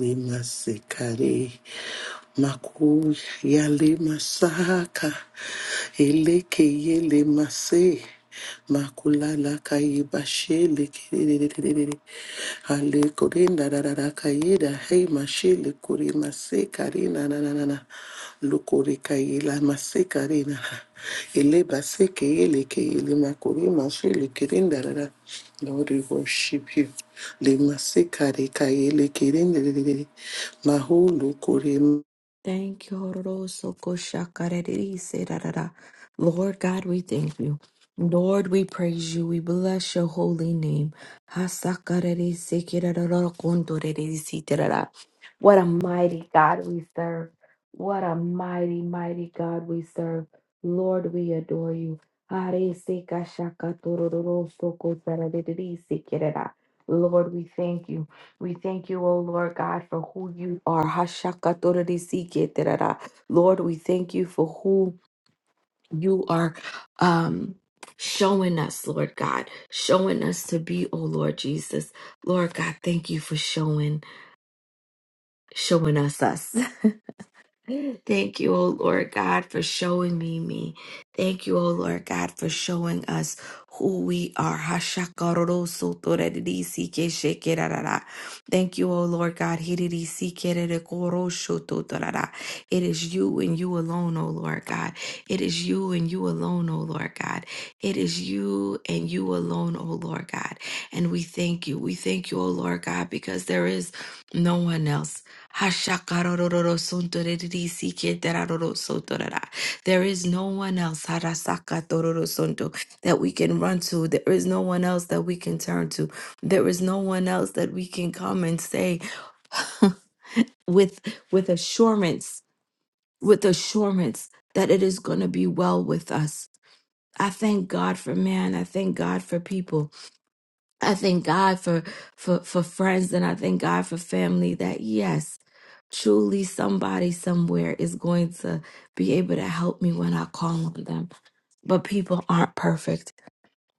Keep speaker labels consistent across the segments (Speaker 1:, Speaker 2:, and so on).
Speaker 1: Lima Sikari Maku Yale Masaka Eleke Yele Mase Makulala Kayibashe Lekiri Ale Korinda Rara Kayeda Hey Mashe Lekuri Mase Karina Nanana Lokore kayela masekarena. Eleba sekeyele keyele makore mashele kerendarara. Lord, we worship you. Le masekare kayele kerendarara. Maho lokore
Speaker 2: Thank you, Hororoso Koshakareriri Serarara. Lord God, we thank you. Lord, we praise you. We bless your holy name. Hasakarere Sekirarara Kondoreriri Siterara. What a mighty God we serve. What a mighty, mighty God we serve. Lord, we adore you. Are Sekashakatororoso Kosareriri Sekirara. Lord, we thank you. We thank you, O Lord God, for who you are. Hashakatorodisiketerara. Lord, we thank you for who you are um, showing us, Lord God, showing us to be, O Lord Jesus. Lord God, thank you for showing showing us us. Thank you, O Lord God, for showing me me. Thank you, O Lord God, for showing us who we are. Hashakarorosotorerisikesekerarara. Thank you, O Lord God. Hiririsikerikoroshototorara. It is you and you alone, O Lord God. It is you and you alone, O Lord God. It is you and you alone, O Lord God. And we thank you. We thank you, O Lord God, because there is no one else. Hashakarororo sontoreriri siketeraroro sotorara. There is no one else harasakatororo that we can run to. There is no one else that we can turn to. There is no one else that we can come and say with with assurance, with assurance that it is going to be well with us. I thank God for man. I thank God for people. I thank God for for for friends and I thank God for family that yes, truly somebody somewhere is going to be able to help me when I call on them. But people aren't perfect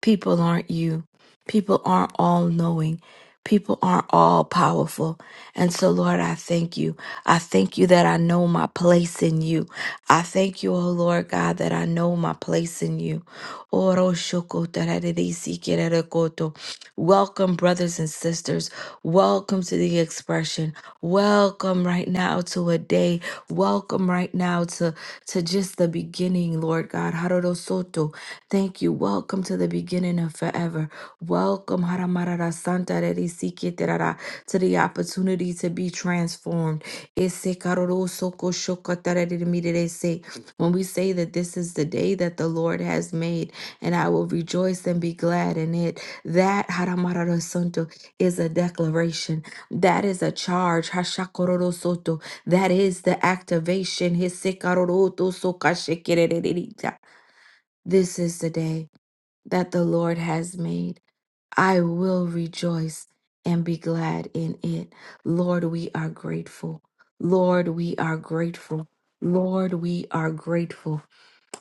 Speaker 2: People aren't you. People aren't all knowing. People aren't all powerful. And so, Lord, I thank you. I thank you that I know my place in you. I thank you, oh Lord God, that I know my place in you. Oro shoko tararisi kererekoto. Welcome, brothers and sisters. Welcome to the expression. Welcome right now to a day. Welcome right now to, to just the beginning, Lord God. Haroro soto. Thank you. Welcome to the beginning of forever. Welcome Haramarara Santa Rerisikitirara, to the opportunity to be transformed. Ese karoro soko shokatarerimirirese. When we say that this is the day that the Lord has made, and I will rejoice and be glad in it, that Haramarara Santo is a declaration. That is a charge. Hashakororo Soto. That is the activation. Hese karoro toso kashikirererita. This is the day that the Lord has made. I will rejoice and be glad in it. Lord, we are grateful. Lord, we are grateful. Lord, we are grateful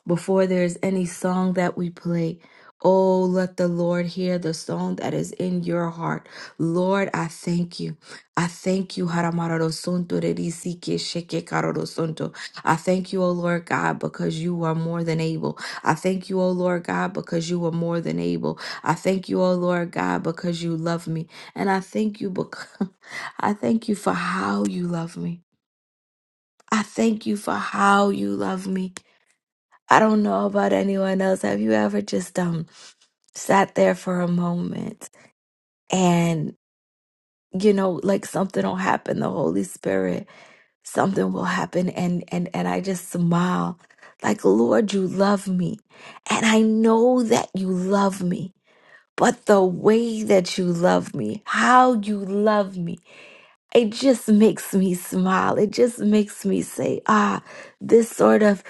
Speaker 2: before there is any song that we play. Oh, let the Lord hear the song that is in your heart. Lord, I thank you. I thank you. Haramararosonto rerisike shekekarorosonto. I thank you, O Lord God, because you are more than able. I thank you, O Lord God, because you are more than able. I thank you, O Lord God, because you love me. And I thank you because I thank you for how you love me. I thank you for how you love me. I don't know about anyone else. Have you ever just um sat there for a moment and you know like something will happen the holy spirit something will happen and and and i just smile like lord you love me and i know that you love me but the way that you love me how you love me it just makes me smile it just makes me say ah this sort of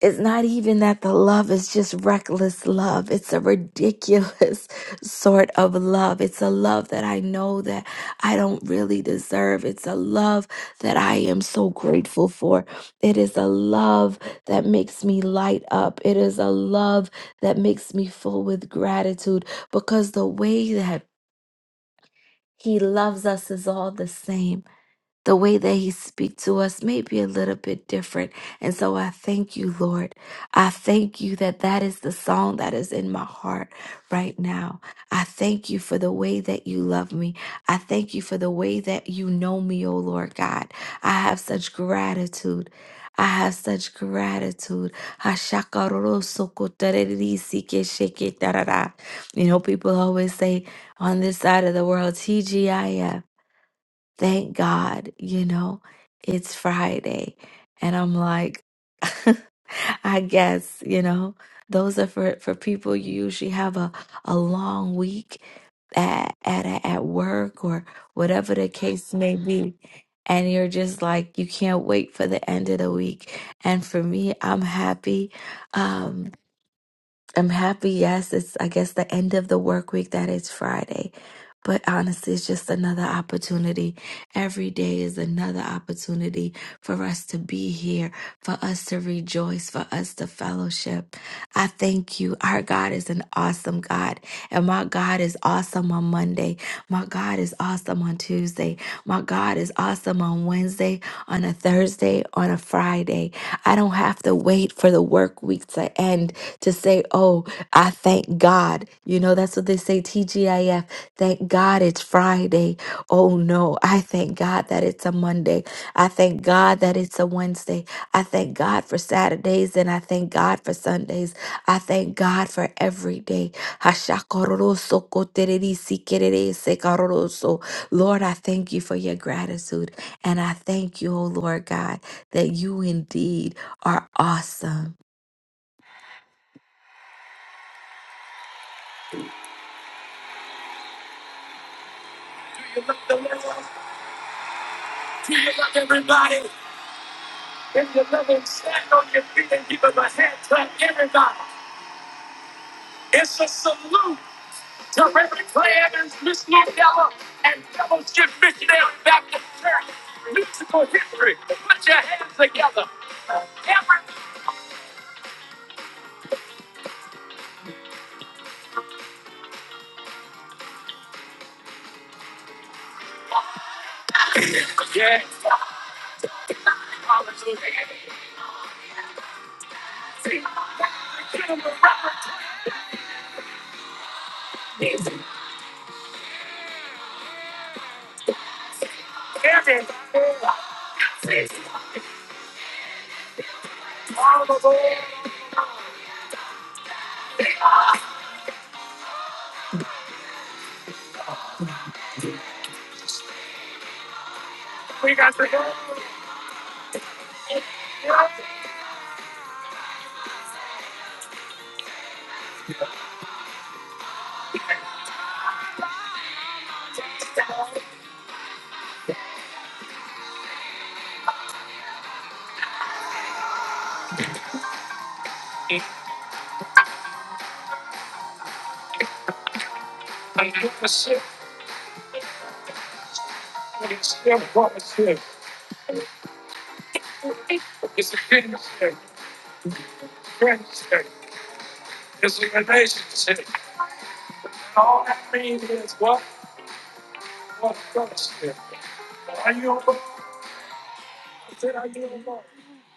Speaker 2: It's not even that the love is just reckless love. It's a ridiculous sort of love. It's a love that I know that I don't really deserve. It's a love that I am so grateful for. It is a love that makes me light up. It is a love that makes me full with gratitude because the way that he loves us is all the same the way that he speaks to us may be a little bit different. And so I thank you, Lord. I thank you that that is the song that is in my heart right now. I thank you for the way that you love me. I thank you for the way that you know me, oh Lord God. I have such gratitude. I have such gratitude. Hashakarosokotarerisikershiketarara. You know, people always say on this side of the world, TGIF thank God, you know, it's Friday. And I'm like, I guess, you know, those are for, for people you usually have a, a long week at, at at work or whatever the case may be. And you're just like, you can't wait for the end of the week. And for me, I'm happy. Um, I'm happy. Yes, it's, I guess, the end of the work week that it's Friday. But honestly, it's just another opportunity. Every day is another opportunity for us to be here, for us to rejoice, for us to fellowship. I thank you. Our God is an awesome God. And my God is awesome on Monday. My God is awesome on Tuesday. My God is awesome on Wednesday, on a Thursday, on a Friday. I don't have to wait for the work week to end to say, Oh, I thank God. You know, that's what they say, TGIF. Thank God it's Friday. Oh, no. I thank God that it's a Monday. I thank God that it's a Wednesday. I thank God for Saturdays and I thank God for Sundays. I thank God for every day. Hashakororoso kotererisi kererese karoroso. Lord, I thank you for your gratitude. And I thank you, oh Lord God, that you indeed are awesome.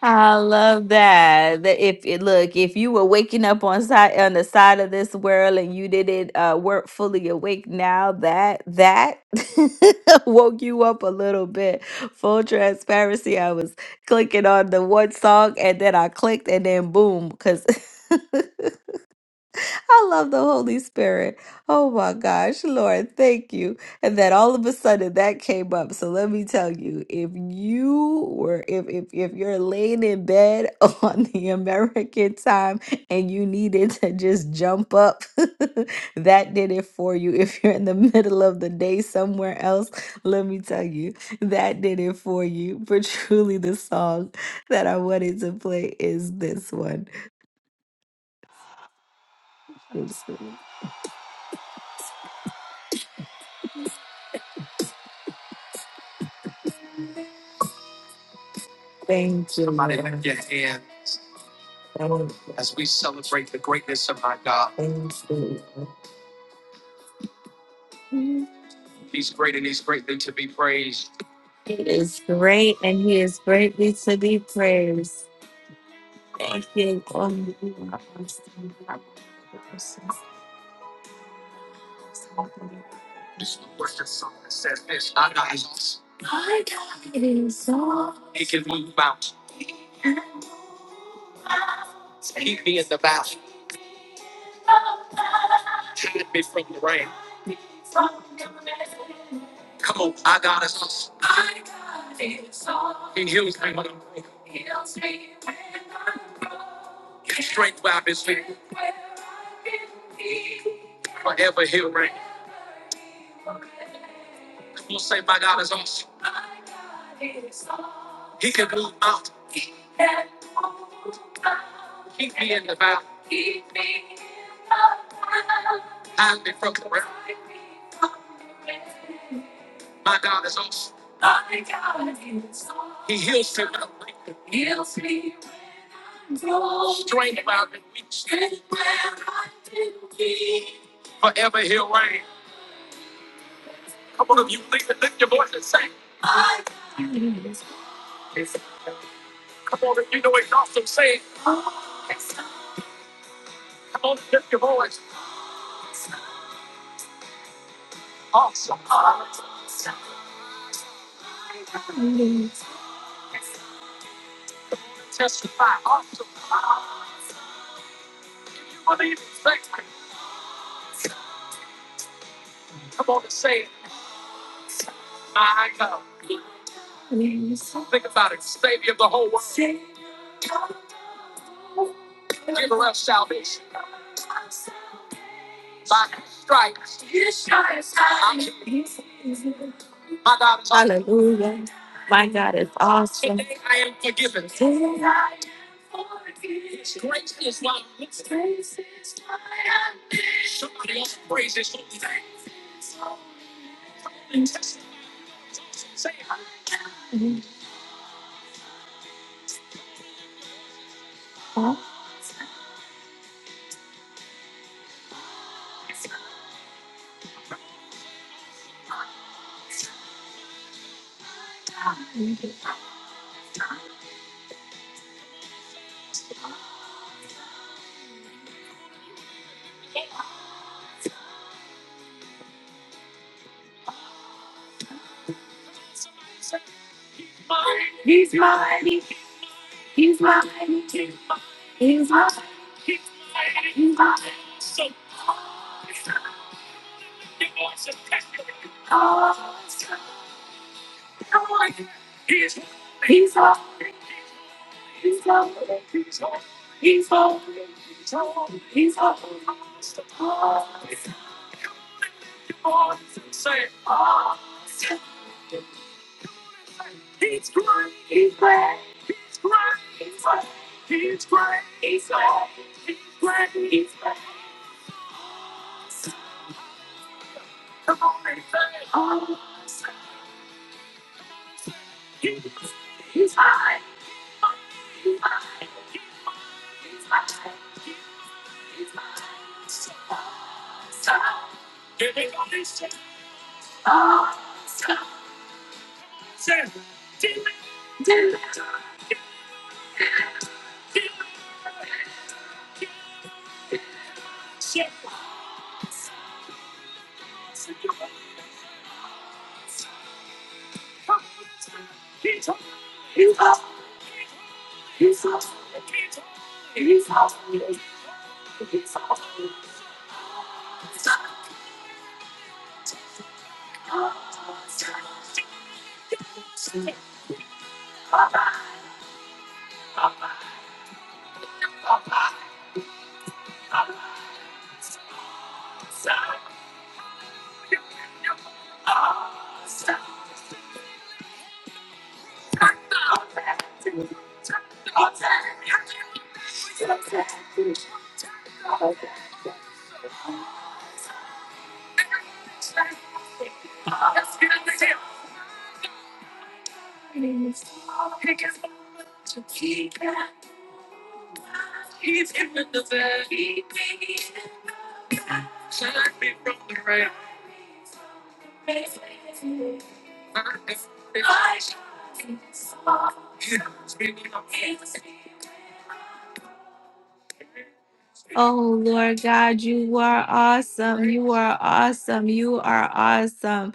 Speaker 2: I love that. That if it look, if you were waking up on side on the side of this world and you didn't uh weren't fully awake now, that that woke you up a little bit. Full transparency. I was clicking on the one song and then I clicked and then boom, because I love the Holy Spirit. Oh my gosh, Lord, thank you. And that all of a sudden that came up. So let me tell you, if you were if if if you're laying in bed on the American time and you needed to just jump up, that did it for you. If you're in the middle of the day somewhere else, let me tell you, that did it for you. But truly the song that I wanted to play is this one. It's- Thank you. Thank you. He is great and he is greatly to be praised. Thank you. Lord. My God is awesome. My God is awesome. Oh Lord God, you are awesome. You are awesome. You are awesome.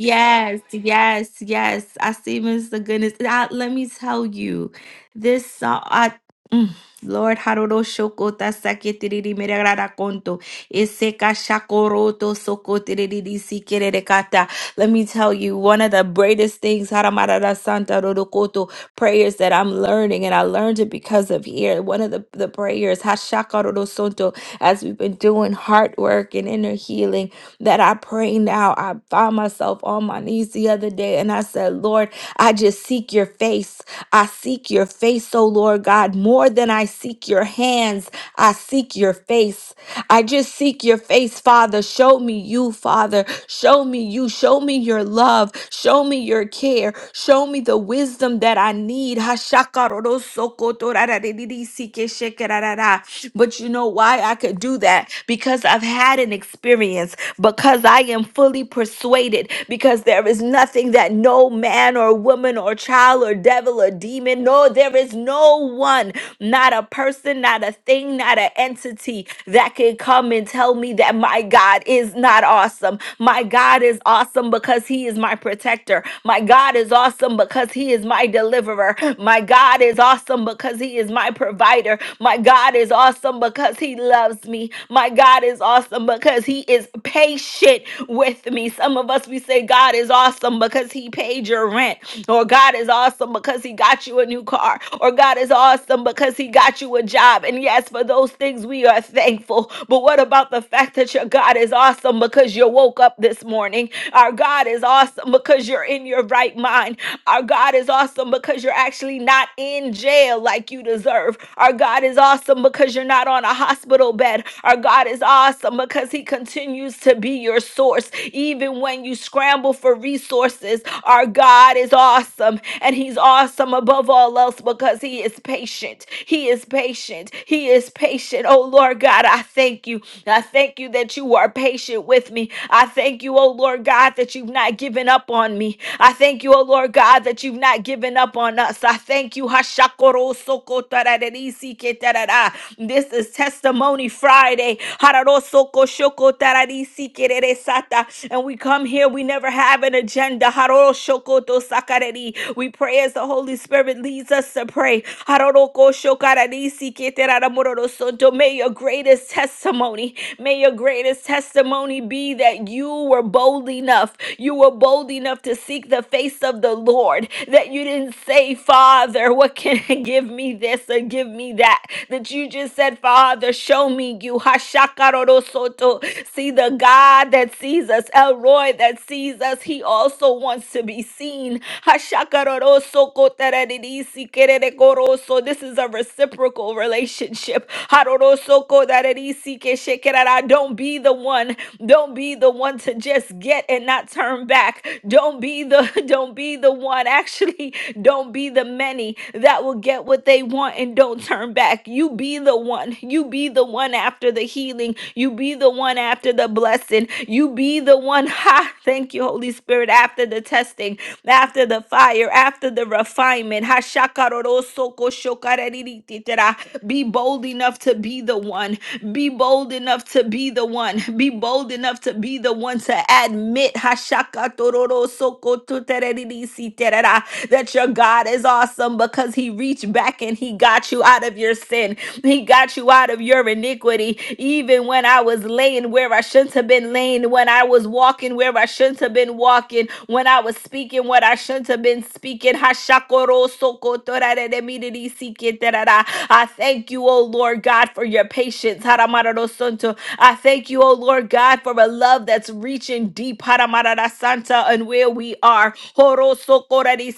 Speaker 2: Yes, yes, yes. I see, Mr. Goodness. And I- let me tell you, this song, I, mm, Lord, Haroro Shoko Tasake Tiriri Merara Konto, Iseka Shakoroto Soko Tiriri Sikere Kata. Let me tell you, one of the greatest things, Haramarada Santa Rodokoto, prayers that I'm learning, and I learned it because of here. One of the, the prayers, Hashakarorosoto, as we've been doing heart work and inner healing, that I pray now. I found myself on my knees the other day, and I said, Lord, I just seek your face. I seek your face, oh Lord God, more than I seek your hands. I seek your face. I just seek your face, Father. Show me you, Father. Show me you. Show me your love. Show me your care. Show me the wisdom that I need. Hashakaro-ro-soko-to-ra-ra-ri-ri-ri-si-ke-she-ke-ra-ra-ra. But you know why I could do that? Because I've had an experience, because I am fully persuaded, because there is nothing that no man or woman woman or child or devil or demon. No, there is no one, not a person, not a thing, not an entity that can come and tell me that my God is not awesome. My God is awesome because he is my protector. My God is awesome because he is my deliverer. My God is awesome because he is my provider. My God is awesome because he loves me. My my God is awesome because he is patient with me. Some of us, we say, God is awesome because he paid your rent, or God is awesome because he got you a new car, or God is awesome because he got you a job. And yes, for those things, we are thankful. But what about the fact that your God is awesome because you woke up this morning? Our God is awesome because you're in your right mind. Our God God is awesome because you're actually not in jail like you deserve. Our God is awesome because you're not on a hospital bed. Our God is awesome because He continues to be your source. Even when you scramble for resources, our God is awesome. And He's awesome above all else because He is patient. He is patient. He is patient. Oh Lord God, I thank you. I thank you that you are patient with me. I thank you, oh Lord God, that you've not given up on me. I thank you, oh Lord God, that you've not given up on us. I thank you. Hashakorosokotararerisi ketarara. This is Testimony Friday. Hararosoko shoko tararisi kerere sata. And we come here, we never have an agenda. Haroshoko to sakareri. We pray as the Holy Spirit leads us to pray. Haroroko shokararisi keteraramurosoto. May your greatest testimony, may your greatest testimony be that you were bold enough. You were bold enough to seek the face of the Lord, that you didn't say, Father, what can give me this or give me that? That you just said, Father, show me you. Hashakarorosoto. See the God that sees us, Elroy that sees us, he also wants to be seen. Hashakarorosokotaradidisikererekoroso. This is a reciprocal relationship. Harorosoko darerisi keshekerara. Don't be the one don't be the one to just get and not turn back. Don't be the don't be the one actually don't be the many that will get what they want and don't turn back. You be the one. You be the one after the healing. You be the one after the blessing. You be the one. Ha! Thank you, Holy Spirit. After the testing, after the fire, after the refinement. Ha! shakaroro soko shokareriri titera. Be bold enough to be the one. Be bold enough to be the one. Be bold enough to be the one to admit Hashaka tororo soko tutereriri siterera, that your God is awesome because he reached back and he got you out of your sin. He got you out of your iniquity. Even when I was laying where I shouldn't have been laying, when I was walking where I shouldn't have been walking, when I was speaking what I shouldn't have been speaking. Hashakoro sokotorareremiri I thank you, O Lord God, for your patience. Haramararosonto. I thank you, O Lord God, for a love that's reaching deep Haramarara and where we are. Horo sokorari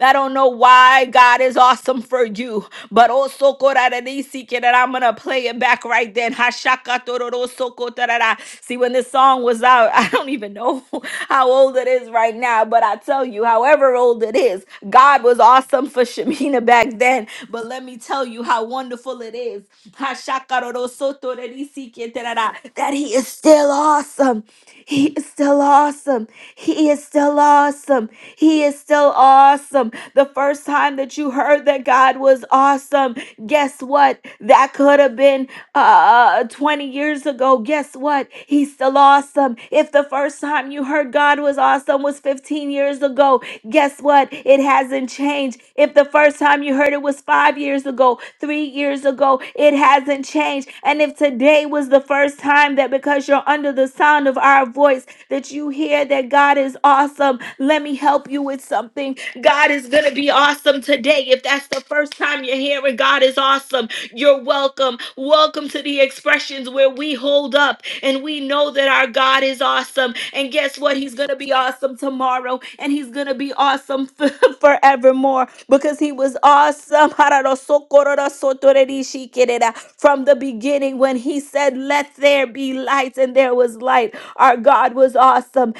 Speaker 2: I don't know why God is awesome for you, but also that I'm gonna play it back right then. Hashakatororosokotarara. See, when this song was out, I don't even know how old it is right now, but I tell you, however old it is, God was awesome for Shemina back then. But let me tell you how wonderful it is Hashakarorosotorerisikitarara, that He is still awesome. He is still awesome. He is still awesome. He is still awesome. The first time that you heard that God was awesome, guess what? That could have been uh, 20 years ago. Guess what? He's still awesome. If the first time you heard God was awesome was 15 years ago, Guess what? It hasn't changed. If the first time you heard it was five years ago, three years ago, it hasn't changed. And if today was the first time that because you're under the sound of our voice that you hear that God is awesome, let me help you with something. God is going to be awesome today. If that's the first time you're hearing God is awesome, you're welcome. Welcome to the expressions where we hold up and we know that our God is awesome. And guess what? He's going to be awesome tomorrow. And he's going to be awesome forevermore because he was awesome from the beginning when he said, Let there be light, and there was light. Our God was awesome.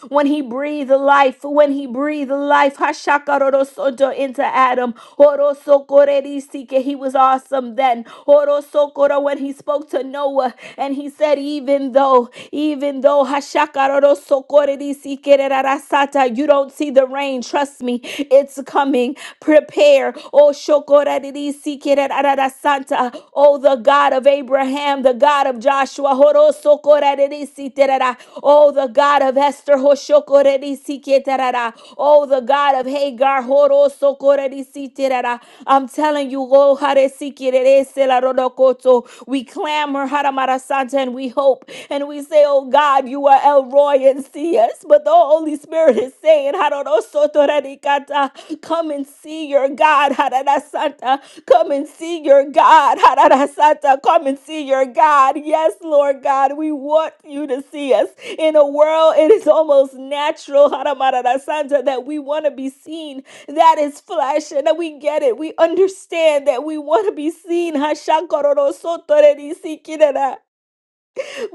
Speaker 2: when he breathed life, when he breathed life, Hashakarorosoto into Adam. Horosokorerisike, He was awesome then. Horosokoro, When he spoke to Noah and he said, Even though, even though Hashakarorosokorerisike Rasata, you don't see the rain, trust me, it's coming. Prepare, oh Shokorariri Sikerarara Santa, oh the God of Abraham, the God of Joshua, Horosokoradidisiterara. oh the God of Esther, Hoshokoradisiketarara. oh the God of Hagar, Horosokoradisiterara. Harara. I'm telling you, oh, Hare Sikirere Sela Rodokoto. we clamor, Haramara Santa, and we hope, and we say, oh God, you are El Roy and see us. But the Holy Spirit is saying, Haroro Radikata, come and see your God, Harara Santa. Come and see your God, Harara Santa. Come and see your God. Yes, Lord God, we want you to see us. In a world, it is almost natural, Haramarara Santa, that we want to be seen that is flesh, and we get it. We understand that we want to be seen. Hashakororosotorerisikirara.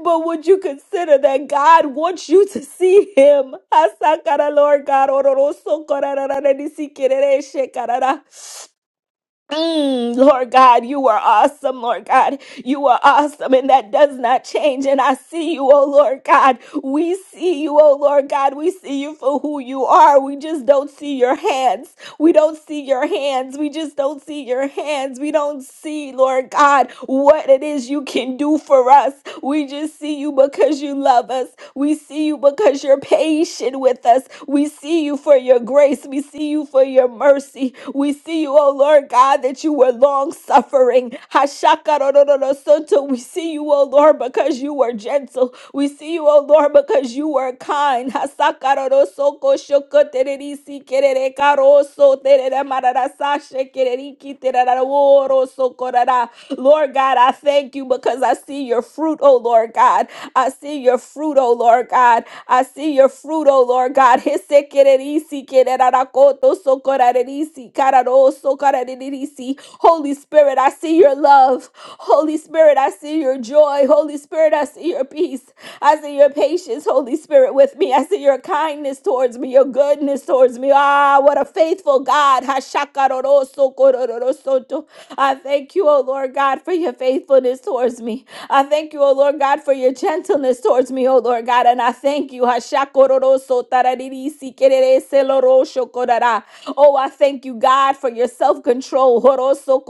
Speaker 2: But would you consider that God wants you to see Him? Hasakara, Lord God. ororosokorarararisikirereshekarara. Mm, Lord God, you are awesome, Lord God. You are awesome, and that does not change. And I see you, oh Lord God. We see you, oh Lord God. We see you for who you are. We just don't see your hands. We don't see your hands. We just don't see your hands. We don't see, Lord God, what it is you can do for us. We just see you because you love us. We see you because you're patient with us. We see you for your grace. We see you for your mercy. We see you, oh Lord God, that you were long suffering. We see you, oh Lord, because you were gentle. We see you, O Lord, because you are kind. Lord God, I thank you because I see your fruit, O Lord God. I see your fruit, O Lord God. I see your fruit, O Lord God. Holy Spirit, I see your love. Holy Spirit, I see your joy. Holy Spirit, I see your peace. I see your patience, Holy Spirit, with me. I see your kindness towards me, your goodness towards me. Ah, what a faithful God. Hashakarorosokororosoto. I thank you, O Lord God, for your faithfulness towards me. I thank you, O Lord God, for your gentleness towards me, O Lord God. And I thank you. Hashakororosotararirisikireleseloroshokorara. Oh, I thank you, God, for your self control. See, the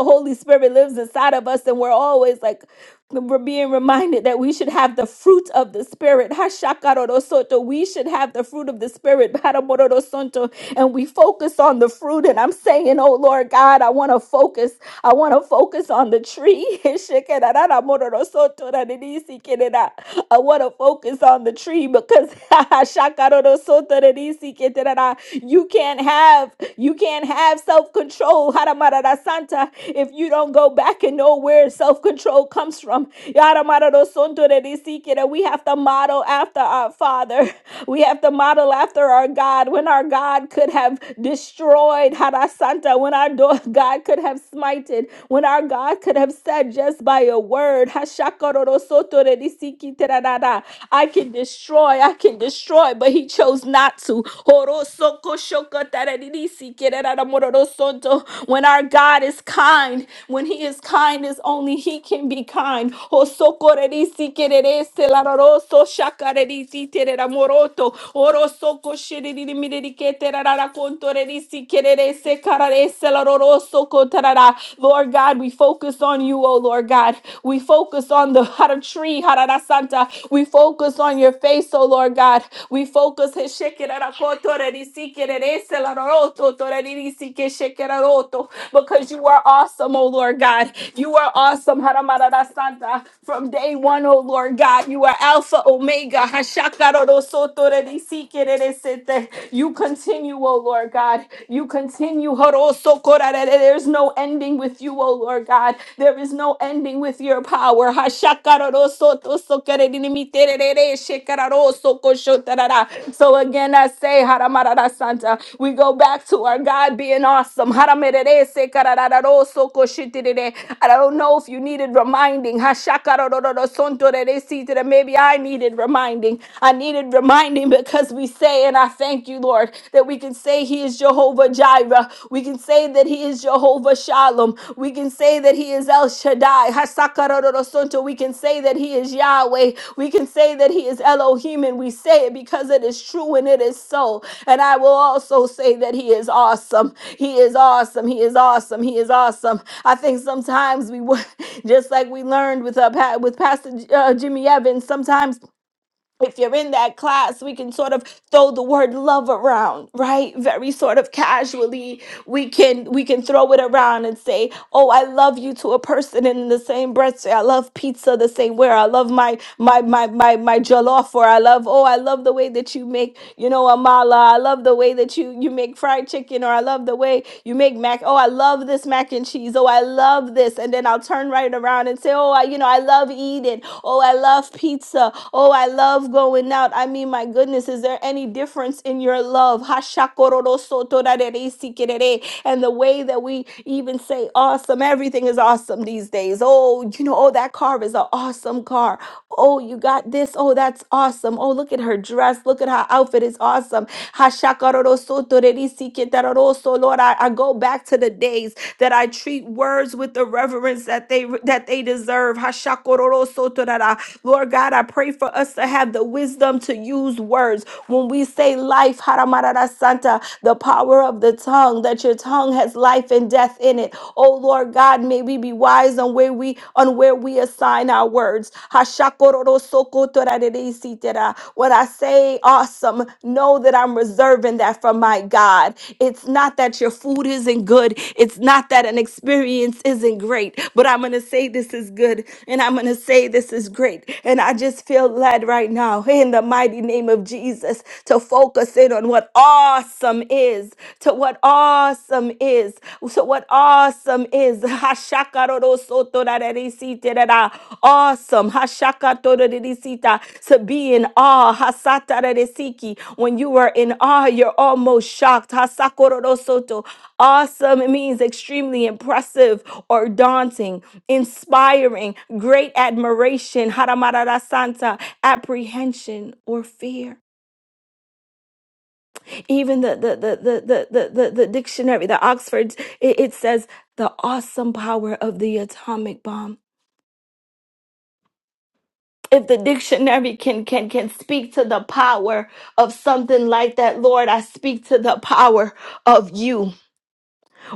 Speaker 2: Holy Spirit lives inside of us, and we're always like, we're being reminded that we should have the fruit of the Spirit. Hashakarorosoto. We should have the fruit of the Spirit. Baramororosonto. And we focus on the fruit. And I'm saying, oh Lord God, I want to focus. I want to focus on the tree. Heshekerararamororosoto raririsikirera. I want to focus on the tree because hashakarorosoto raririsikirera. you can't have you can't have self-control. Haramarara Santa if you don't go back and know know where self control comes from. Yaramaradosontorerisikere. We have to model after our Father. We have to model after our God. When our God could have destroyed Harasanta, when our do- God could have smited, when our God could have said just by a word, I can destroy, I can destroy, but he chose not to. When our God is kind when he is kind as only he can be kind. O socorrerisi quererese laroroso shakarerisi tereramoroto. Oro soco shiririmirike terarara contorerisi quererese cararese laroroso cotarara. Lord God, we focus on you, O Lord God. We focus on the hara tree, harara santa. We focus on your face, O Lord God. We focus his because you are awesome, oh Lord God. You are awesome, Haramarada Santa. From day one, oh Lord God, you are Alpha Omega. Hashakaroro Sotore Disikere Sete. You continue, oh Lord God. You continue. Horo Sokorare. There's no ending with you, oh Lord God. There is no ending with your power. Hashakaroro Soto Sokere Shekararo Soko Shotarara. So again, I say, Haramarada Santa, we go back go back to our God being awesome. Haramererese karararoso koshitirere. I don't know if you needed reminding. Hashakarororosontoreresitere. Maybe I needed reminding. I needed reminding because we say, and I thank you, Lord, that we can say He is Jehovah Jireh. We can say that He is Jehovah Shalom. We can say that He is El Shaddai. Hasakarororosonto. We can say that He is Yahweh. We can say that He is Elohim, and we say it because it is true and it is so. And I will also say that He is awesome. He is awesome. He is awesome. He is awesome. I think sometimes we, wa- just like we learned with uh, Pa- with Pastor J- uh, Jimmy Evans, sometimes if you're in that class, we can sort of throw the word love around, right? Very sort of casually. We can we can throw it around and say, "Oh, I love you" to a person, and in the same breath say, "I love pizza the same way." Or, I love my my my my my jollof, or I love oh, I love the way that you make you know, Amala, I love the way that you you make fried chicken, or I love the way you make mac. Oh, I love this mac and cheese. Oh, I love this. And then I'll turn right around and say, Oh, I, you know, I love eating. Oh, I love pizza. Oh, I love going out. I mean, my goodness, is there any difference in your love? Hashakororosotorareresikirere. And the way that we even say awesome, everything is awesome these days. Oh, you know, oh, that car is an awesome car. Oh, you got this. Oh, that's awesome. Oh, look at her dress. Look at her outfit. It's awesome. Hashakarorosotorerisikitaroroso. Lord, I, I go back to the days that I treat words with the reverence that they that they deserve. Hashakororosotorara. Lord God, I pray for us to have the wisdom to use words. When we say life, Haramarara Santa, the power of the tongue, that your tongue has life and death in it. Oh Lord God, may we be wise on where we on where we assign our words. Hashakororosokotorarereisitera. When I say awesome, know that I'm reserving that for my God. It's not that your food isn't good. It's not that an experience isn't great, but I'm gonna say this is good and I'm gonna say this is great. And I just feel led right God right now in the mighty name of Jesus to focus in on what awesome is, to what awesome is, to what awesome is. Hashakarorosotorarerisitirara. Awesome. Hashakatorerisita. To be in awe. Hasatareresiki. When you are in awe, you're almost shocked. Hasakororosoto. Awesome means extremely impressive or daunting inspiring great admiration, Haramarara Santa, apprehension or fear. Even the the the the the the, the, the dictionary, the Oxford, it, it says the awesome power of the atomic bomb. If the dictionary can can can speak to the power of something like that, Lord, I speak to the power of you.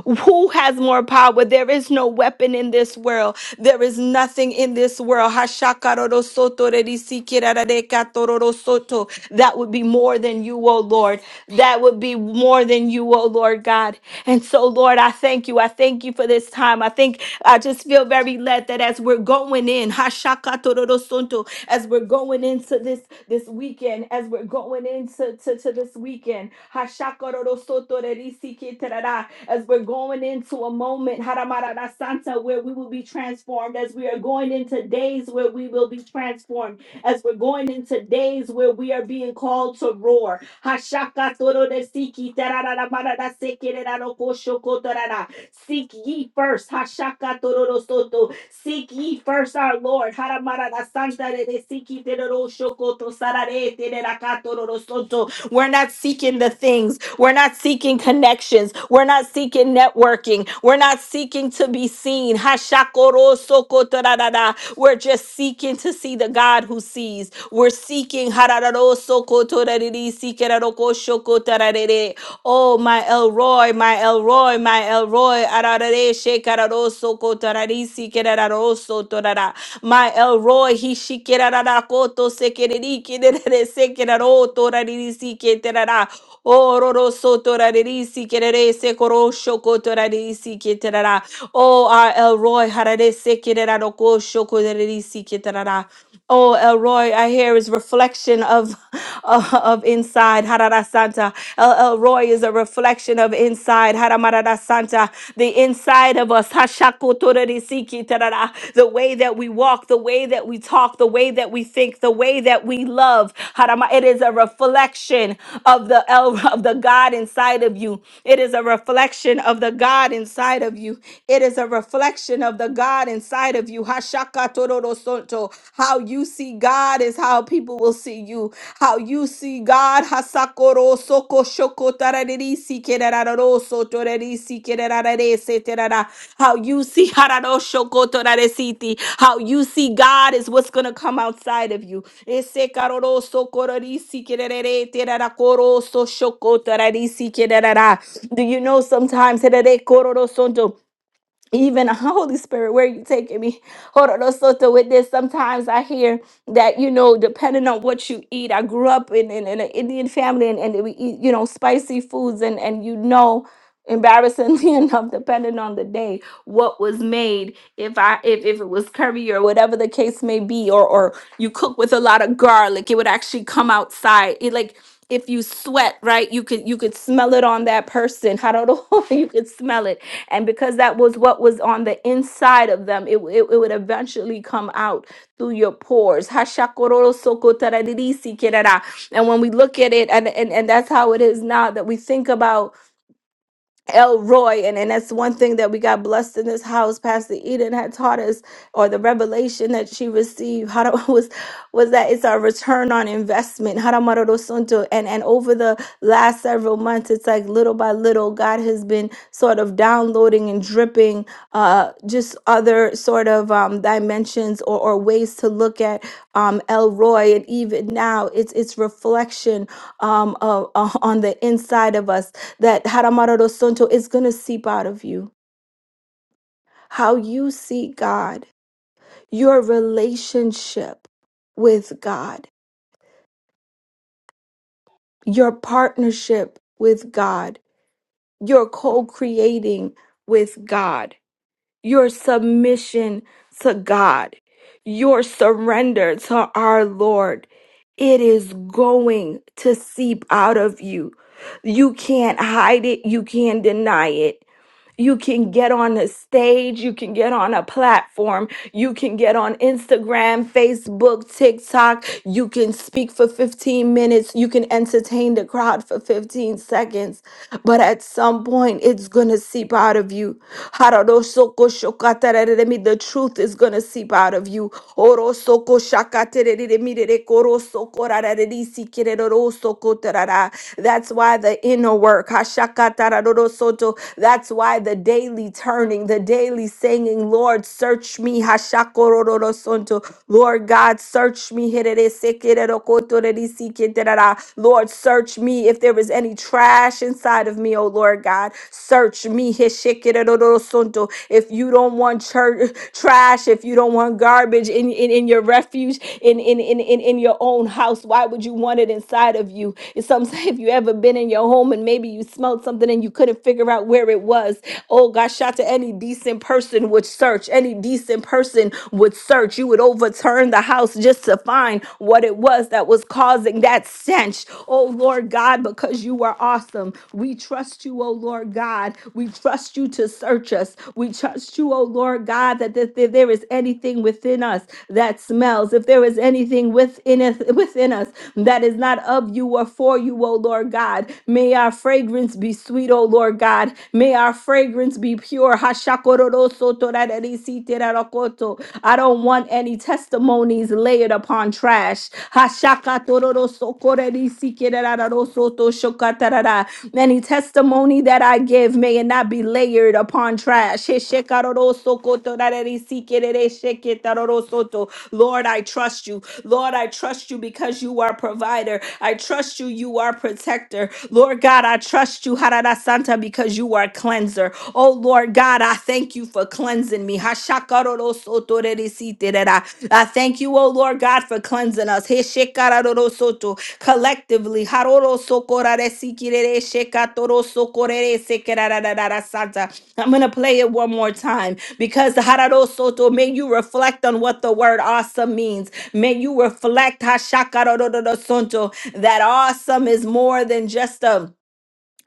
Speaker 2: Who has more power? There is no weapon in this world. There is nothing in this world. Hashakarorosotorerisikirararekatororosoto. That would be more than you, O Lord. That would be more than you, O Lord God. And so, Lord, I thank you. I thank you for this time. I think I just feel very led that as we're going in, Hashakatorosonto, as we're going into this this weekend, as we're going into to, to this weekend, Hashakatorosontorerisikiterara, as we're going into a moment, Haramarara Santa, where we will be transformed, as we are going into days where we will be transformed as we're going into days where we are being called to roar. Hashaka toro de siki tarara marara sekere koshoko tarara. Seek ye first. Hashaka tororo soto. Seek ye first our Lord. Haramarara santa de de siki teroro shoko to sarare terera katororo soto. We're not seeking the things. We're not seeking connections. We're not seeking networking. We're not seeking to be seen. Hashakorosokotarada. We're just seeking to see the God who sees. We're seeking. harararosokotorariri, sikerarokoshokotararere. Oh, my Elroy, my Elroy, my Elroy. ararare, shekararosokotararisi, kerararoso oso torara. My Elroy, he shikirara koto sekereri kirere sekiraro torariri siketerara. Ororo sotorariri sikirere sekoro shoko torariri siketerara. Oh, our Elroy, harare sekirara roko shoko torariri siketerara. Oh, Elroy, I hear is reflection of of inside. Harada Santa. El Elroy is a reflection of inside. Haramarada Santa. The inside of us. Hashakotorerisiki tarara. The way that we walk, the way that we talk, the way that we think, the way that we love. Harama. It is a reflection of the El of the God inside of you. It is a reflection of the God inside of you. It is a reflection reflection of the God inside of you. Hashakatororosonto. How you see God is how people will see you. How you see God. Hasakoro soko shoko tararisi kerararoso torarisi kerararese terara. How you see hararo shoko toraresiti. How you see God is what's going to come outside of you. Ese karoroso kororisi kererere terarakoroso shoko tararisi kerara. Do you know sometimes? herere kororosonto, even Holy Spirit, where are you taking me? Hororosoto with this. Sometimes I hear that, you know, depending on what you eat, I grew up in, in, in an Indian family and, and we eat, you know, spicy foods and, and you know, embarrassingly enough, depending on the day, what was made, if I if, if it was curry or whatever the case may be, or or you cook with a lot of garlic, it would actually come outside. It like if you sweat, right? You could you could smell it on that person. How do you could smell it? And because that was what was on the inside of them, it, it, it would eventually come out through your pores. Hashakorosokotaradirisikerara. And when we look at it, and, and, and that's how it is now that we think about Elroy, and, and that's one thing that we got blessed in this house. Pastor Eden had taught us, or the revelation that she received, how to, was was that it's our return on investment. Haramarorosunto. And and over the last several months, it's like little by little, God has been sort of downloading and dripping uh, just other sort of um, dimensions or, or ways to look at um, Elroy, and even now, it's it's reflection um, of, uh, on the inside of us that Haramararo Santo is going to seep out of you. How you see God, your relationship with God, your partnership with God, your co creating with God, your submission to God, your surrender to our Lord. It is going to seep out of you. You can't hide it. You can't deny it You can get on a stage, you can get on a platform, you can get on Instagram, Facebook, TikTok, you can speak for 15 minutes, you can entertain the crowd for 15 seconds but at some point it's going to seep out of you. Harorosokoshokatarereremi, The truth is going to seep out of you. Orosokoshakarereremirerekorosokorarererisikererorosokotarara. That's why the inner work, hashakatararorosoto, that's why the daily turning, the daily saying, Lord, search me, hashakorororosonto. Lord God, search me, Lord, search me if there is any trash inside of me, oh Lord God. Search me. If you don't want church trash, if you don't want garbage in, in, in your refuge, in, in, in, in, in your own house, why would you want it inside of you? And some say if you ever been in your home and maybe you smelled something and you couldn't figure out where it was. Oh God, shout to any decent person sane person would search, any decent person would search. You would overturn the house just to find what it was that was causing that stench. Oh Lord God, because you are awesome. We trust you, oh Lord God. We trust you to search us. We trust you, oh Lord God, that if there there is anything within us that smells, if there is anything within us, within us that is not of you or for you, oh Lord God. God. May our fragrance be sweet, O Lord God. May our fragrance be pure. Hashakororosotodadadisiterakoto. I don't want any testimonies layered upon trash. Hashakatororosokoredisikerarosotoshokatadada. Any testimony that I give, may it not be layered upon trash. Lord, Lord, I trust you. Lord, I trust you because you are provider. I trust you, you are protector. Lord God, I trust you, Harada Santa, because you are cleanser. Oh Lord God, I thank you for cleansing me. Hashakarorosotoreresiterera. I thank you, oh Lord God, for cleansing us. Heshekarorosoto. Collectively, Harorosokoraresikirereshekatorosokoreresekerarararasanta. I'm going to play it one more time because Hararo Soto, may you reflect on what the word awesome means. May you reflect Hashakarororo Soto, that awesome is more than just a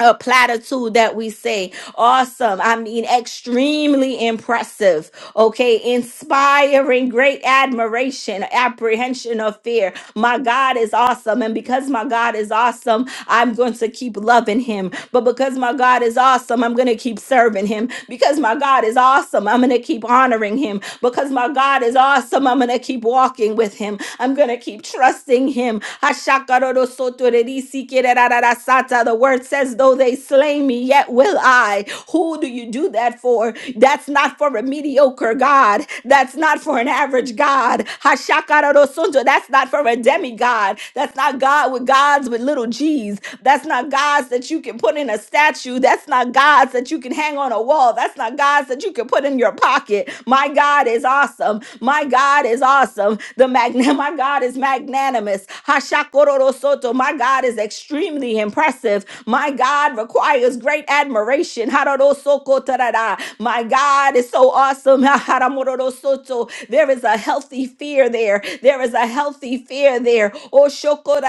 Speaker 2: a platitude that we say awesome i mean extremely impressive okay inspiring great admiration apprehension of fear my god is awesome and because my god is awesome I'm going to keep loving him. But because my God is awesome, I'm going to keep serving him. Because my God is awesome, I'm going to keep honoring him. Because my God is awesome, I'm going to keep walking with him. I'm going to keep trusting him. Ashakarodosotorerisikerararasata. The word says, though they slay me, yet will I. Who do you do that for? That's not for a mediocre God. That's not for an average God. Hashakarorosunto. That's not for a demigod. That's not God with God's gods with little g's. That's not gods that you can put in a statue. That's not gods that you can hang on a wall. That's not gods that you can put in your pocket. My God is awesome. My God is awesome. The magna- my God is magnanimous. Hashakororo soto. My God is extremely impressive. My God requires great admiration. Hararo soko tarara. My God is so awesome. Haramororo soto. There is a healthy fear there. There is a healthy fear there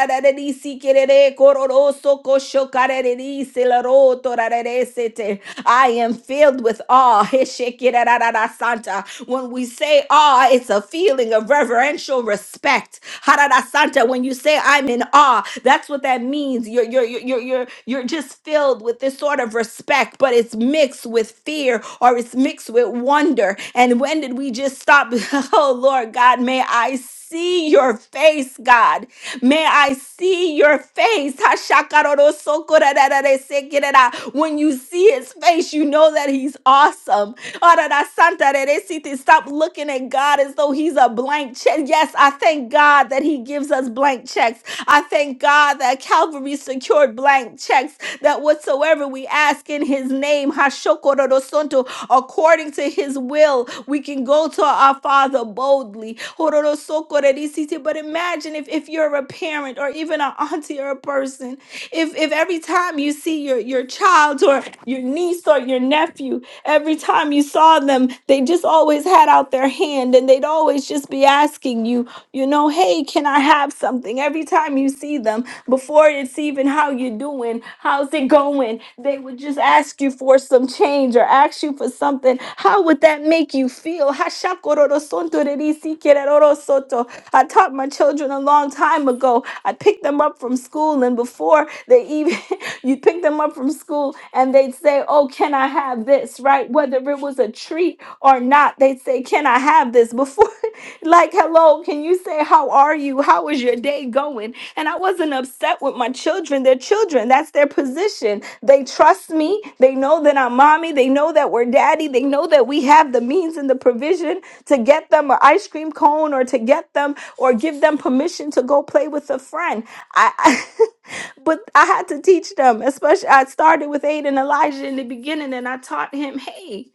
Speaker 2: rararari si kerere kororoso kosho karereri selero torareresete. I am filled with awe. Santa. When we say awe, it's a feeling of reverential respect. Santa, when you say I'm in awe, that's what that means. You're you're you're you're you're you're just filled with this sort of respect, but it's mixed with fear or it's mixed with wonder. And when did we just stop? Oh Lord God, may I see your face, God. May I see your face. Hashakarorosokorarararesekirara. When you see his face, you know that he's awesome. Ora da Santa de de Siti. Stop looking at God as though He's a blank check. Yes, I thank God that He gives us blank checks. I thank God that Calvary secured blank checks, that whatsoever we ask in His name, Hashokorodosonto, according to His will, we can go to our Father boldly. Hororosokoredisiti. But imagine if, if you're a parent or even an auntie or a person if if every time you see your your child or your niece or your nephew every time you saw them they just always had out their hand and they'd always just be asking you you know, hey, can I have something? Every time you see them, before it's even how you doing, how's it going, they would just ask you for some change or ask you for something. How would that make you feel? Hashakororosontorerisikererorosoto. I taught my children a long time ago. I picked them up from school, and before they even, you pick them up from school and they'd say, Oh, can I have this? Right? Whether it was a treat or not, they'd say, Can I have this? Before like, hello, can you say, how are you? How is your day going? And I wasn't upset with my children. They're children. That's their position. They trust me. They know that I'm mommy. They know that we're daddy. They know that we have the means and the provision to get them an ice cream cone or to get them or give them permission to go play with a friend. I, I but I had to teach them, especially I started with Aiden Elijah in the beginning and I taught him, hey,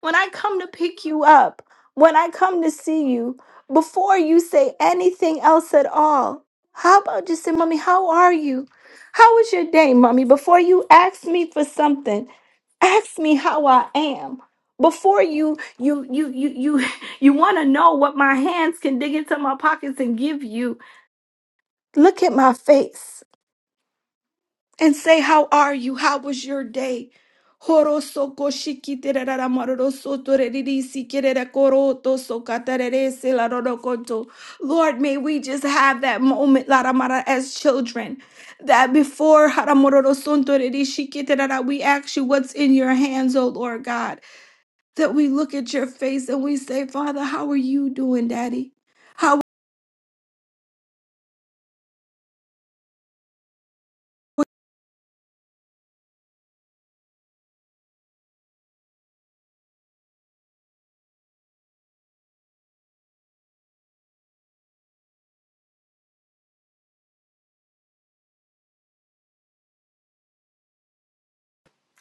Speaker 2: when I come to pick you up, when I come to see you, before you say anything else at all, how about just say, Mommy, how are you? How was your day, Mommy? Before you ask me for something, ask me how I am. Before you you you you you you want to know what my hands can dig into my pockets and give you, look at my face and say, How are you? How was your day? Horosoko shikitirara maroroso torerisi kerera koroto sokatarerese larorokoto. Lord, may we just have that moment, Laramara, as children, that before haramororoson torerishi kitirara, we ask you what's in your hands, O Lord God, that we look at your face and we say, Father, how are you doing, Daddy? How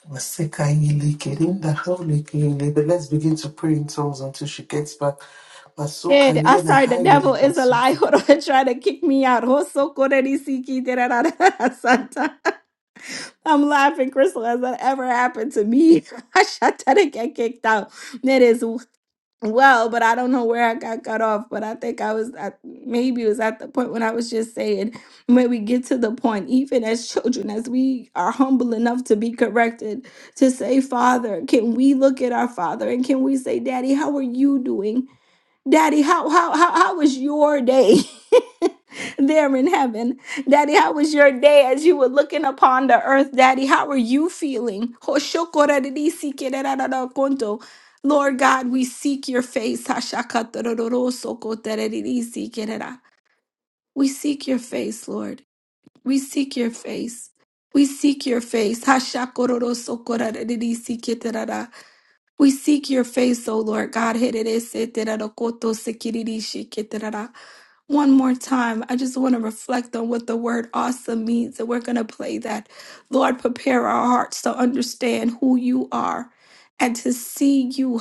Speaker 1: masekayele kerendaro lekeyele. But let's begin to pray in tongues until she gets back.
Speaker 2: Ed, I'm
Speaker 1: Masokarena
Speaker 2: sorry, the
Speaker 1: hayele
Speaker 2: devil is a lie.
Speaker 1: basukuru.
Speaker 2: Hold on, trying to kick me out. Hoso koreri siki tererara santa. I'm laughing, Crystal, as that ever happened to me. I shot that and get kicked out. It is well, but I don't know where I got cut off. But I think I was at maybe it was at the point when I was just saying when we get to the point, even as children, as we are humble enough to be corrected, to say, Father, can we look at our father and can we say, Daddy, how are you doing? Daddy, how how how how was your day there in heaven? Daddy, how was your day as you were looking upon the earth? Daddy, how are you feeling? Lord God, we seek your face. We seek your face, Lord. We seek your face. We seek your face. We seek your face, O Lord God. One more time, I just want to reflect on what the word awesome means, and we're going to play that. Lord, prepare our hearts to understand who you are and to see you.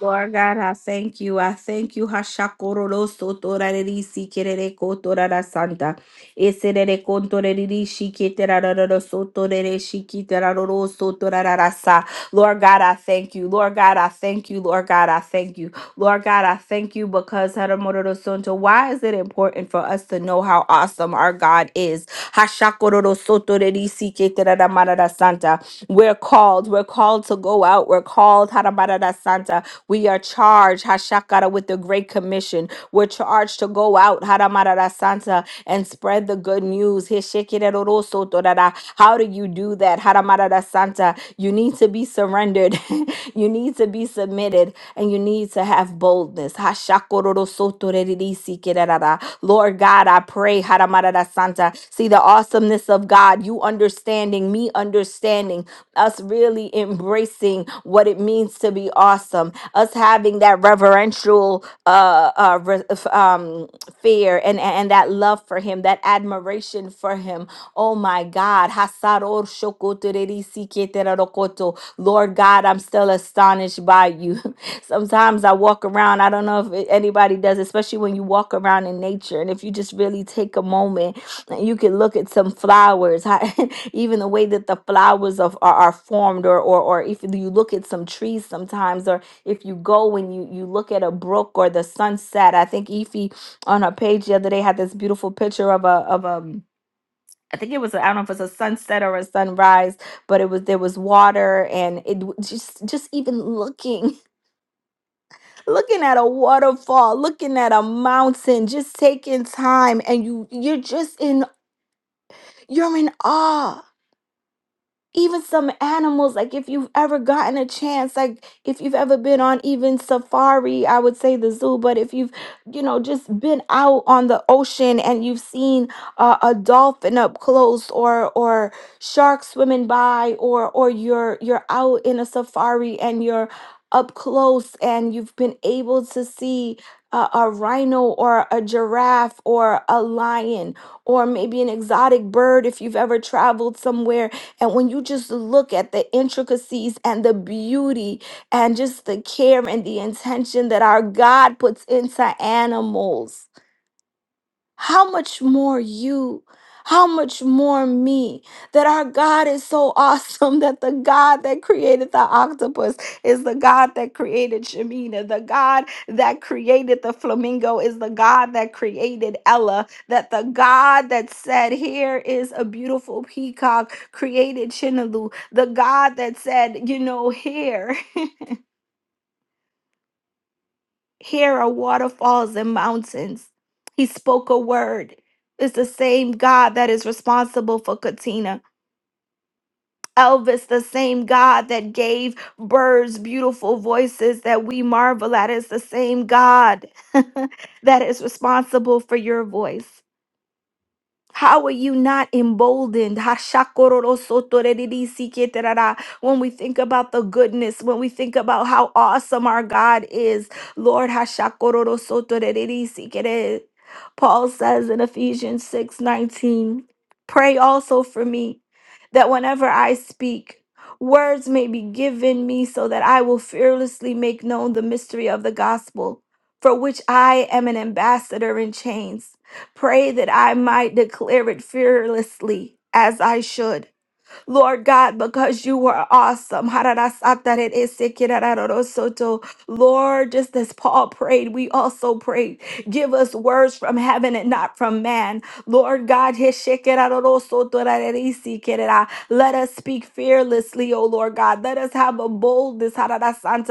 Speaker 2: Lord God, I thank you. I thank you. Hashakororo sotorariri sikerere kotorara santa. Eserere kontoreriri shiketerarororo sotorere shiketeraroro sotorarara sa. Lord God, I thank you. Lord God, I thank you. Lord God, I thank you. Lord God, I thank you because haramororo sonto. Why is it important for us to know how awesome our God is? Hashakororo sotoreriri siketeraramarara santa. We're called. We're called to go out. We're called haramororo santa. We are charged, Hashakara, with the Great Commission. We're charged to go out, Haramarara Santa, and spread the good news. Heshekirero sotorara. How do you do that, Haramarara Santa? You need to be surrendered, you need to be submitted, and you need to have boldness. Hashakororo sotorerisikerara. Lord God, I pray, Haramarara Santa, see the awesomeness of God, you understanding, me understanding, us really embracing what it means to be awesome us having that reverential uh, uh, re- f- um, fear and, and that love for him, that admiration for him. Oh my God. Hasaror shokotereri siketerarokoto. Lord God, I'm still astonished by you. Sometimes I walk around, I don't know if it- anybody does, especially when you walk around in nature. And if you just really take a moment and you can look at some flowers, how- even the way that the flowers of, are, are formed, or, or, or if you look at some trees sometimes, if you go and you you look at a brook or the sunset i think Efi on her page the other day had this beautiful picture of a of a um, I think it was a- I don't know if it's a sunset or a sunrise, but it was there was water and it w- just just even looking looking at a waterfall, looking at a mountain, just taking time and you you're just in you're in awe even some animals like if you've ever gotten a chance like if you've ever been on even safari i would say the zoo but if you've you know just been out on the ocean and you've seen uh, a dolphin up close or or sharks swimming by or or you're you're out in a safari and you're up close and you've been able to see a, a rhino or a giraffe or a lion or maybe an exotic bird if you've ever traveled somewhere and when you just look at the intricacies and the beauty and just the care and the intention that our God puts into animals how much more you? How much more me? That our God is so awesome that the God that created the octopus is the God that created Shemina. The God that created the flamingo is the God that created Ella. That the God that said, Here is a beautiful peacock created Chinalu. The God that said, You know, here. Here are waterfalls and mountains. He spoke a word. It's the same God that is responsible for Katina. Elvis, the same God that gave birds beautiful voices that we marvel at, is the same God that is responsible for your voice. How are you not emboldened? Hashakororosotorerisikitarara. When we think about the goodness, when we think about how awesome our God is, Lord. Hashakororosotorerisikitere. Paul says in Ephesians 6 19, pray also for me that whenever I speak, words may be given me so that I will fearlessly make known the mystery of the gospel, for which I am an ambassador in chains Pray that I might declare it fearlessly as I should. Lord God, because you are awesome. Lord, just as Paul prayed, we also prayed. Give us words from heaven and not from man. Lord God, let us speak fearlessly, O Lord God. Let us have a boldness.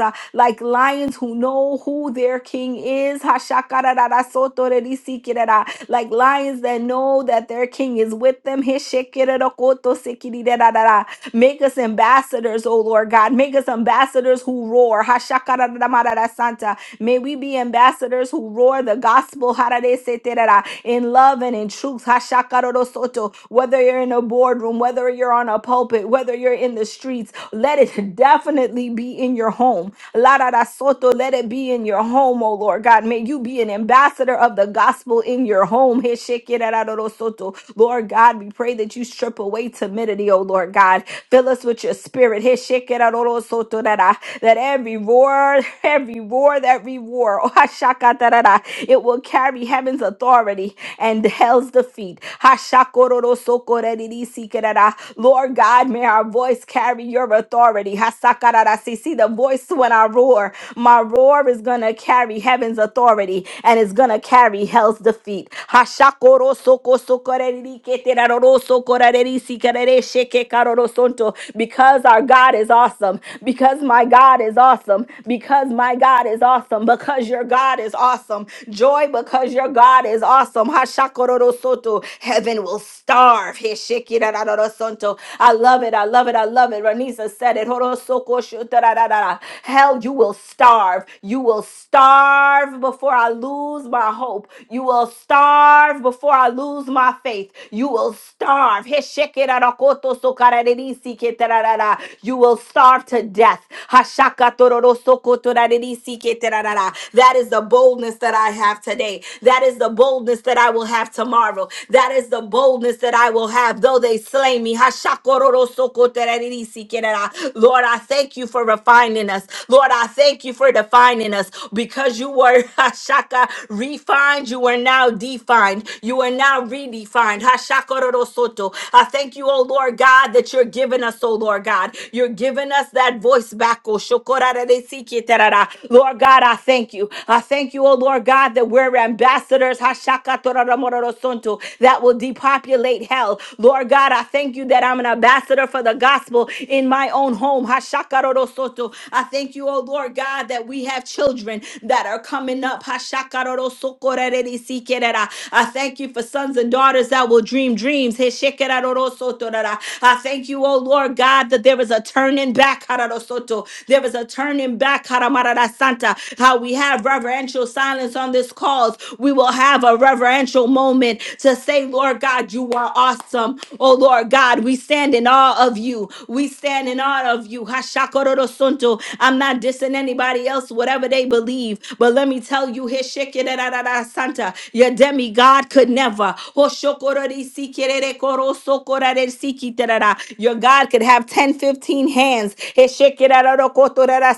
Speaker 2: like lions who know who their king is. Hashakarararasotorerisikirara, Like lions that know that their king is with them. Heshekirorokotosekirirararara. Make us ambassadors, O Lord God. Make us ambassadors who roar. Hashakararamararasanta. May we be ambassadors who roar the gospel harareseterara, in love and in truth. Hashakarorosoto. Whether you're in a boardroom, whether you're on a pulpit, whether you're in the streets, let it definitely be in your home. La da da soto, let it be in your home, oh Lord God. May you be an ambassador of the gospel in your home. He sheke da da do do soto. Lord God, we pray that you strip away timidity, oh Lord God. Fill us with your spirit. He sheke da do do soto da da. That every roar, every roar that we roar, oh, ha shaka da da da, it will carry heaven's authority and hell's defeat. Ha shako do do soko da di di si ke da da. Lord God, may our voice carry your authority. Hasakararasisi, The voice when I roar, my roar is going to carry heaven's authority and it's going to carry hell's defeat. Hashakorosokosokoreriketerarorosokorerisikerereshekekaroronto, Because our God is awesome, because my God is awesome, because my God is awesome, because your God is awesome. Joy, because your God is awesome. Hashakororosoto. Heaven living will starve. He shikirararosonto. I love it. I love it. I love it. Ranisa said it. Horosokoshotararara. Hell, you will starve. You will starve before I lose my hope. You will starve before I lose my faith. You will starve. He shikirarakotosokararirisikirararara. You will starve to death. Hashakatororosokotoraririsikirararara. That is the boldness that I have today. That is the boldness that I will have tomorrow. That is the boldness that I will have, though they slay me. Hashakororosokotererisikerera. Lord, I thank you for refining us. Lord, I thank you for defining us because you were hashaka refined. You are now defined. You are now redefined. Hashakororosoto. I thank you, oh Lord God, that you're giving us, oh Lord God, you're giving us that voice back. oh, shokorararesikiterara. Lord God, I thank you. I thank you, O Lord God, that we're ambassadors, hashakatoromororosonto, that will depopulate hell. Lord God, I thank you that I'm an ambassador for the gospel in my own home. hashakarorosoto. I thank you, O Lord God, that we have children that are coming up. hashakarorosokorererisikerera. I thank you for sons and daughters that will dream dreams. heshekerarorosotorara. I thank you, O Lord God, that there is a turning back. hararosoto. There is a turning back coming back, Haramarada Santa. How we have reverential silence on this call. We will have a reverential moment to say, Lord God, you are awesome. Oh Lord God, we stand in awe of you. We stand in awe of you. Hashakororo Sunto. I'm not dissing anybody else, whatever they believe. But let me tell you, Hishikirarara Santa, your demigod could never. Hoshokorori Sikirere Koro Sokorare Sikiterara. Your God could have 10, 15 hands hands. Eshekerarorokotorara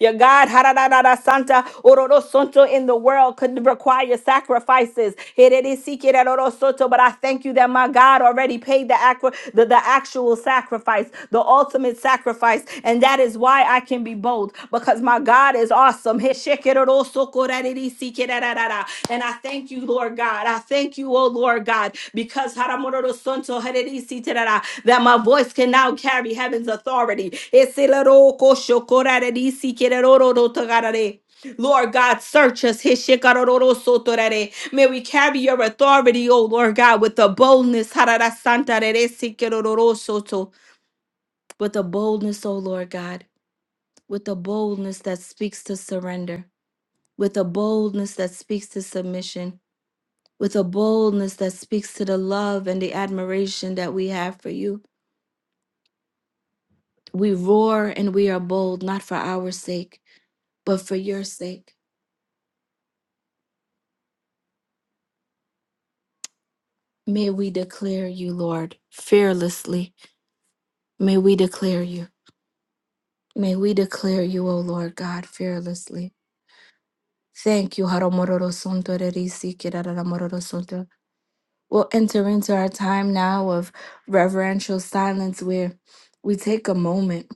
Speaker 2: Your God, hararara Santa, ororo in the world could require sacrifices. Hererisikeraroro Soto, But I thank you that my God already paid the, acqui- the, the actual sacrifice, the ultimate sacrifice. And that is why I can be bold because my God is awesome. Heshekeroro Sokorarerisikerarara. And I thank you, Lord God. I thank you, oh Lord God, because because that my voice can now carry heaven's authority. Lord God, search us. May we carry your authority, O Lord God, with the boldness. With the boldness, O Lord God, with the boldness that speaks to surrender, with the boldness that speaks to submission, with a boldness that speaks to the love and the admiration that we have for you We roar and we are bold, not for our sake, but for your sake. May we declare you, Lord, fearlessly. May we declare you. May we declare you, O Lord God, fearlessly. Thank you. Haramororo Santo Rerisi Kirararamororo Santo. We'll enter into our time now of reverential silence where we take a moment.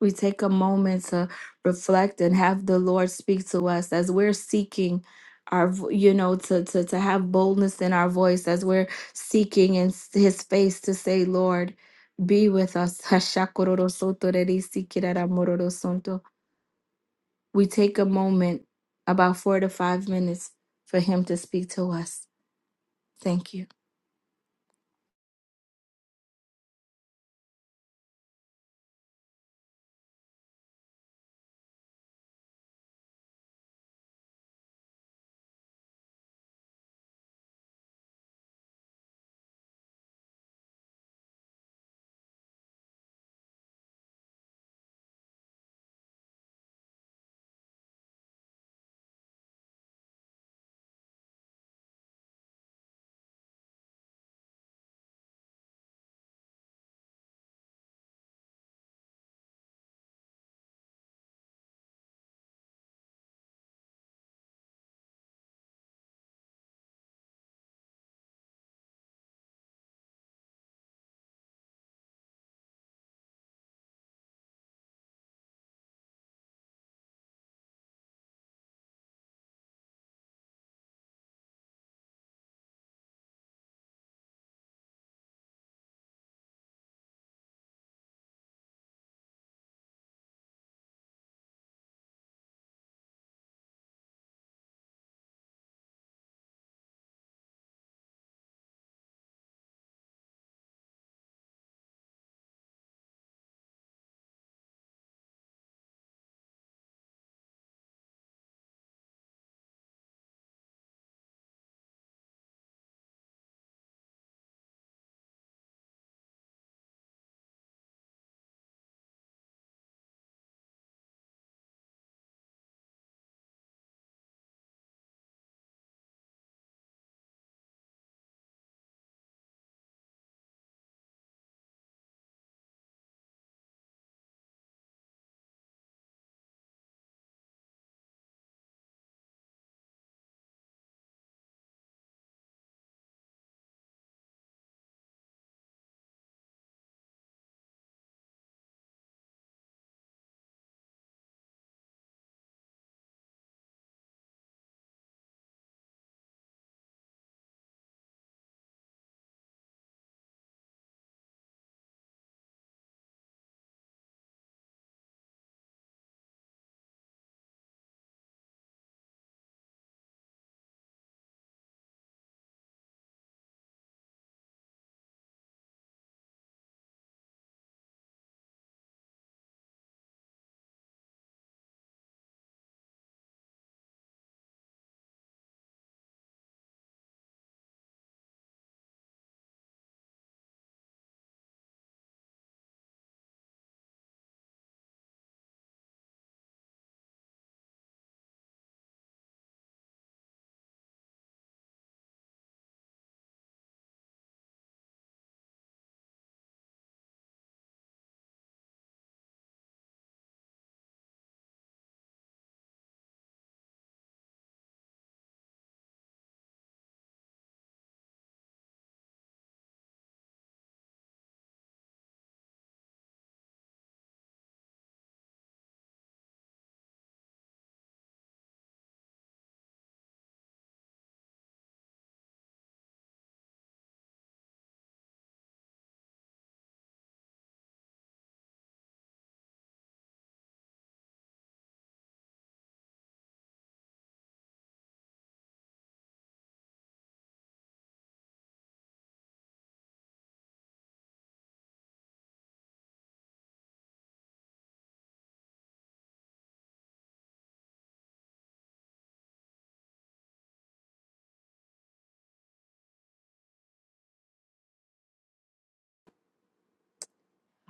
Speaker 2: We take a moment to reflect and have the Lord speak to us as we're seeking our vo- you know to to to have boldness in our voice as we're seeking in s- his face to say lord be with us we take a moment about 4 to 5 minutes for him to speak to us thank you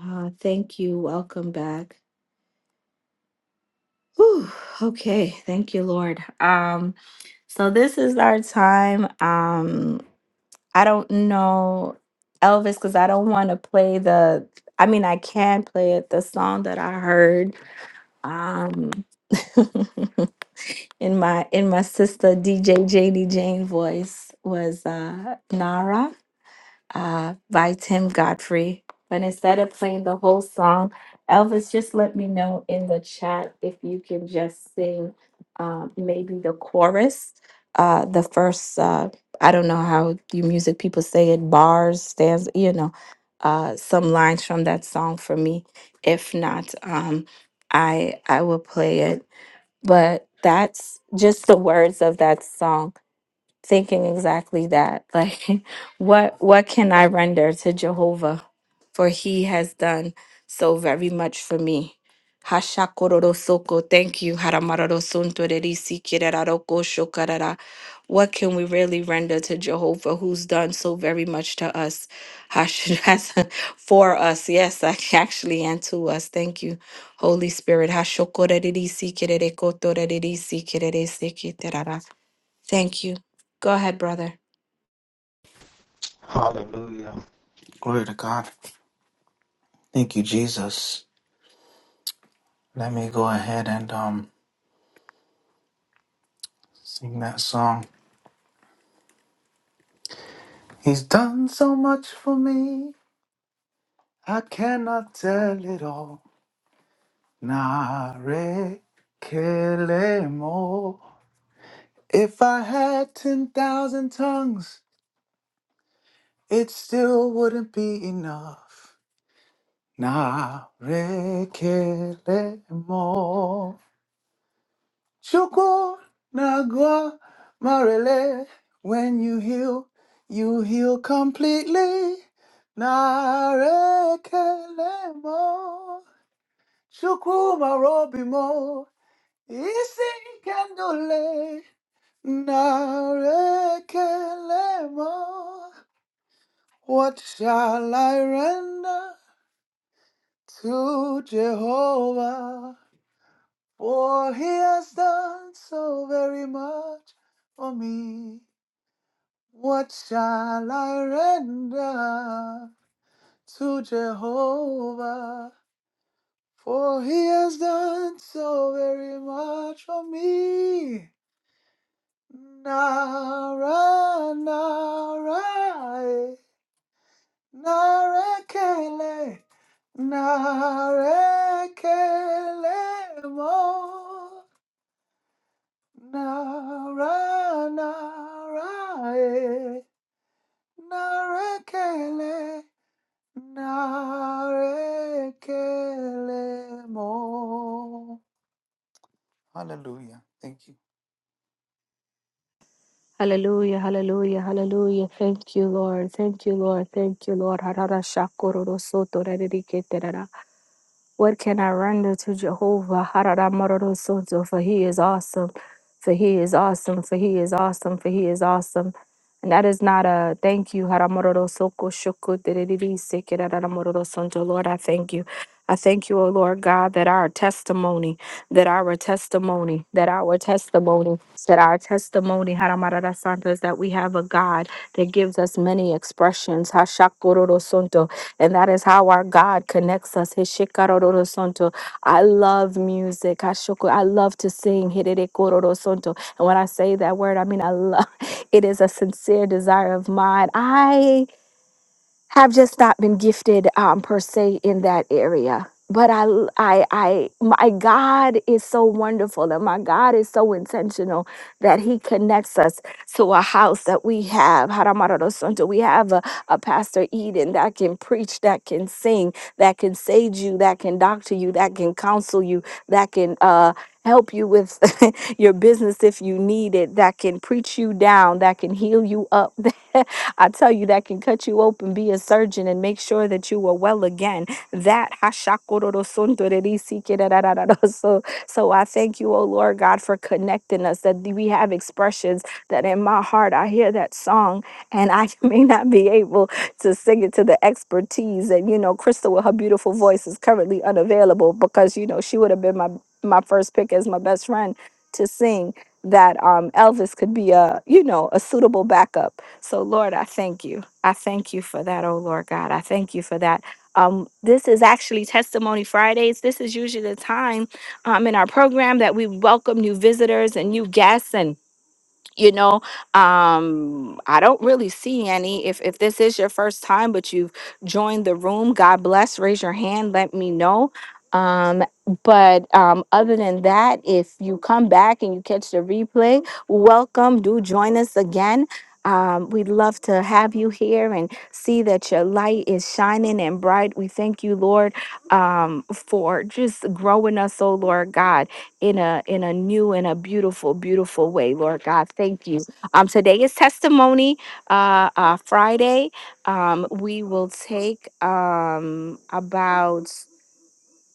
Speaker 2: Uh, thank you. Welcome back. Whew. Okay. Thank you, Lord. Um, so this is our time. Um, I don't know Elvis because I don't want to play the. I mean, I can play it. The song that I heard um, in my in my sister DJ Janie Jane voice was uh, Nara. uh, by Tim Godfrey. But instead of playing the whole song, Elvis, just let me know in the chat if you can just sing um, maybe the chorus, uh, the first, uh, I don't know how you music people say it, bars, stands, you know, uh, some lines from that song for me. If not, um, I I will play it. But that's just the words of that song thinking exactly that. Like, what what can I render to Jehovah? For he has done so very much for me. Hashakororosoko. Thank you. Haramarorosuntorerisi kireraroko shokarara. What can we really render to Jehovah who's done so very much to us? Hash- has- For us, yes, ac- actually, and to us. Thank you, Holy Spirit. Hashokorerisikirerekotorerisikireresikirerara. Thank you. Go ahead, brother.
Speaker 3: Hallelujah. Glory to God. Thank you, Jesus. Let me go ahead and um sing that song. He's done so much for me. I cannot tell it all. Nare kelemo. If I had 10,000 tongues, it still wouldn't be enough. Nare kelemo. Chukwu Nagwa Marele, when you heal, you heal completely. Narekelemo, Chukwu Marobimo, Isi Kendule, Narekelemo. What shall I render to Jehovah? For he has done so very much for me. What shall I render to Jehovah? For he has done so very much for me. Nara, nara, narekele, narekele mo. Nara, nara, narekele. Narekelemo. Hallelujah. Thank you.
Speaker 2: Hallelujah, hallelujah, hallelujah. Thank you, Lord. Thank you, Lord. Thank you, Lord. Harara shakororo soto rariketerara. What can I render to Jehovah? Harara mororo soto, For he is awesome, for he is awesome, for he is awesome, for he is awesome. And that is not a thank you. Haramororo soko shoko dereriri seke rararamororo sonto. Lord, I thank you. I thank you, O Lord God, that our testimony, that our testimony, that our testimony, that our testimony, Haramarara Santo, is that we have a God that gives us many expressions, Hashakororo Santo, and that is how our God connects us, Hishikarororo Santo. I love music, Hashoko. I love to sing, Hirerekororo Santo. And when I say that word, I mean I love. It is a sincere desire of mine. I have just not been gifted um, per se in that area. But I, I, I, my God is so wonderful and my God is so intentional that He connects us to a house that we have. Haramarorosonto. We have a, a Pastor Eden that can preach, that can sing, that can sage you, that can doctor you, that can counsel you, that can uh, help you with your business if you need it, that can preach you down, that can heal you up. I tell you, that can cut you open, be a surgeon, and make sure that you are well again. That so, so I thank you, oh Lord God, for connecting us. That we have expressions that in my heart I hear that song and I may not be able to sing it to the expertise. And you know, Crystal with her beautiful voice is currently unavailable because you know she would have been my my first pick as my best friend to sing that um, Elvis could be a, you know, a suitable backup. So, Lord, I thank you. I thank you for that, oh Lord God. I thank you for that. Um, this is actually Testimony Fridays. This is usually the time um, in our program that we welcome new visitors and new guests and you know um i don't really see any if if this is your first time but you've joined the room god bless let me know. Um, but um, other than that, if you come back and you catch the replay, welcome. Do join us again. Um, we'd love to have you here and see that your light is shining and bright. We thank you, Lord, um, for just growing us, oh Lord God, in a in a new and a beautiful, beautiful way, Lord God. Thank you. Um, today is Testimony uh, uh, Friday. Um, we will take um, about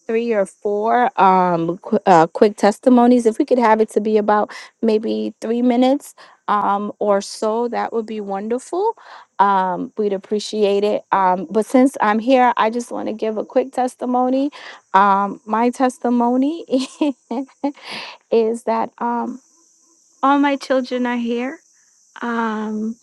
Speaker 2: three or four um qu- uh, quick testimonies if we could have it to be about maybe three minutes um or so that would be wonderful um we'd appreciate it um but since i'm here i just want to give a quick testimony um my testimony is that um all my children are here um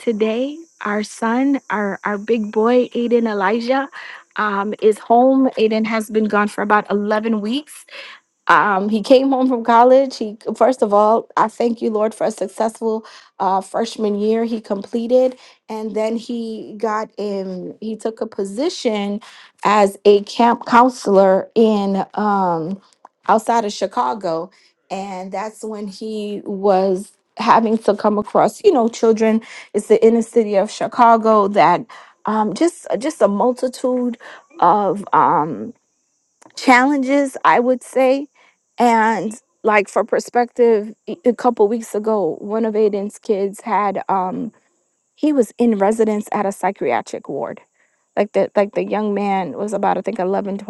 Speaker 2: today our son our our big boy aiden elijah um, is home aiden has been gone for about 11 weeks um, he came home from college. He first of all, I thank you, Lord, for a successful uh, freshman year he completed, and then he got in. He took a position as a camp counselor in um, outside of Chicago, and that's when he was having to come across, you know, children. It's the inner city of Chicago that um, just just a multitude of um, challenges, I would say and like for perspective, e- a couple weeks ago, one of Aiden's kids had um he was in residence at a psychiatric ward. Like the like the young man was about I think 11, 12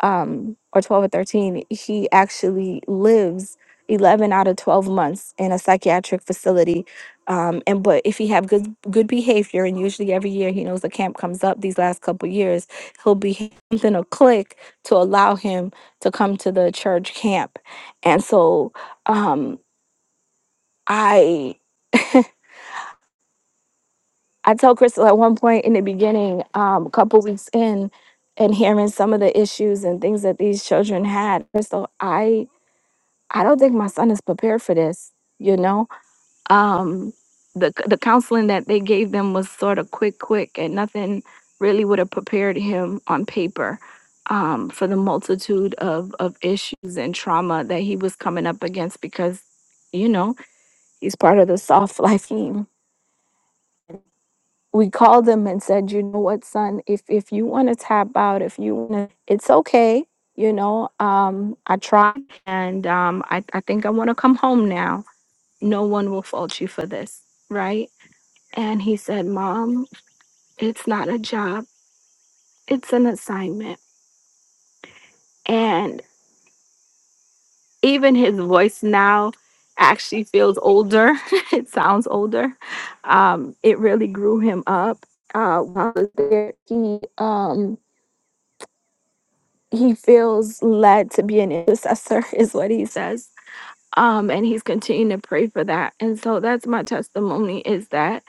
Speaker 2: um, or 12 or 13, he actually lives 11 out of 12 months in a psychiatric facility. Um, and but if he have good good behavior, and usually every year he knows the camp comes up these last couple years, he'll be something a click to allow him to come to the church camp. And so um, I I tell Crystal at one point in the beginning, um, a couple weeks in, and hearing some of the issues and things that these children had, Crystal, I I don't think my son is prepared for this. You know, um, the the counseling that they gave them was sort of quick, quick, and nothing really would have prepared him on paper um, for the multitude of of issues and trauma that he was coming up against because, you know, he's part of the soft life team. We called him and said, you know what, son, if if you want to tap out, if you want to, it's okay. You know, um, I tried, and um, I I think I want to come home now no one will fault you for this, right? And he said, Mom, it's not a job, it's an assignment. And even his voice now actually feels older, it sounds older. Um, it really grew him up. Uh, while I was there, he, um, he feels led to be an intercessor, is what he says um, and he's continuing to pray for that. And so that's my testimony is that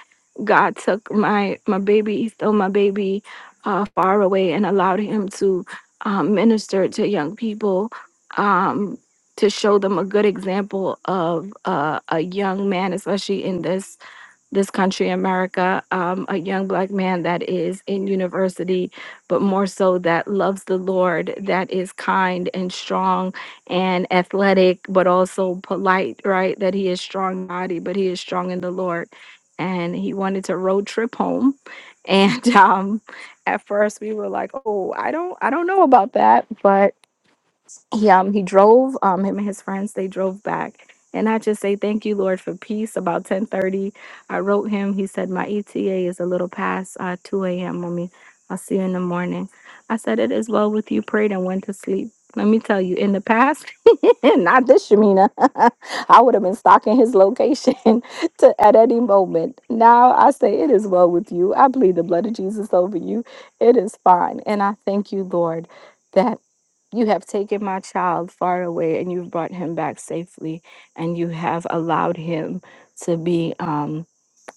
Speaker 2: God took my my baby, he stole my baby uh, far away and allowed him to um, minister to young people, um, to show them a good example of uh, a young man, especially in this this country, America, um, a young black man that is in university, but more so that loves the Lord, that is kind and strong and athletic, but also polite, right? That he is strong in body, but he is strong in the Lord. And he wanted to road trip home. And um, at first we were like, oh, I don't, I don't know about that he um he drove um him and his friends they drove back and i just say thank you lord for peace about ten thirty, i wrote him he said my eta is a little past uh 2 a.m mommy i'll see you in the morning i said it is well with you prayed and went to sleep let me tell you in the past not this shamina i would have been stalking his location to, at any moment now i say it is well with you i plead the blood of jesus over you it is fine and i thank you lord that. You have taken my child far away and you've brought him back safely, and you have allowed him to be um,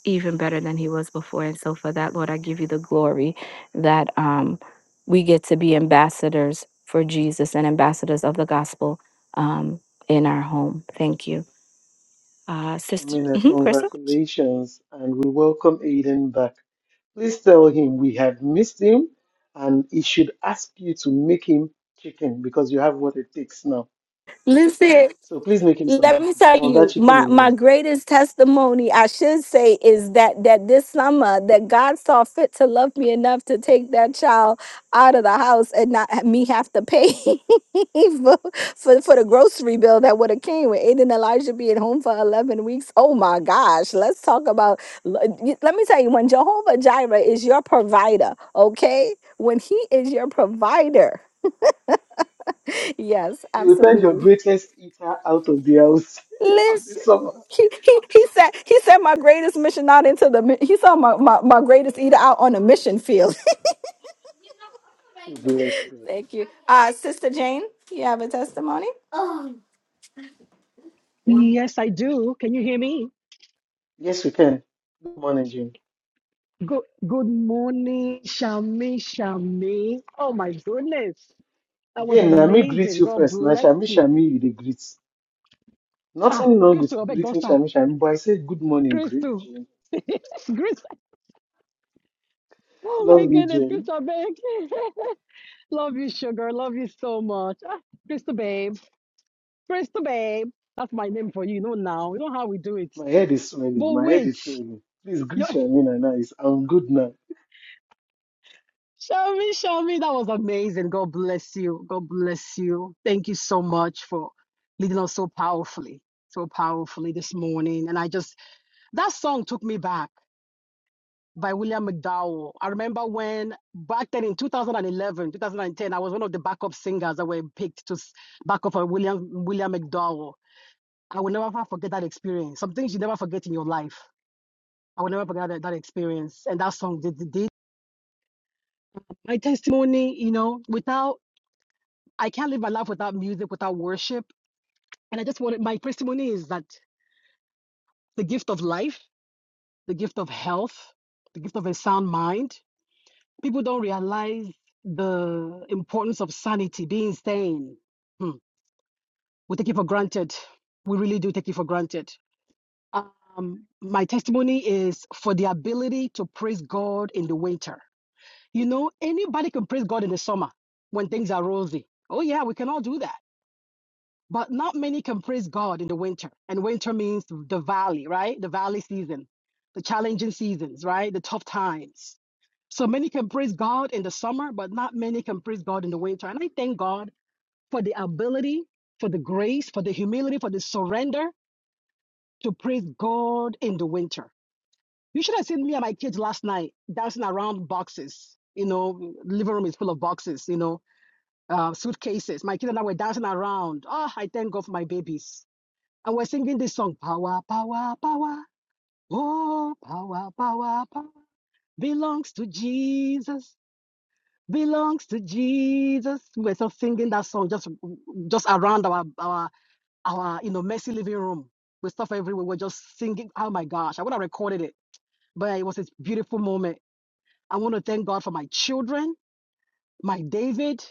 Speaker 2: even better than he was before. And so, for that, Lord, I give you the glory that um, we get to be ambassadors for Jesus and ambassadors of the gospel um, in our home. Thank you. Uh, Sister
Speaker 1: Shamina,
Speaker 2: Mhm, Crystal?
Speaker 1: congratulations, and we welcome Aiden back. Please tell him we have missed him and he should ask you to make him chicken because you have what it takes now. So please make him some chicken, some of that chicken he loves.
Speaker 2: greatest testimony i should say is that that this summer that god saw fit to love me enough to take that child out of the house and not ha- me have to pay for, for, for the grocery bill that would have came with aiden and elijah being home for 11 weeks oh my gosh let's talk about l- y- let me tell you when jehovah jireh is your provider okay when he is your provider yes
Speaker 1: He will send your
Speaker 2: absolutely
Speaker 1: greatest eater out of the house for this summer.
Speaker 2: He, he, he said he said my greatest mission out into the mi- he saw my, my, my greatest eater out on a mission field.
Speaker 1: We bless God.
Speaker 2: Thank you. Uh Sister Jane, you have a testimony?
Speaker 4: Yes, I do. Can you hear me?
Speaker 1: Yes, we can. Good morning, Jane.
Speaker 4: Good good morning, Shami Shami. Oh my goodness. That was
Speaker 1: Jane, na me greet
Speaker 4: amazing.
Speaker 1: you
Speaker 4: God
Speaker 1: first. Na
Speaker 4: bless
Speaker 1: Shami
Speaker 4: you.
Speaker 1: Shami you dey greet.
Speaker 4: Ah,
Speaker 1: Nothing wrong with
Speaker 4: Crystal, I beg not
Speaker 1: greeting
Speaker 4: start.
Speaker 1: Shami Shami, but I say good morning, great
Speaker 4: Crystal.
Speaker 1: Jane.
Speaker 4: Crystal. Oh my
Speaker 1: Love you,
Speaker 4: goodness,
Speaker 1: Jane.
Speaker 4: Crystal I beg. Love you, sugar. Love you so much. Ah, Crystal babe. Crystal babe. That's my name for you, you know now. You know how we do it.
Speaker 1: My head is swelling.
Speaker 4: But
Speaker 1: My head
Speaker 4: wait.
Speaker 1: is swelling. Please greet Shamina now. It's- I'm good now.
Speaker 4: Show me, show me. That was amazing. God bless you. God bless you. Thank you so much for leading us so powerfully, so powerfully this morning. And I just, that song took me back by William McDowell. I remember when back then in 2011, 2010, I was one of the backup singers that were picked to s- back up for William, William McDowell. I will never forget that experience. Some things you never forget in your life. I will never forget that, that experience. And that song did, did my testimony, you know, without I can't live my life without music, without worship. And I just wanted my testimony is that the gift of life, the gift of health, the gift of a sound mind, people don't realize the importance of sanity, being sane. Hmm. We take it for granted. We really do take it for granted. Um, my testimony is for the ability to praise God in the winter. You know, anybody can praise God in the summer when things are rosy. Oh, yeah, we can all do that. But not many can praise God in the winter. And winter means the valley, right? The valley season, the challenging seasons, right? The tough times. So many can praise God in the summer, but not many can praise God in the winter. And I thank God for the ability, for the grace, for the humility, for the surrender to praise God in the winter. You should have seen me and my kids last night dancing around boxes. You know, living room is full of boxes, you know, uh, suitcases. My kids and I were dancing around. Oh, I thank God for my babies I was singing this song, power, power, power. Oh, power, power, power. Belongs to Jesus. Belongs to Jesus. We were just singing that song just just around our our our you know messy living room with stuff everywhere. We We're just singing. Oh my gosh, I would have recorded it, but it was a beautiful moment. I want to thank God for my children, my David.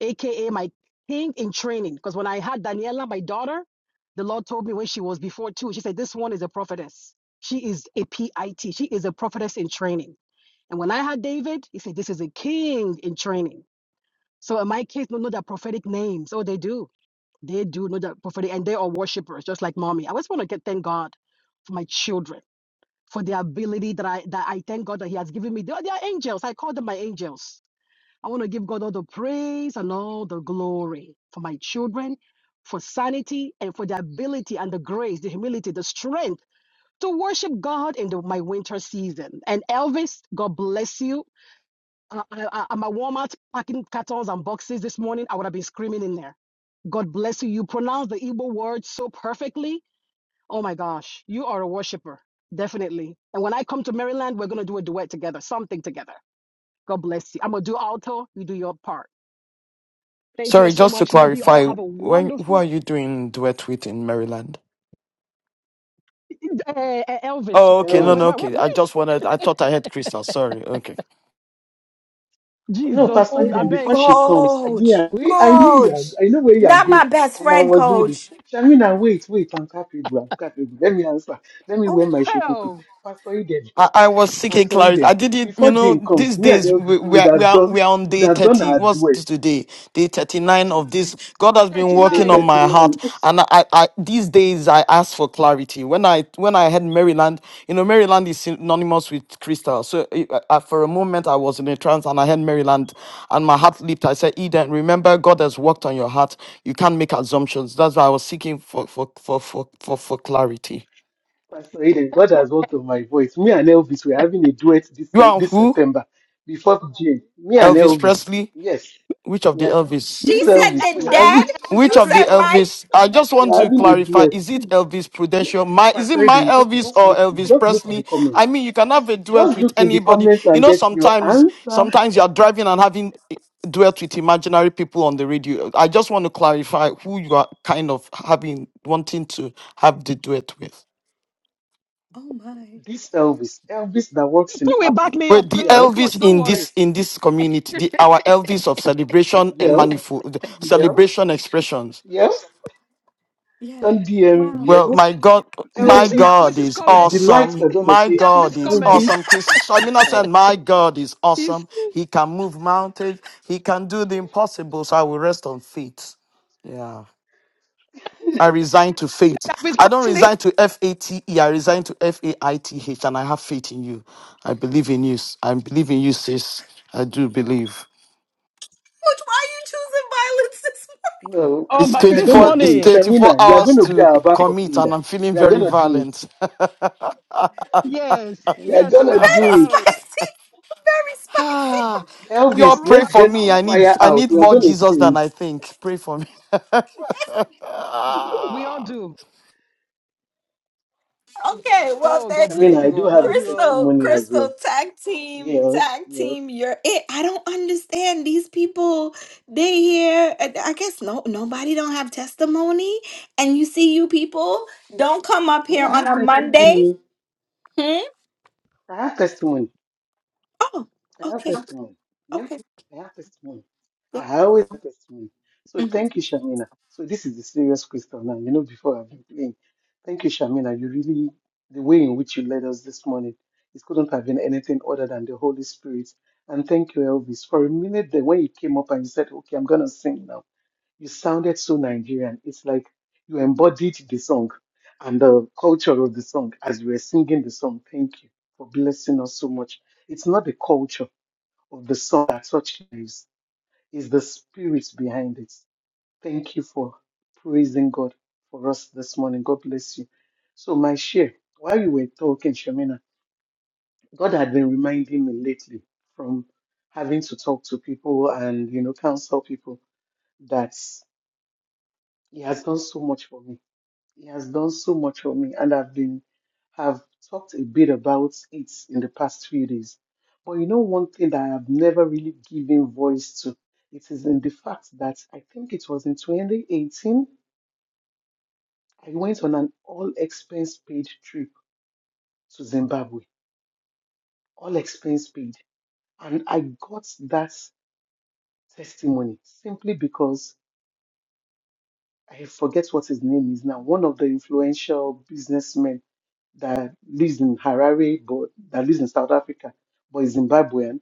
Speaker 4: aka my king in training. Because when I had Daniela, my daughter, the Lord told me when she was before too, she said, This one is a prophetess. She is a PIT. She is a prophetess in training. And when I had David, he said, This is a king in training. So in my kids don't know that prophetic names. Oh, they do. They do know that prophetic, and they are worshipers, just like mommy. I just want to get thank God for my children, for the ability that I that I thank God that He has given me. They are, they are angels. I call them my angels I want to give God all the praise and all the glory for my children, for sanity, and for the ability and the grace, the humility, the strength to worship God in the, my winter season. And Elvis, God bless you. Uh, I, I, I'm at Walmart packing cartons and boxes this morning. I would have been screaming in there. God bless you. You pronounce the Igbo word so perfectly. Oh my gosh, you are a worshiper, definitely. And when I come to Maryland, we're going to do a duet together, something together. God bless you. I'm going to do alto, you do your part. Thank you all
Speaker 5: Sorry,
Speaker 4: so
Speaker 5: just to
Speaker 4: much. Love you all.
Speaker 5: clarify,
Speaker 4: Have a
Speaker 5: when who are
Speaker 4: wonderful
Speaker 5: you doing duet with in Maryland?
Speaker 4: uh, uh, Elvis.
Speaker 5: Oh, okay,
Speaker 4: Or
Speaker 5: no, no,
Speaker 4: wherever. Where,
Speaker 5: okay. I
Speaker 4: where is
Speaker 5: just wanted. I thought I had Crystal. Sorry. okay.
Speaker 1: no,
Speaker 4: Jesus?
Speaker 1: Pastor
Speaker 4: I
Speaker 1: Eden, before
Speaker 4: beg.
Speaker 1: she comes, me,
Speaker 2: Coach,
Speaker 1: I, we, I know you are,
Speaker 2: coach,
Speaker 1: I know where you are
Speaker 2: not my
Speaker 1: going,
Speaker 2: best
Speaker 1: and I
Speaker 2: friend,
Speaker 1: was ready.
Speaker 2: coach.
Speaker 1: Shamina, wait, wait, I'm capable, I'm capable. Let me answer. Let me
Speaker 2: Oh,
Speaker 1: wear my shokoto.
Speaker 4: Hell,
Speaker 1: Pastor Eden,
Speaker 5: I, I was seeking
Speaker 1: Pastor
Speaker 5: clarity.
Speaker 1: Eden,
Speaker 5: I did it, you
Speaker 1: before
Speaker 5: know,
Speaker 1: Jane comes,
Speaker 5: these
Speaker 1: me and
Speaker 5: days
Speaker 1: Elvis
Speaker 5: we, we,
Speaker 1: would
Speaker 5: are, we,
Speaker 1: have
Speaker 5: are,
Speaker 1: done,
Speaker 5: we are on
Speaker 1: would
Speaker 5: day
Speaker 1: have done
Speaker 5: 30.
Speaker 1: our
Speaker 5: What's this
Speaker 1: duet.
Speaker 5: today? Day 39 of this. God has been
Speaker 1: Day
Speaker 5: working on
Speaker 4: 39.
Speaker 5: my heart.
Speaker 1: 39.
Speaker 5: And I, I these days I ask for clarity. When I when I had Maryland, you know, Maryland is synonymous with crystal. So I, I, for a moment I was in a trance and I had Maryland and my heart leaped. I said, Eden, remember God has worked on your heart. You can't make assumptions. That's why I was seeking for for for for for, for clarity.
Speaker 1: Pastor Eden, God has worked on my voice. Me and Elvis were having a duet this,
Speaker 5: You are
Speaker 1: this
Speaker 5: who?
Speaker 1: September before Jane. Me and
Speaker 5: Elvis
Speaker 1: Elvis,
Speaker 5: Presley,
Speaker 1: yes.
Speaker 5: Which of the
Speaker 1: Yeah.
Speaker 5: Elvis?
Speaker 4: Me,
Speaker 2: she
Speaker 1: This
Speaker 4: me and
Speaker 2: said
Speaker 1: Elvis,
Speaker 2: the
Speaker 4: Elvis
Speaker 1: we're
Speaker 4: and me and
Speaker 2: dead.
Speaker 1: having,
Speaker 4: Elvis
Speaker 5: Which
Speaker 2: You
Speaker 4: and
Speaker 5: of the
Speaker 2: said
Speaker 4: Crystal.
Speaker 2: my.
Speaker 5: Elvis? I just want
Speaker 1: we're
Speaker 5: to
Speaker 1: having a
Speaker 5: clarify: Is
Speaker 1: duet.
Speaker 5: it Elvis
Speaker 1: See,
Speaker 5: Prudential? My is it
Speaker 1: Pastor
Speaker 5: my
Speaker 1: Eden, just
Speaker 5: Elvis
Speaker 1: just
Speaker 5: or
Speaker 1: look
Speaker 5: Elvis
Speaker 1: just look in the
Speaker 5: Presley? I
Speaker 1: comments.
Speaker 5: mean, you can have a duet
Speaker 1: Just
Speaker 5: with
Speaker 1: look in the
Speaker 5: anybody.
Speaker 1: comments
Speaker 5: You
Speaker 1: and
Speaker 5: know,
Speaker 1: get your
Speaker 5: sometimes
Speaker 1: answer.
Speaker 5: sometimes you are driving and having duet with imaginary people on the radio. I just want to clarify who you are kind of having wanting to have the duet with.
Speaker 2: Oh my,
Speaker 1: This Elvis, Elvis that works
Speaker 4: Crystal
Speaker 1: in
Speaker 4: will
Speaker 1: Apple.
Speaker 4: back me
Speaker 5: Wait,
Speaker 4: up.
Speaker 5: the
Speaker 4: Chris, uh,
Speaker 1: Yes,
Speaker 5: Elvis
Speaker 4: coach, don't
Speaker 5: in
Speaker 4: worry.
Speaker 5: this
Speaker 1: yes,
Speaker 5: in this community, the our Elvis of celebration eh,
Speaker 1: yes,
Speaker 5: manifold
Speaker 1: yes,
Speaker 5: celebration expressions.
Speaker 1: yes.
Speaker 2: yeah.
Speaker 1: Some DM,
Speaker 5: Well,
Speaker 1: yes.
Speaker 5: my God,
Speaker 4: Did you
Speaker 5: my
Speaker 4: see
Speaker 1: Elvis,
Speaker 5: God
Speaker 4: Elvis's
Speaker 5: is
Speaker 1: the, the
Speaker 4: comments?
Speaker 1: lights
Speaker 5: awesome.
Speaker 1: are gonna
Speaker 5: My
Speaker 1: say
Speaker 5: God
Speaker 4: Elvis
Speaker 5: is
Speaker 1: Elvis
Speaker 5: awesome.
Speaker 4: comments.
Speaker 5: Chris
Speaker 1: and
Speaker 5: Shamina said,
Speaker 1: Crystal.
Speaker 5: My God is
Speaker 4: He's
Speaker 5: awesome. He can move mountains. He can do the impossible. So I will rest on faith. Yeah. I resign to faith.
Speaker 4: Elvis
Speaker 5: I don't
Speaker 4: Presley.
Speaker 5: resign to F A T E. I resign to F A I T H. And I have faith in you. I believe in you. I believe in you, sis. I do believe.
Speaker 2: Coach, why are you choosing violence this
Speaker 1: No,
Speaker 4: Oh
Speaker 5: It's
Speaker 4: my!
Speaker 1: and we are
Speaker 4: This
Speaker 1: gonna
Speaker 5: 24,
Speaker 1: do
Speaker 5: it's
Speaker 1: it.
Speaker 4: morning.
Speaker 5: 24
Speaker 1: Shamina, you are
Speaker 4: What?
Speaker 5: hours
Speaker 1: gonna be
Speaker 5: to
Speaker 1: our backup
Speaker 5: commit, and
Speaker 1: singer.
Speaker 5: I'm feeling
Speaker 1: We are
Speaker 5: very
Speaker 1: gonna do it.
Speaker 5: violent.
Speaker 4: Yes,
Speaker 1: We are
Speaker 4: yes. so We
Speaker 1: gonna
Speaker 2: morning?
Speaker 4: are row
Speaker 1: do
Speaker 2: Very
Speaker 1: it.
Speaker 4: rowing.
Speaker 2: spicy, very spicy.
Speaker 5: Ah,
Speaker 4: We
Speaker 5: y'all
Speaker 4: are
Speaker 1: Elvis,
Speaker 4: row
Speaker 5: pray
Speaker 1: let's
Speaker 5: for
Speaker 1: get
Speaker 4: rowing.
Speaker 5: me.
Speaker 1: the
Speaker 4: Oh,
Speaker 5: I need
Speaker 1: choir
Speaker 5: I
Speaker 1: out.
Speaker 5: need
Speaker 1: We are
Speaker 5: more
Speaker 1: gonna
Speaker 5: Jesus
Speaker 1: sing.
Speaker 5: than I think. Pray for me.
Speaker 4: we all
Speaker 5: Ah.
Speaker 4: do.
Speaker 2: Okay, well,
Speaker 4: Oh,
Speaker 2: thank
Speaker 4: God
Speaker 1: I mean,
Speaker 2: you.
Speaker 4: bless
Speaker 1: I
Speaker 4: you
Speaker 1: do
Speaker 4: all.
Speaker 1: have
Speaker 4: Love
Speaker 1: a
Speaker 4: you all.
Speaker 2: Crystal,
Speaker 1: testimony as well.
Speaker 2: Crystal, tag team,
Speaker 1: Yes,
Speaker 2: tag
Speaker 1: yes.
Speaker 2: team, you're it. I don't understand these people. They here, and I guess no, nobody don't have testimony, and you see, you people don't come up
Speaker 1: I mean,
Speaker 2: here
Speaker 1: I
Speaker 2: on
Speaker 1: have
Speaker 2: a Monday.
Speaker 1: testimony.
Speaker 2: Hmm?
Speaker 1: I have testimony.
Speaker 2: Oh,
Speaker 1: I have
Speaker 2: okay,
Speaker 1: testimony. Yeah,
Speaker 2: okay,
Speaker 1: I have testimony. I
Speaker 2: go.
Speaker 1: always have testimony. So thank you, Shamina. So this is the serious question now. You know, before I've been playing. Thank you, Shamina. You really, the way in which you led us this morning, it couldn't have been anything other than the Holy Spirit. And thank you, Elvis. For a minute there, when you came up and you said, okay, I'm going to sing now. You sounded so Nigerian. It's like you embodied the song and the culture of the song as you were singing the song. Thank you for blessing us so much. It's not the culture of the song that touched lives, it's the spirit behind it. Thank you for praising God for us this morning. God bless you. So, my share, while you were talking, Shamina, God had been reminding me lately from having to talk to people and, you know, counsel people that He has done so much for me He has done so much for me, and I've been have talked a bit about it in the past few days. But you know, one thing that I have never really given voice to, it is in the fact that I think it was in 2018, I went on an all expense paid trip to Zimbabwe, all expense paid, and I got that testimony simply because I forget what his name is now, one of the influential businessmen that lives in Harare, but that lives in South Africa, but is Zimbabwean,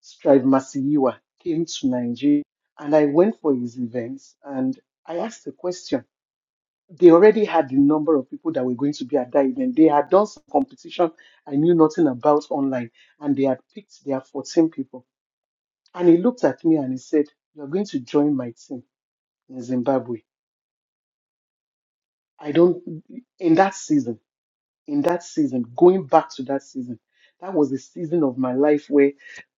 Speaker 1: Strive Masiyiwa, came to Nigeria. And I went for his events and I asked a question. They already had the number of people that were going to be at that event. They had done some competition I knew nothing about online, and they had picked their 14 people. And he looked at me and he said, You're going to join my team in Zimbabwe. I don't, in that season. in that season, going back to that season, that was the season of my life where,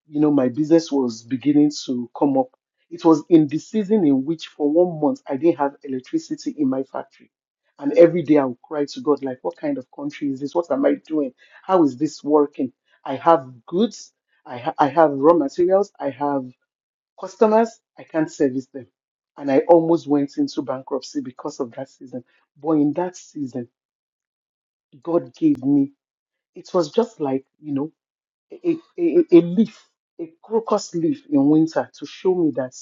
Speaker 1: you know, my business was beginning to come up. It was in the season in which, for one month, I didn't have electricity in my factory. And every day I would cry to God, like, what kind of country is this? What am I doing? How is this working? I have goods, I, ha- I have raw materials, I have customers, I can't service them. And I almost went into bankruptcy because of that season. But in that season, God gave me it was just like you know a, a, a leaf a crocus leaf in winter to show me that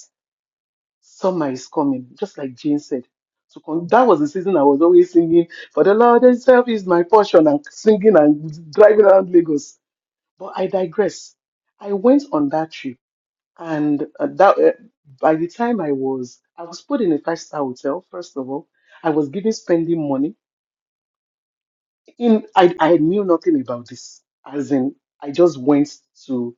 Speaker 1: summer is coming just like jane said so con- that was the season i was always singing for the lord himself is my portion and singing and driving around lagos but i digress i went on that trip and uh, that uh, by the time i was i was put in a five star hotel first of all i was given spending money in I, I knew nothing about this. As in, I just went to.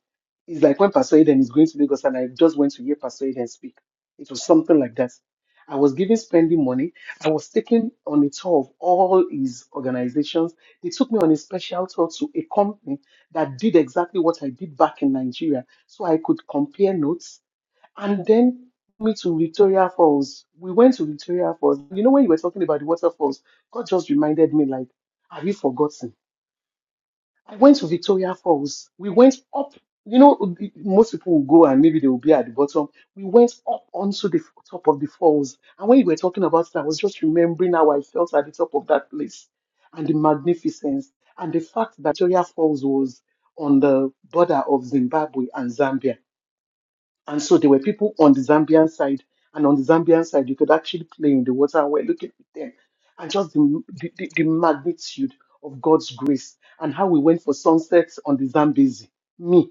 Speaker 1: It's like when Pastor Eden is going to Lagos, and I just went to hear Pastor Eden speak. It was something like that. I was given spending money. I was taken on a tour of all his organizations. They took me on a special tour to a company that did exactly what I did back in Nigeria, so I could compare notes and then me to Victoria Falls. We went to Victoria Falls. You know, when you were talking about the waterfalls, God just reminded me, like, have you forgotten? I went to Victoria Falls. We went up. You know, most people will go and maybe they will be at the bottom. We went up onto the top of the falls. And when you were talking about it, I was just remembering how I felt at the top of that place and the magnificence and the fact that Victoria Falls was on the border of Zimbabwe and Zambia and so there were people on the Zambian side, and on the Zambian side, you could actually play in the water and we're looking at them. And just the, the, the the magnitude of God's grace and how we went for sunsets on the Zambezi. Me.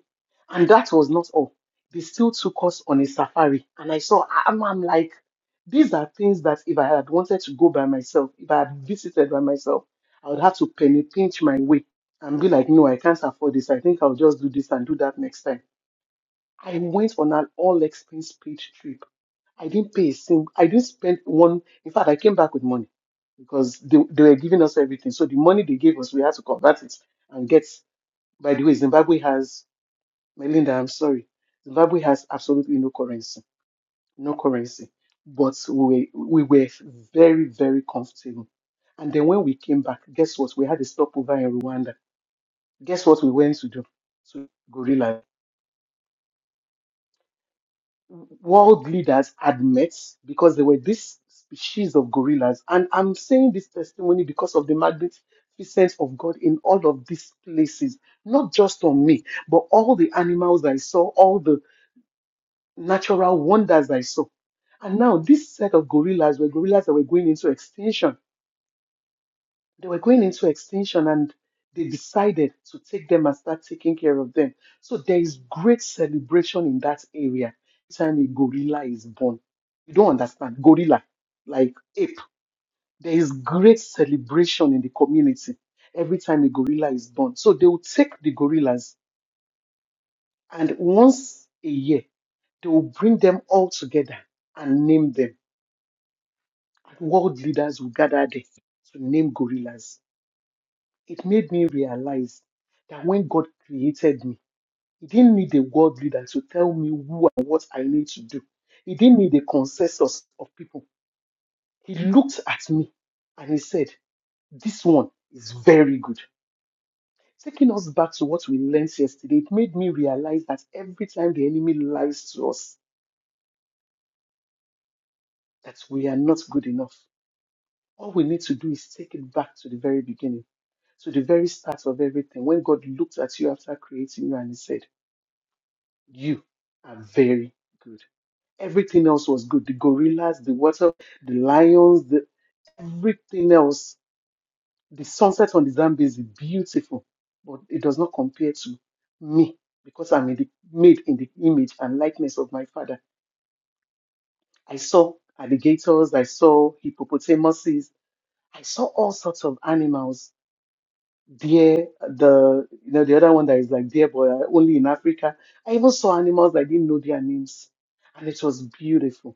Speaker 1: And that was not all. They still took us on a safari. And I saw, I'm, I'm like, these are things that if I had wanted to go by myself, if I had visited by myself, I would have to penny pinch my way and be like, no, I can't afford this. I think I'll just do this and do that next time I went on an all expense paid trip. I didn't pay a single, I didn't spend one. In fact, I came back with money because they, they were giving us everything. So the money they gave us, we had to convert it and get. By the way, Zimbabwe has, Melinda, I'm sorry, Zimbabwe has absolutely no currency, no currency. But we, we were very, very comfortable. And then when we came back, guess what? We had a stopover in Rwanda. Guess what we went to do? To gorilla. world leaders admit because they were this species of gorillas. And I'm saying this testimony because of the magnificence of God in all of these places, not just on me, but all the animals I saw, all the natural wonders I saw. And now, this set of gorillas were gorillas that were going into extinction they were going into extinction and they decided to take them and start taking care of them. So there is great celebration in that area anytime a gorilla is born. You don't understand. Gorilla, like ape. There is great celebration in the community every time a gorilla is born. So they will take the gorillas and once a year, they will bring them all together and name them. World leaders will gather there to name gorillas it made me realize that when God created me, He didn't need a world leader to tell me who and what I need to do. He didn't need a consensus of people. He looked at me and He said, This one is very good. Taking us back to what we learned yesterday, it made me realize that every time the enemy lies to us, that we are not good enough. All we need to do is take it back to the very beginning, to the very start of everything, when God looked at you after creating you and He said, You are very good. Everything else was good. The gorillas, the water, the lions, the everything else. The sunset on the Zambezi, beautiful. But it does not compare to me because I'm in the, made in the image and likeness of my father. I saw alligators, I saw hippopotamuses, I saw all sorts of animals. Deer, the you know the other one that is like deer, but uh, only in Africa. I even saw animals I didn't know their names, and it was beautiful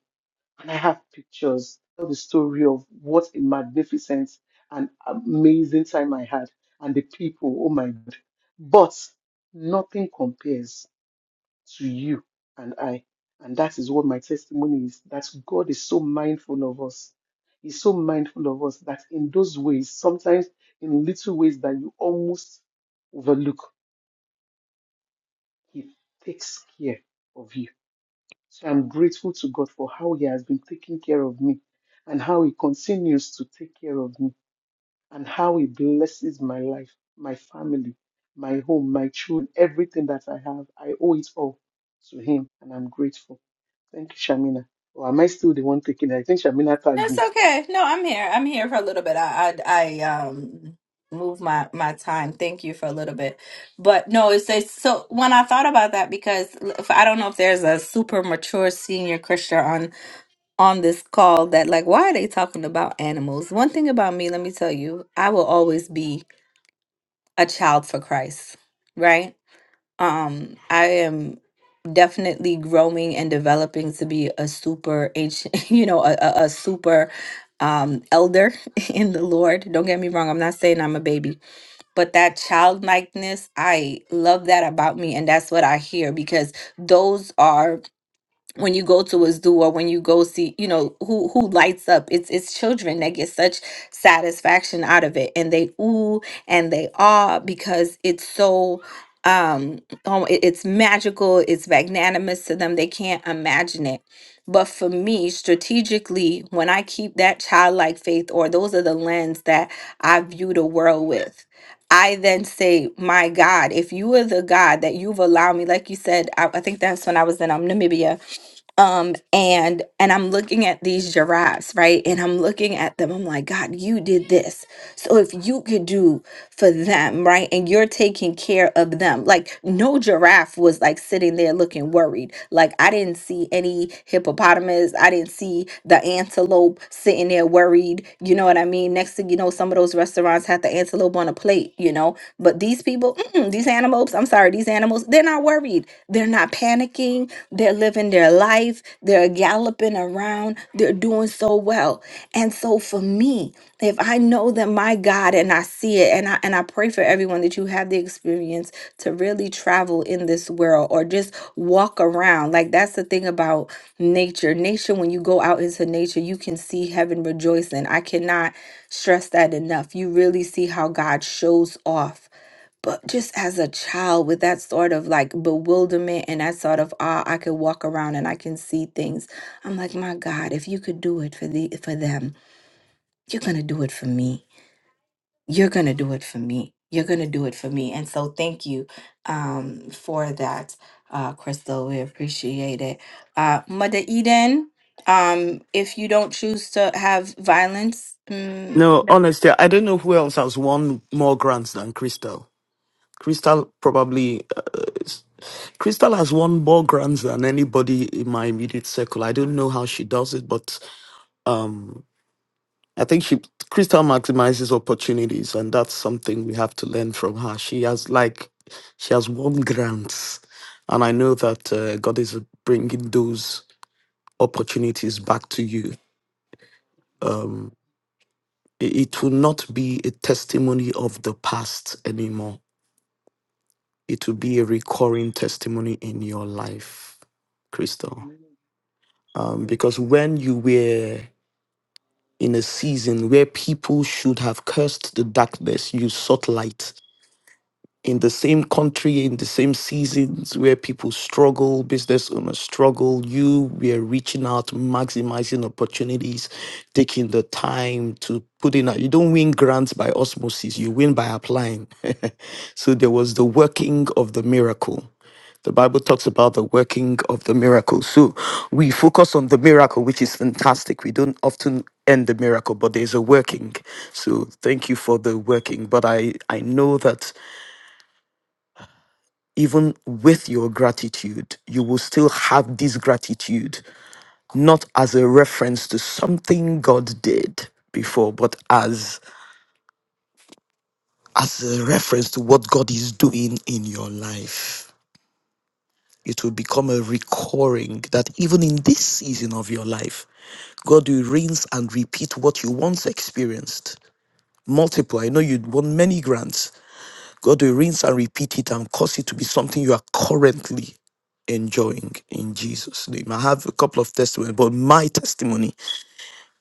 Speaker 1: and I have pictures. Tell the story of what a magnificent and amazing time I had, and the people. Oh my God! But nothing compares to you and I, and that is what my testimony is. That God is so mindful of us. He's so mindful of us that in those ways, sometimes in little ways that you almost overlook, He takes care of you so I'm grateful to God for how He has been taking care of me and how He continues to take care of me and how He blesses my life, my family, my home, my children, everything that I have. I owe it all to Him and I'm grateful. Thank you, Shamina. Or am I still the one taking it? I think Shamina tagged
Speaker 2: That's
Speaker 1: me.
Speaker 2: okay. No, I'm here. I'm here for a little bit. I I, I um move my my time. Thank you for a little bit. But no, it's, it's so when I thought about that because if, I don't know if there's a super mature senior Christian on on this call that like why are they talking about animals? One thing about me, let me tell you, I will always be a child for Christ, right? Um I am definitely growing and developing to be a super ancient, you know, a, a, a super um elder in the lord don't get me wrong i'm not saying i'm a baby but that childlikeness i love that about me and that's what i hear because those are when you go to a zoo or when you go see you know who who lights up it's it's children that get such satisfaction out of it and they ooh and they ah because it's so um oh, it- it's magical it's magnanimous to them they can't imagine it but for me strategically when i keep that childlike faith or those are the lens that i view the world with I then say, My God, if you are the God that you've allowed me, like you said, I, I think that's when I was in um, Namibia um and and i'm looking at these giraffes right and i'm looking at them i'm like god you did this so if you could do for them right and you're taking care of them like no giraffe was like sitting there looking worried like i didn't see any hippopotamus i didn't see the antelope sitting there worried you know what i mean next thing you know some of those restaurants had the antelope on a plate you know but these people mm-mm, these animals i'm sorry these animals they're not worried they're not panicking they're living their life. They're galloping around. They're doing so well. And so for me, if I know that my God and I see it, and I and I pray for everyone that you have the experience to really travel in this world or just walk around. Like that's the thing about nature. Nature, when you go out into nature, you can see heaven rejoicing. I cannot stress that enough. You really see how God shows off but just as a child with that sort of like bewilderment and that sort of awe i could walk around and i can see things i'm like my god if you could do it for the for them you're gonna do it for me you're gonna do it for me you're gonna do it for me and so thank you um for that uh crystal we appreciate it uh mother eden um if you don't choose to have violence mm,
Speaker 5: No, honestly, I don't know who else has won more grants than Crystal. Crystal probably. Uh, s- Crystal has won more grants than anybody in my immediate circle. I don't know how she does it, but um, I think she Crystal maximizes opportunities, and that's something we have to learn from her. She has like she has won grants, and I know that uh, God is bringing those opportunities back to you. Um, it, it will not be a testimony of the past anymore. It will be a recurring testimony in your life, Crystal. Um, because when you were in a season where people should have cursed the darkness, you sought light in the same country, in the same seasons where people struggle, business owners struggle, you were reaching out, maximizing opportunities, taking the time to put in. a- You don't win grants by osmosis, you win by applying. so there was the working of the miracle. The Bible talks about the working of the miracle. So we focus on the miracle, which is fantastic. We don't often end the miracle, but there's a working. So thank you for the working. But I, I know that even with your gratitude, you will still have this gratitude, not as a reference to something God did before, but as as a reference to what God is doing in your life. It will become a recurring that even in this season of your life, God will rinse and repeat what you once experienced. Multiply. I know you won many grants, God will rinse and repeat it and cause it to be something you are currently enjoying in Jesus' name. I have a couple of testimonies, but my testimony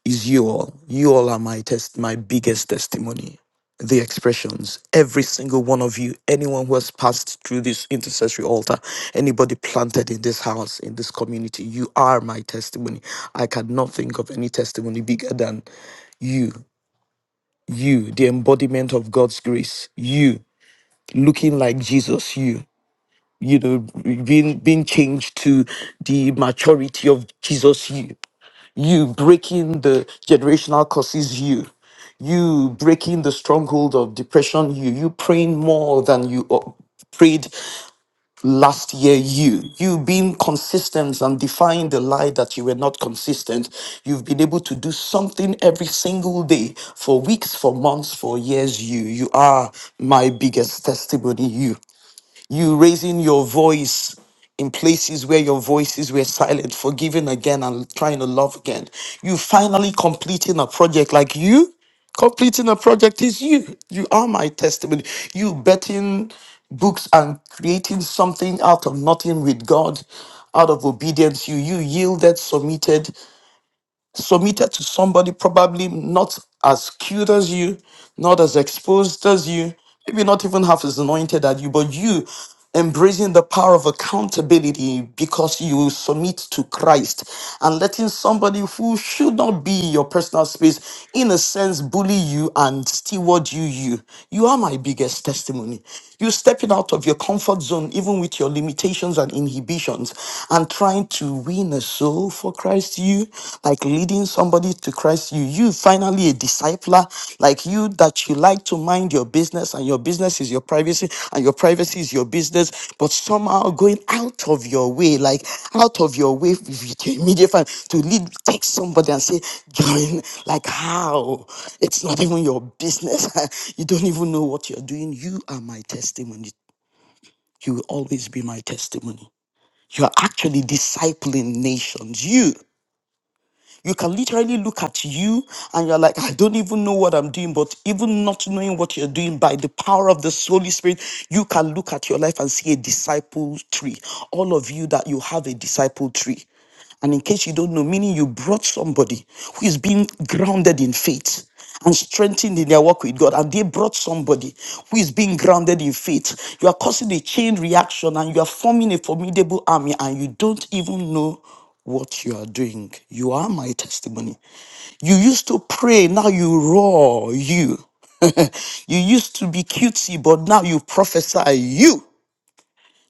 Speaker 5: is you all. You all are my test, my biggest testimony. The expressions, every single one of you, anyone who has passed through this intercessory altar, anybody planted in this house, in this community, you are my testimony. I cannot think of any testimony bigger than you, you, the embodiment of God's grace, you, looking like Jesus, You you know being being changed to the maturity of jesus you you breaking the generational curses you you breaking the stronghold of depression you you praying more than you uh, prayed last year you you being consistent and defying the lie that you were not consistent you've been able to do something every single day for weeks for months for years you you are my biggest testimony You you raising your voice in places where your voices were silent, forgiving again and trying to love again. You finally completing a project like you completing a project is you. You are my testimony. You betting books and creating something out of nothing with God, out of obedience. You you yielded, submitted, submitted to somebody probably not as cute as you, not as exposed as you, maybe not even half as anointed as you, but you embracing the power of accountability because you submit to Christ and letting somebody who should not be your personal space in a sense bully you and steward you you you are my biggest testimony you stepping out of your comfort zone even with your limitations and inhibitions and trying to win a soul for Christ, you like leading somebody to Christ, you, you finally a discipler, like you that you like to mind your business and your business is your privacy and your privacy is your business, but somehow going out of your way, like out of your way with your immediate family to lead, take somebody and say, join, like how? It's not even your business. you don't even know what you're doing. You are my testimony. You will always be my testimony. You're actually discipling nations. You you can literally look at you and you're like, I don't even know what I'm doing. But even not knowing what you're doing by the power of the Holy Spirit, you can look at your life and see a disciple tree. All of you that you have a disciple tree. And in case you don't know, meaning you brought somebody who is being grounded in faith and strengthened in their walk with God, and they brought somebody who is being grounded in faith. You are causing a chain reaction and you are forming a formidable army, and you don't even know what you are doing. You are my testimony. You used to pray, now you roar, you. you used to be cutesy, but now you prophesy, you.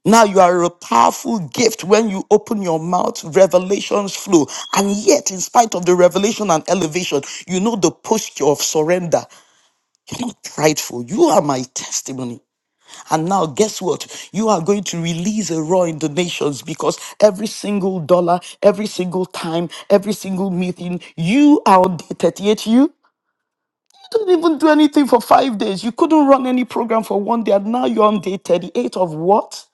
Speaker 5: Now you are a powerful gift when you open your mouth, revelations flow. And yet, in spite of the revelation and elevation, you know the posture of surrender. You're not prideful. You are my testimony. And now, guess what? You are going to release a roar in the nations because every single dollar, every single time, every single meeting, you are on day 38. You you didn't even do anything for five days. You couldn't run any program for one day. And now you're on day 38 of what?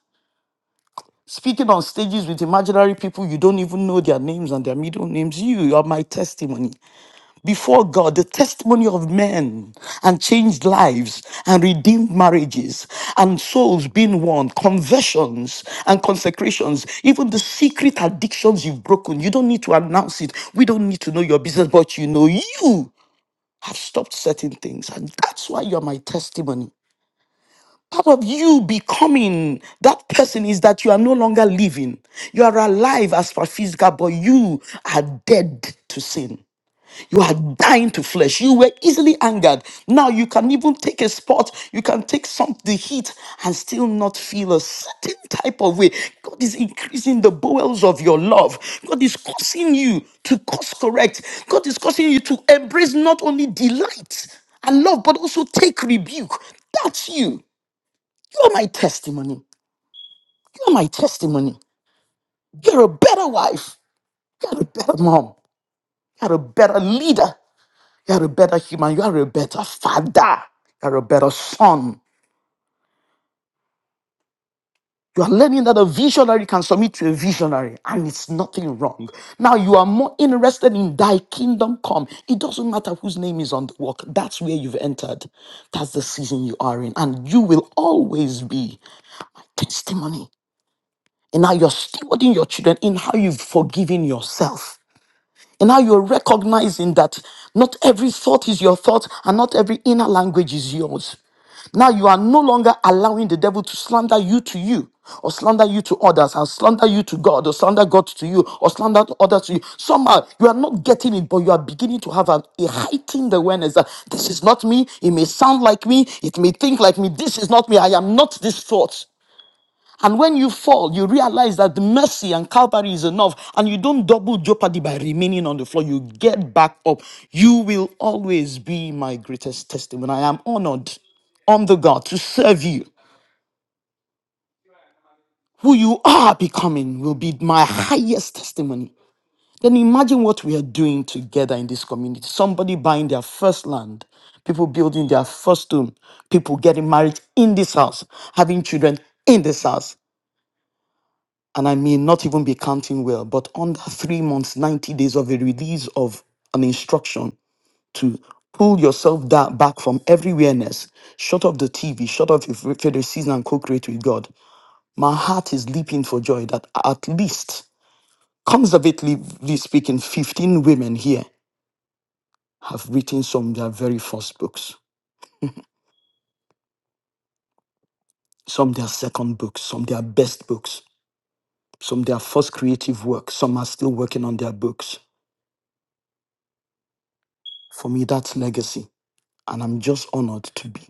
Speaker 5: Speaking on stages with imaginary people, you don't even know their names and their middle names. You are my testimony before God the testimony of men and changed lives and redeemed marriages and souls being won, conversions and consecrations, even the secret addictions you've broken. You don't need to announce it. We don't need to know your business, but you know you have stopped certain things. And that's why you're my testimony. Part of you becoming that person is that you are no longer living. You are alive as for physical, but you are dead to sin. You are dying to flesh. You were easily angered. Now you can even take a spot. You can take some the heat and still not feel a certain type of way. God is increasing the bowels of your love. God is causing you to course correct. God is causing you to embrace not only delight and love, but also take rebuke. That's you. You're my testimony. You're my testimony. You're a better wife. You're a better mom. You're a better leader. You are a better human. You are a better father. You are a better son. You are learning that a visionary can submit to a visionary, and it's nothing wrong. Now you are more interested in thy kingdom come. It doesn't matter whose name is on the walk. That's where you've entered. That's the season you are in. And you will always be testimony in how you're stewarding your children, in how you've forgiven yourself. And now you're recognizing that not every thought is your thought and not every inner language is yours. Now you are no longer allowing the devil to slander you to you, or slander you to others, and slander you to God, or slander God to you, or slander others to you. Somehow you are not getting it, but you are beginning to have an, a heightened awareness that this is not me. It may sound like me, it may think like me. This is not me. I am not this thought. And when you fall, you realize that the mercy and Calvary is enough, and you don't double jeopardy by remaining on the floor. You get back up. You will always be my greatest testimony. I am honored on the God to serve you. Who you are becoming will be my highest testimony. Then imagine what we are doing together in this community. Somebody buying their first land, people building their first home, people getting married in this house, having children in this house. and I may not even be counting well, but under three months, 90 days of a release of an instruction to pull yourself da- back from every awareness, shut off the TV, shut off your favorite season and co-create with God. My heart is leaping for joy that at least, conservatively speaking, 15 women here have written some of their very first books, some their second books, some their best books, some their first creative work, some are still working on their books. For me, that's legacy And I'm just honored to be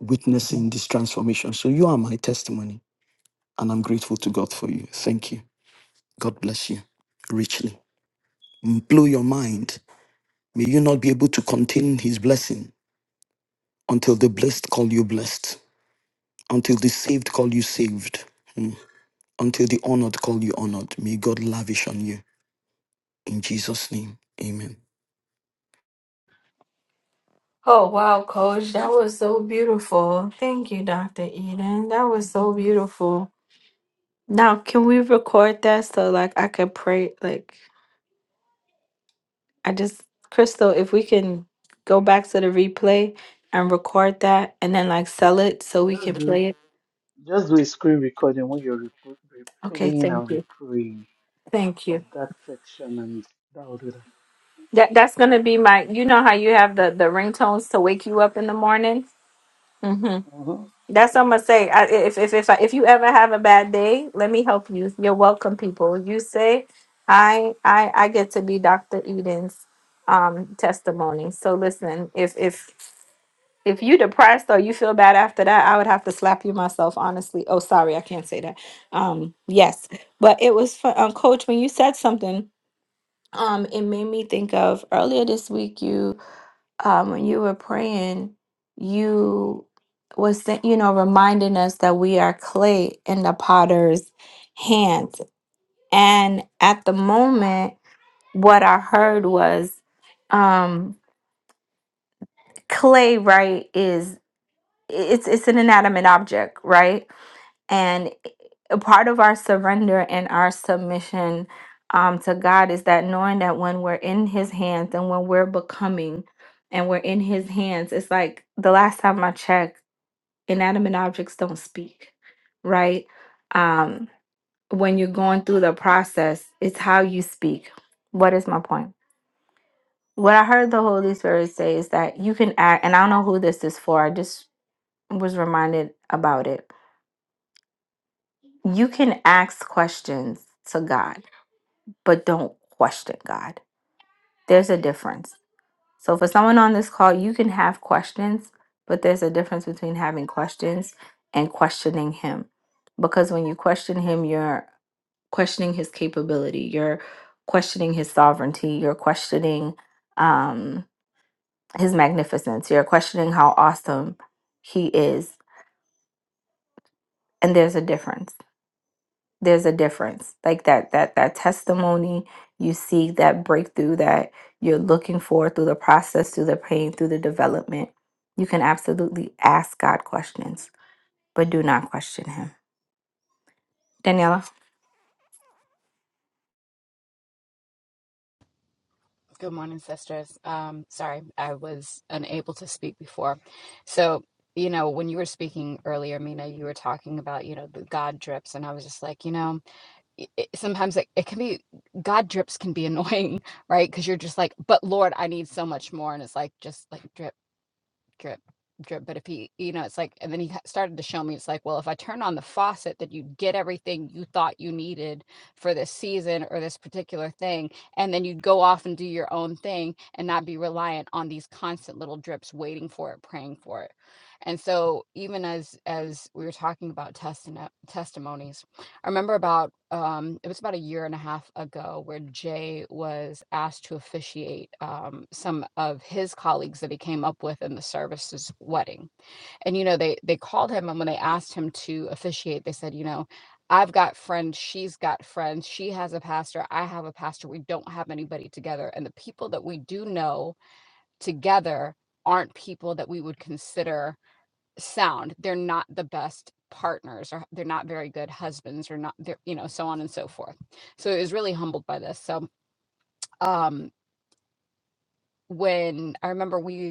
Speaker 5: witnessing this transformation. So you are my testimony, and I'm grateful to God for you. Thank you. God bless you richly. Mm, Blow your mind. May you not be able to contain his blessing until the blessed call you blessed, until the saved call you saved, mm, until the honored call you honored. May God lavish on you. In Jesus' name, amen.
Speaker 2: Oh, wow, coach. That was so beautiful. Thank you, Dr. Eden. That was so beautiful. Now, can we record that so like I could pray like I just Crystal, if we can go back to the replay and record that and then like sell it so we can
Speaker 1: Just do,
Speaker 2: play it.
Speaker 1: just do a screen recording when you're repl-
Speaker 2: Okay,
Speaker 1: replaying
Speaker 2: thank
Speaker 1: and
Speaker 2: you.
Speaker 1: replaying
Speaker 2: Thank
Speaker 1: of
Speaker 2: you.
Speaker 1: that section and that will do
Speaker 2: That that's going to be my you know how you have the the ringtones to wake you up in the morning?
Speaker 1: that.
Speaker 2: That's what I'm gonna say. I, if if if I, if you ever have a bad day, let me help you. You're welcome, people. You say, I I I get to be Dr. Eden's um testimony. So listen, if if if you depressed or you feel bad after that, I would have to slap you myself, honestly. Oh, sorry, I can't say that. Um, yes, but it was fun. Um, Coach, when you said something, um, it made me think of earlier this week. You um, when you were praying, you was sa- you know reminding us that we are clay in the potter's hands, and at the moment, what I heard was um, clay. Right? Is it's it's an inanimate object, right? And a part of our surrender and our submission um, to God is that knowing that when we're in His hands and when we're becoming and we're in His hands, it's like the last time I checked, inanimate objects don't speak, right? Um, when you're going through the process, it's how you speak. What is my point? What I heard the Holy Spirit say is that you can act, and I don't know who this is for, I just was reminded about it. You can ask questions to God but don't question God. There's a difference. So, for someone on this call, you can have questions, but there's a difference between having questions and questioning Him. Because when you question Him, you're questioning His capability, you're questioning His sovereignty, you're questioning um, His magnificence, you're questioning how awesome He is. And there's a difference. there's a difference like that that that testimony you see that breakthrough that you're looking for through the process through the pain through the development you can absolutely ask god questions but do not question him daniela
Speaker 6: Good morning, sisters. Um, sorry, I was unable to speak before. So, you know, when you were speaking earlier, Mina, you were talking about, you know, the God drips, and I was just like, you know, it, it- sometimes it, it can be God drips can be annoying, right? Because you're just like, but Lord, I need so much more, and it's like just like drip drip drip but if he you know it's like and then he started to show me it's like well if i turn on the faucet then you get everything you thought you needed for this season or this particular thing and then you'd go off and do your own thing and not be reliant on these constant little drips waiting for it praying for it and so even as as we were talking about testing testimonies I remember about um, it was about a year and a half ago where Jay was asked to officiate um, some of his colleagues that he came up with in the services wedding. And you know, they they called him and when they asked him to officiate, they said, you know, I've got friends, she's got friends, she has a pastor, I have a pastor. We don't have anybody together. And the people that we do know together aren't people that we would consider sound. They're not the best partners or they're not very good husbands or not they're you know so on and so forth so it was really humbled by this so um when i remember we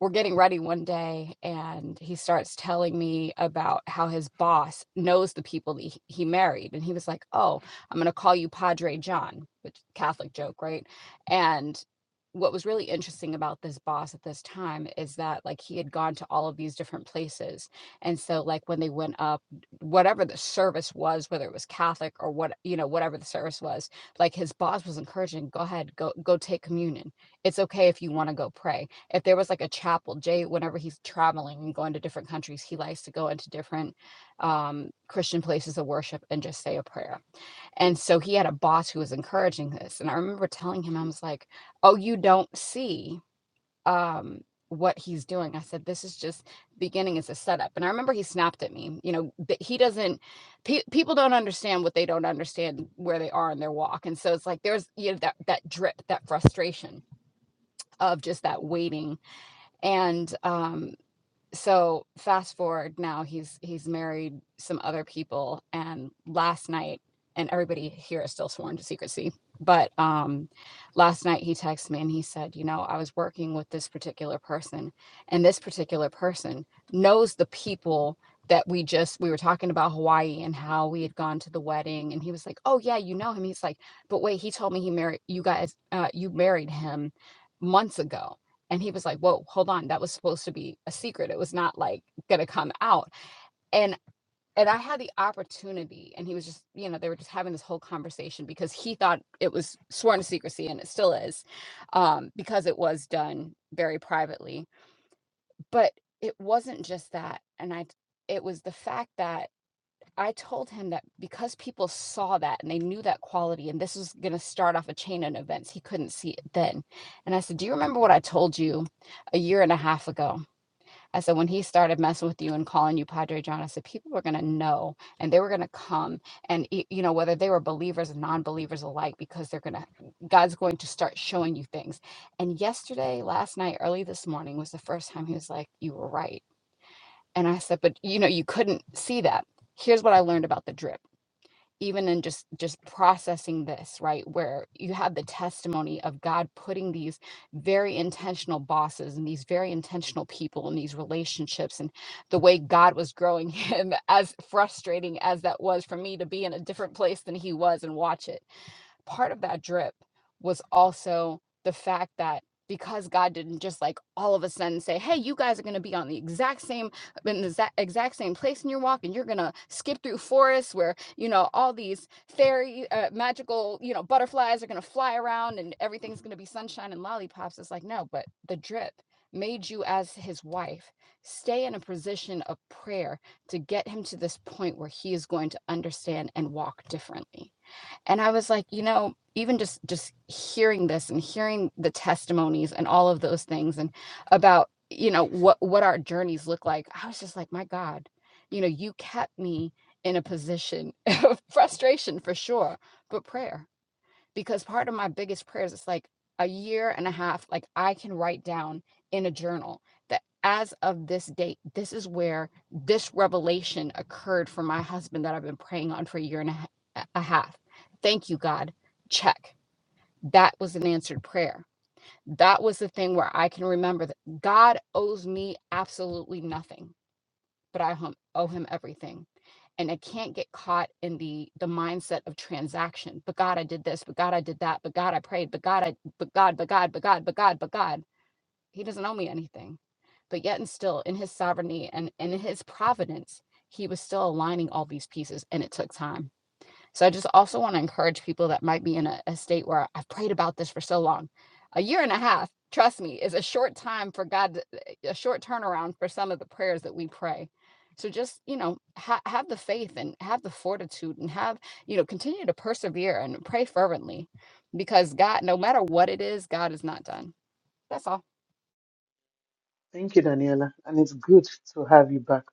Speaker 6: we're getting ready one day and he starts telling me about how his boss knows the people that he, he married and he was like oh i'm going to call you padre john which catholic joke right and what was really interesting about this boss at this time is that like he had gone to all of these different places and so like when they went up whatever the service was whether it was catholic or what you know whatever the service was like his boss was encouraging go ahead go go take communion it's okay if you want to go pray if there was like a chapel jay whenever he's traveling and going to different countries he likes to go into different um, christian places of worship and just say a prayer and so he had a boss who was encouraging this and i remember telling him i was like oh you don't see um, what he's doing i said this is just beginning is a setup and i remember he snapped at me you know that he doesn't pe- people don't understand what they don't understand where they are in their walk and so it's like there's you know that that drip that frustration of just that waiting and um, so fast forward now, he's he's married some other people, and last night, and everybody here is still sworn to secrecy. But um, last night he texted me and he said, you know, I was working with this particular person, and this particular person knows the people that we just we were talking about Hawaii and how we had gone to the wedding, and he was like, oh yeah, you know him. He's like, but wait, he told me he married you guys, uh, you married him months ago and he was like, "Whoa, hold on. That was supposed to be a secret. It was not like gonna come out." And and I had the opportunity, and he was just, you know, they were just having this whole conversation because he thought it was sworn to secrecy, and it still is, um, because it was done very privately. But it wasn't just that, and I, it was the fact that I told him that because people saw that and they knew that quality, and this was going to start off a chain of events, he couldn't see it then. And I said, Do you remember what I told you a year and a half ago? I said, when he started messing with you and calling you Padre John, I said, people were going to know and they were going to come. And, y- you know, whether they were believers and non believers alike, because they're going to, God's going to start showing you things. And yesterday, last night, early this morning was the first time he was like, you were right. And I said, but, you know, you couldn't see that. Here's what I learned about the drip even in just just processing this right where you have the testimony of god putting these very intentional bosses and these very intentional people in these relationships and the way god was growing him as frustrating as that was for me to be in a different place than he was and watch it part of that drip was also the fact that because God didn't just like all of a sudden say, "Hey, you guys are going to be on the exact same in the exact, exact same place in your walk and you're going to skip through forests where, you know, all these fairy uh, magical, you know, butterflies are going to fly around and everything's going to be sunshine and lollipops." It's like, "No, but the drip made you as his wife stay in a position of prayer to get him to this point where he is going to understand and walk differently." and i was like you know even just just hearing this and hearing the testimonies and all of those things and about you know what what our journeys look like i was just like my god you know you kept me in a position of frustration for sure but prayer because part of my biggest prayers is like a year and a half like i can write down in a journal that as of this date this is where this revelation occurred for my husband that i've been praying on for a year and a, a half thank you god check that was an answered prayer that was the thing where i can remember that god owes me absolutely nothing but I owe him everything. And I can't get caught in the the mindset of transaction. But God, I did this. But God, I did that. But God, I prayed. But God, I. But God, but God, but God, but God, but God. He doesn't owe me anything. But yet and still, in His sovereignty and, and in His providence, He was still aligning all these pieces, and it took time. So I just also want to encourage people that might be in a, a state where I've prayed about this for so long. A year and a half, trust me, is a short time for God, to- eh, a short turnaround for some of the prayers that we pray. So just, you know, ha- have the faith and have the fortitude and have, you know, continue to persevere and pray fervently because God, no matter what it is, God is not done. That's all.
Speaker 1: Thank you, Daniela. And it's good to have you back.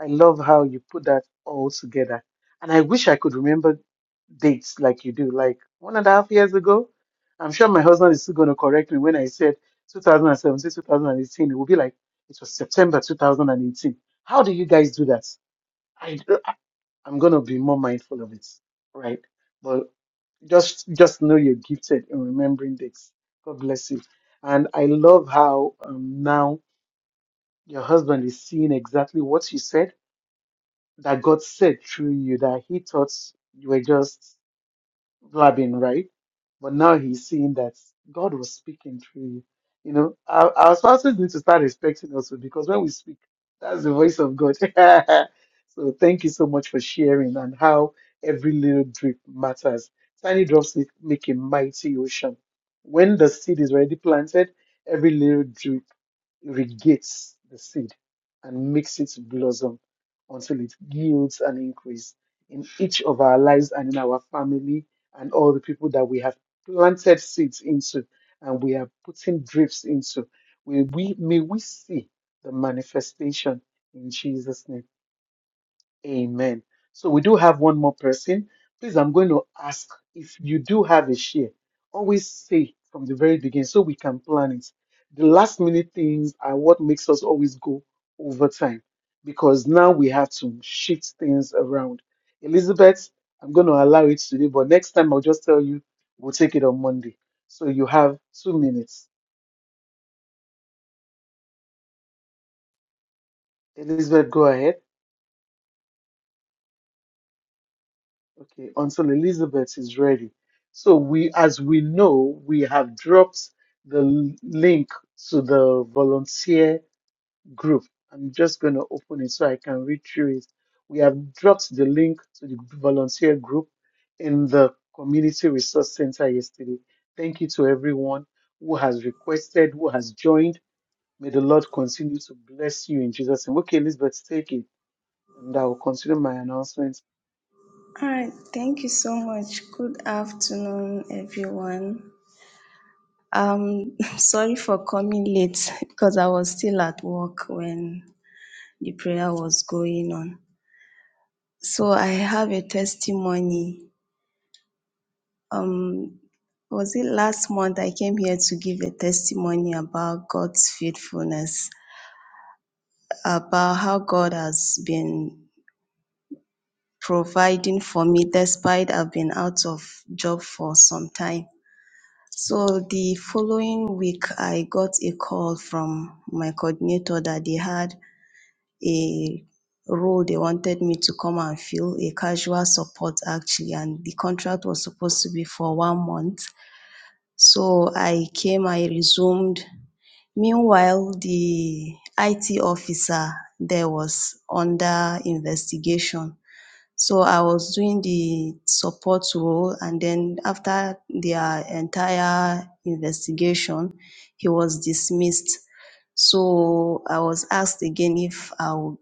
Speaker 1: I love how you put that all together. And I wish I could remember dates like you do, like one and a half years ago. I'm sure my husband is still going to correct me when I said 2017, 2018. It will be like, it was September 2018. How do you guys do that? I, I'm going to be more mindful of it, right? But just just know you're gifted in remembering dates. God bless you. And I love how um, now your husband is seeing exactly what you said that God said through you that he thought you were just Labin, right? But now he's seeing that God was speaking through you. You know, our, our spouses need to start respecting us because when we speak, that's the voice of God. so thank you so much for sharing and how every little drip matters. Tiny drops make make a mighty ocean. When the seed is already planted, every little drip irrigates the seed and makes it blossom until it yields an increase in each of our lives and in our family and all the people that we have planted seeds into and we are putting drifts into. May we, may we see the manifestation in Jesus' name. Amen. So we do have one more person. Please, I'm going to ask if you do have a share, always say from the very beginning so we can plan it. The last minute things are what makes us always go over time because now we have to shift things around. Elizabeth, I'm going to allow it today, but next time I'll just tell you we'll take it on Monday. So you have two minutes. Elizabeth, go ahead. Okay, until Elizabeth is ready. So we, as we know, we have dropped the l- link to the volunteer group. I'm just going to open it so I can read through it. We have dropped the link to the volunteer group in the Community Resource Center yesterday. Thank you to everyone who has requested, who has joined. May the Lord continue to bless you in Jesus' name. Okay, Elizabeth, take it, and I will continue my announcement
Speaker 7: All right, thank you so much. Good afternoon, everyone. Um, sorry for coming late because I was still at work when the prayer was going on. So I have a testimony. Um, was it last month I came here to give a testimony about God's faithfulness, about how God has been providing for me despite I've been out of job for some time. So the following week, I got a call from my coordinator that they had a role they wanted me to come and fill, a casual support actually, and the contract was supposed to be for one month. So I came, I resumed. Meanwhile, the IT officer there was under investigation so I was doing the support role, and then after their entire investigation, he was dismissed. So I was asked again if I would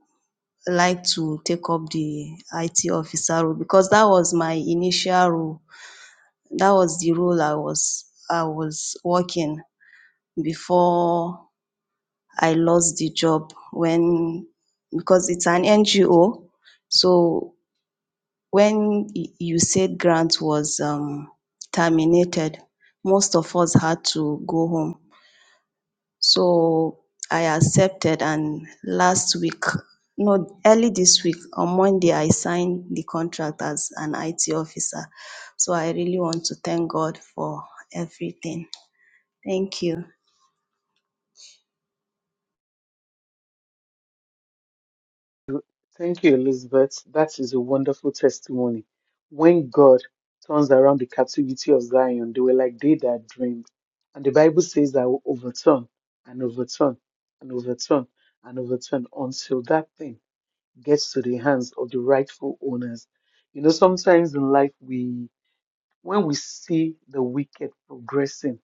Speaker 7: like to take up the IT officer role because that was my initial role. That was the role I was I was working before I lost the job when because it's an NGO. So when y- you said grant was um, terminated, most of us had to go home. So I accepted and last week, no, early this week, on Monday, I signed the contract as an IT officer. So I really want to thank God for everything. Thank you.
Speaker 1: Thank you, Elizabeth. That is a wonderful testimony. When God turns around the captivity of Zion, they were like they that dreamed. And the Bible says that will overturn and overturn and overturn and overturn until that thing gets to the hands of the rightful owners. You know, sometimes in life we when we see the wicked progressing,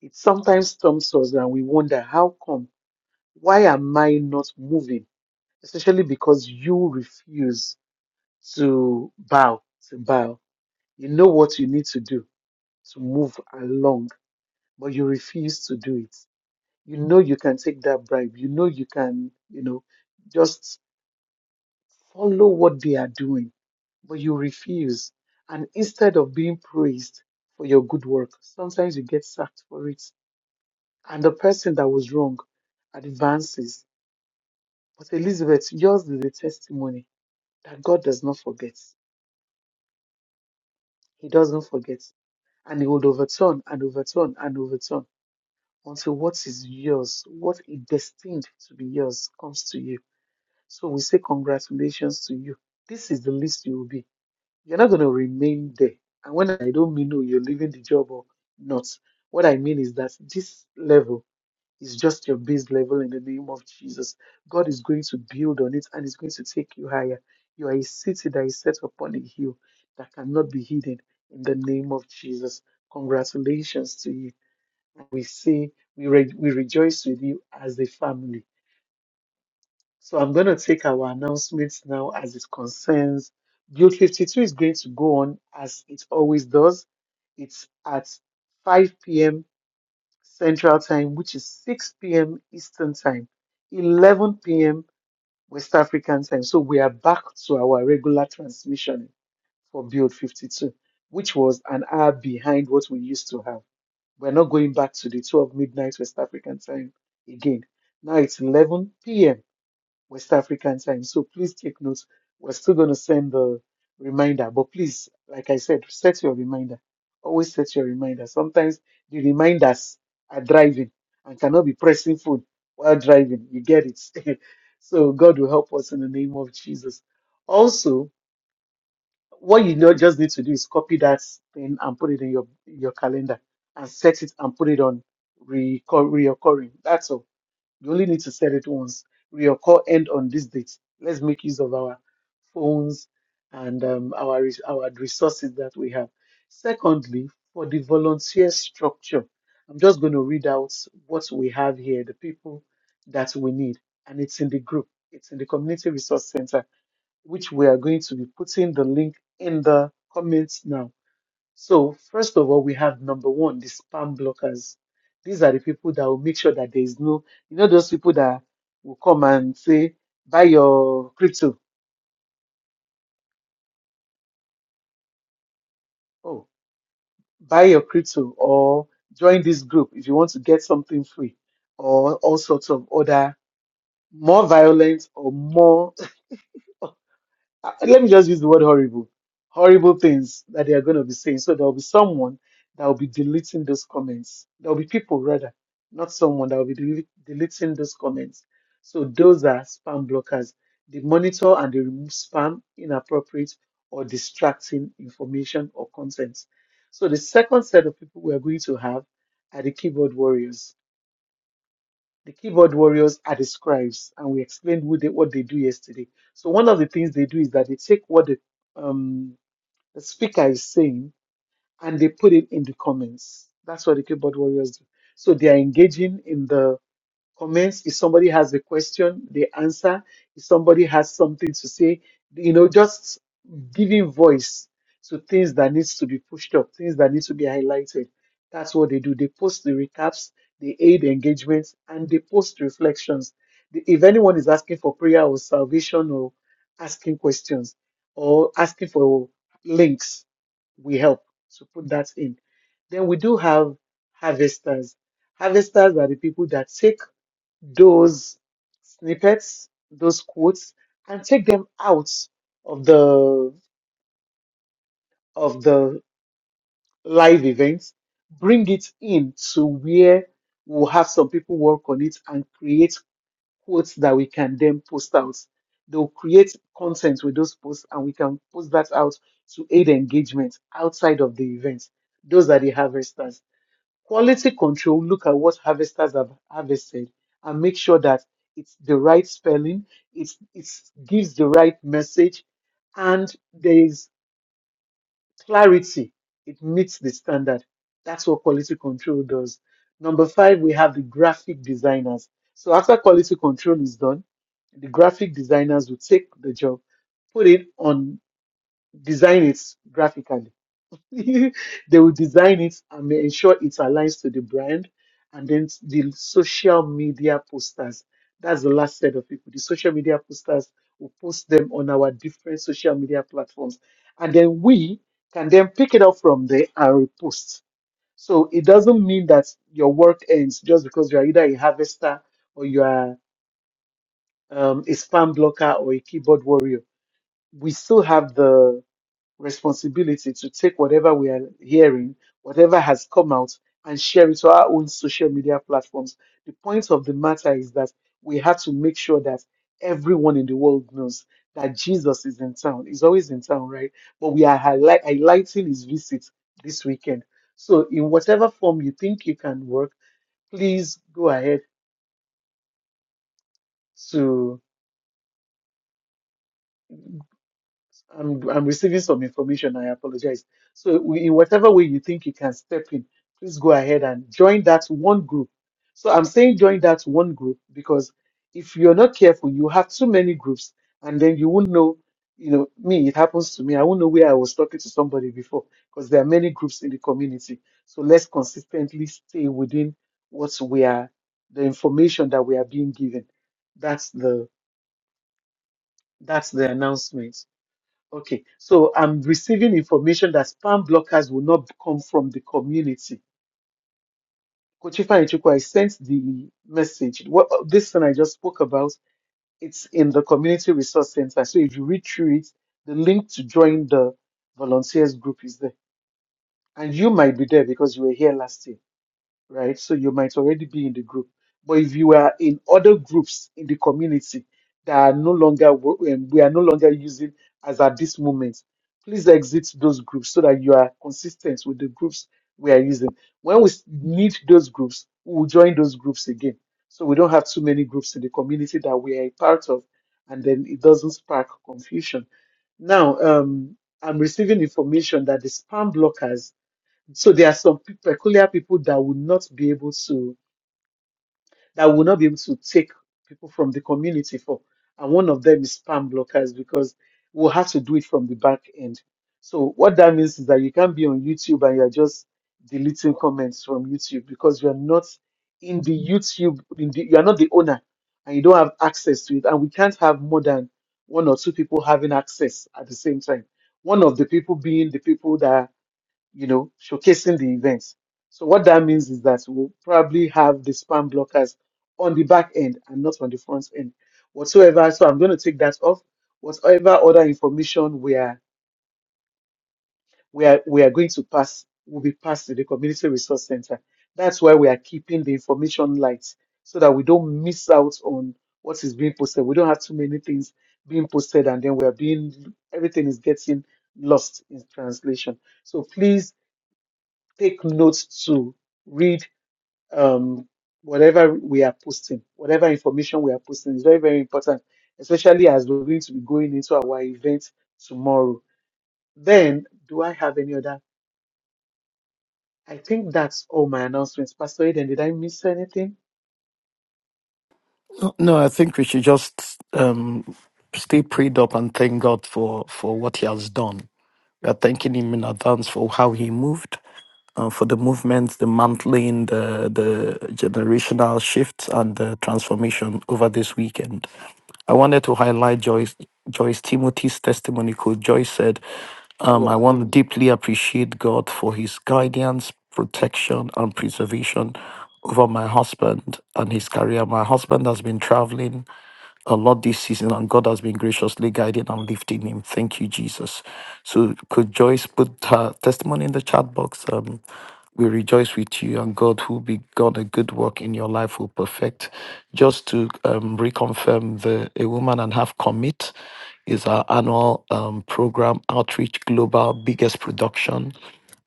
Speaker 1: it sometimes stumps us and we wonder how come? Why am I not moving? Especially because you refuse to bow, to bow. You know what you need to do to move along, but you refuse to do it. You know you can take that bribe. You know you can, you know, just follow what they are doing, but you refuse. And instead of being praised for your good work, sometimes you get sacked for it. And the person that was wrong advances. But Elizabeth, yours is a testimony that God does not forget. He doesn't forget. and he would overturn and overturn and overturn until what is yours, what is destined to be yours, comes to you. So we say congratulations to you. This is the least you will be. You're not going to remain there. And when I don't mean no, you're leaving the job or not, what I mean is that this level it's just your base level in the name of Jesus. God is going to build on it and is going to take you higher. You are a city that is set upon a hill that cannot be hidden in the name of Jesus. Congratulations to you. And we say, we, re- we rejoice with you as a family. So I'm going to take our announcements now as it concerns. Build 52 is going to go on as it always does. It's at 5 p.m. Central Time, which is 6 p.m. Eastern Time, 11 p.m. West African Time. So we are back to our regular transmission for Build 52, which was an hour behind what we used to have. We're not going back to the 12 midnight West African Time again. Now it's 11 p.m. West African time. So please take notes. We're still going to send the reminder, but please, like I said, set your reminder. Always set your reminder. Sometimes the reminders are driving and cannot be pressing food while driving. You get it. so God will help us in the name of Jesus. Also, what you not just need to do is copy that thing and put it in your your calendar and set it and put it on recur- reoccurring. That's all you only need to set it once. Your call end on this date. Let's make use of our phones and um, our res- our resources that we have. Secondly, for the volunteer structure, I'm just going to read out what we have here, the people that we need, and it's in the group. It's in the community resource center, which we are going to be putting the link in the comments now so, first of all, we have number one, the spam blockers. These are the people that will make sure that there is no, you know, those people that will come and say, buy your crypto, oh, buy your crypto, or join this group if you want to get something free, or all sorts of other more violent or more uh, let me just use the word horrible, horrible things that they are going to be saying. So there will be someone that will be deleting those comments. There will be people rather, not someone that will be dele- deleting those comments. So those are spam blockers. They monitor and they remove spam, inappropriate or distracting information or content. So the second set of people we are going to have are the keyboard warriors the keyboard warriors are the scribes, and we explained who they, what they do yesterday. So one of the things they do is that they take what the, um, the speaker is saying and they put it in the comments. That's what the keyboard warriors do. So they are engaging in the comments. If somebody has a question, they answer. If somebody has something to say, you know, just giving voice to things that needs to be pushed up, things that need to be highlighted. That's what they do. They post the recaps, they aid engagements, and they post reflections. The- If anyone is asking for prayer or salvation or asking questions or asking for links, we help to put that in. Then we do have harvesters. Harvesters are the people that take those snippets, those quotes, and take them out of the of the live event, bring it in to where we'll have some people work on it and create quotes that we can then post out. They'll create content with those posts and we can post that out to aid engagement outside of the event. Those are the harvesters. Quality control look at what harvesters have harvested and make sure that it's the right spelling, it's, it gives the right message, and there is clarity. It meets the standard. That's what quality control does. Number five, we have the graphic designers. So after quality control is done, the graphic designers will take the job, put it on, design it graphically they will design it and ensure it aligns to the brand. And then the social media posters. That's the last set of people. The social media posters will post them on our different social media platforms. And then we can then pick it up from there and repost. So it doesn't mean that your work ends just because you are either a harvester or you are um, a spam blocker or a keyboard warrior. We still have the responsibility to take whatever we are hearing, whatever has come out, and share it to our own social media platforms. The point of the matter is that we have to make sure that everyone in the world knows that Jesus is in town. He's always in town, right? But we are highlight- highlighting his visit this weekend. So, in whatever form you think you can work, please go ahead to I'm, I'm receiving some information. I apologize. So, we, in whatever way you think you can step in, please go ahead and join that one group. So, I'm saying join that one group because if you're not careful, you have too many groups, and then you won't know. You know, me, it happens to me. I won't know where I was talking to somebody before because there are many groups in the community. So, let's consistently stay within what we are, the information that we are being given. That's the that's the announcement. Okay, so I'm receiving information that spam blockers will not come from the community. Kochifa Ichuku, I sent the message. What this thing I just spoke about, it's in the community resource center. So if you read through it, the link to join the volunteers group is there. And you might be there because you were here last year. right? So you might already be in the group. But if you are in other groups in the community that are no longer wo- um, we are no longer using as at this moment, please exit those groups so that you are consistent with the groups we are using. When we s- need those groups, we will join those groups again. So we don't have too many groups in the community that we are a part of, and then it doesn't spark confusion. Now, um, I'm receiving information that the spam blockers so there are some pe- peculiar people that will not be able to that will not be able to take people from the community for, and one of them is spam blockers because we'll have to do it from the back end. So what that means is that you can't be on YouTube and you're just deleting comments from YouTube because you're not in the YouTube, in the, you're not the owner and you don't have access to it. And we can't have more than one or two people having access at the same time. One of the people being the people that you know, showcasing the events. So what that means is that we'll probably have the spam blockers on the back end and not on the front end whatsoever. So I'm going to take that off. Whatever other information we are we are we are going to pass will be passed to the community resource center. That's why we are keeping the information light so that we don't miss out on what is being posted. We don't have too many things being posted and then we are being everything is getting lost in translation. So please take notes to read um, whatever we are posting, whatever information we are posting is very, very important, especially as we're going to be going into our event tomorrow. Then, do I have any other? I think that's all my announcements. Pastor Eden, did I miss anything?
Speaker 5: No, no, I think we should just um, stay prayed up and thank God for, for what He has done. We are thanking him in advance for how he moved, uh, for the movements, the mantling, the, the generational shifts, and the transformation over this weekend. I wanted to highlight Joyce Joyce Timothy's testimony because Joyce said,
Speaker 1: Oh,
Speaker 5: um,
Speaker 1: Yes.
Speaker 5: I want to deeply appreciate God for his guidance, protection, and preservation over my husband and his career. My husband has been traveling a lot this season, and God has been graciously guiding and lifting him. Thank you, Jesus. So, could Joyce put her testimony in the chat box? Um, we rejoice with you, and God, who begun a good work in your life, will perfect. Just to um, reconfirm, the A Woman and Half Commit is our annual um, program, Outreach Global, biggest production,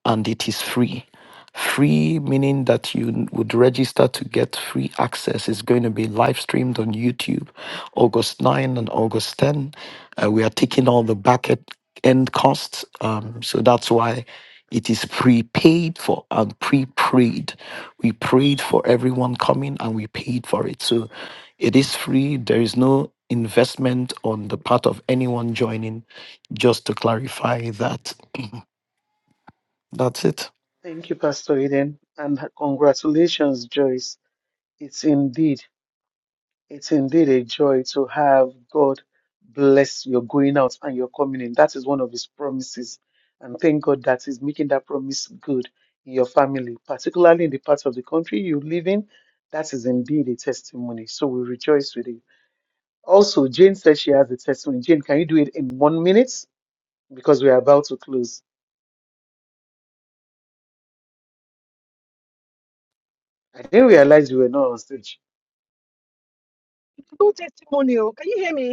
Speaker 5: and it is free. Free, meaning that you would register to get free access. It's going to be live streamed on YouTube August 9 and August 10. Uh, we are taking all the back e- end costs. Um, so that's why it is prepaid for and pre prayed. We prayed for everyone coming and we paid for it. So it is free. There is no investment on the part of anyone joining. Just to clarify that. That's it.
Speaker 1: Thank you, Pastor Eden, and congratulations, Joyce. It's indeed It's indeed a joy to have God bless your going out and your coming in. That is one of His promises. And thank God that He's making that promise good in your family, particularly in the part of the country you live in. That is indeed a testimony. So we rejoice with you. Also, Jane said she has a testimony. Jane, can you do it in one minute? Because we are about to close. I didn't realize you were not on stage.
Speaker 4: Two testimonial. Can you hear me?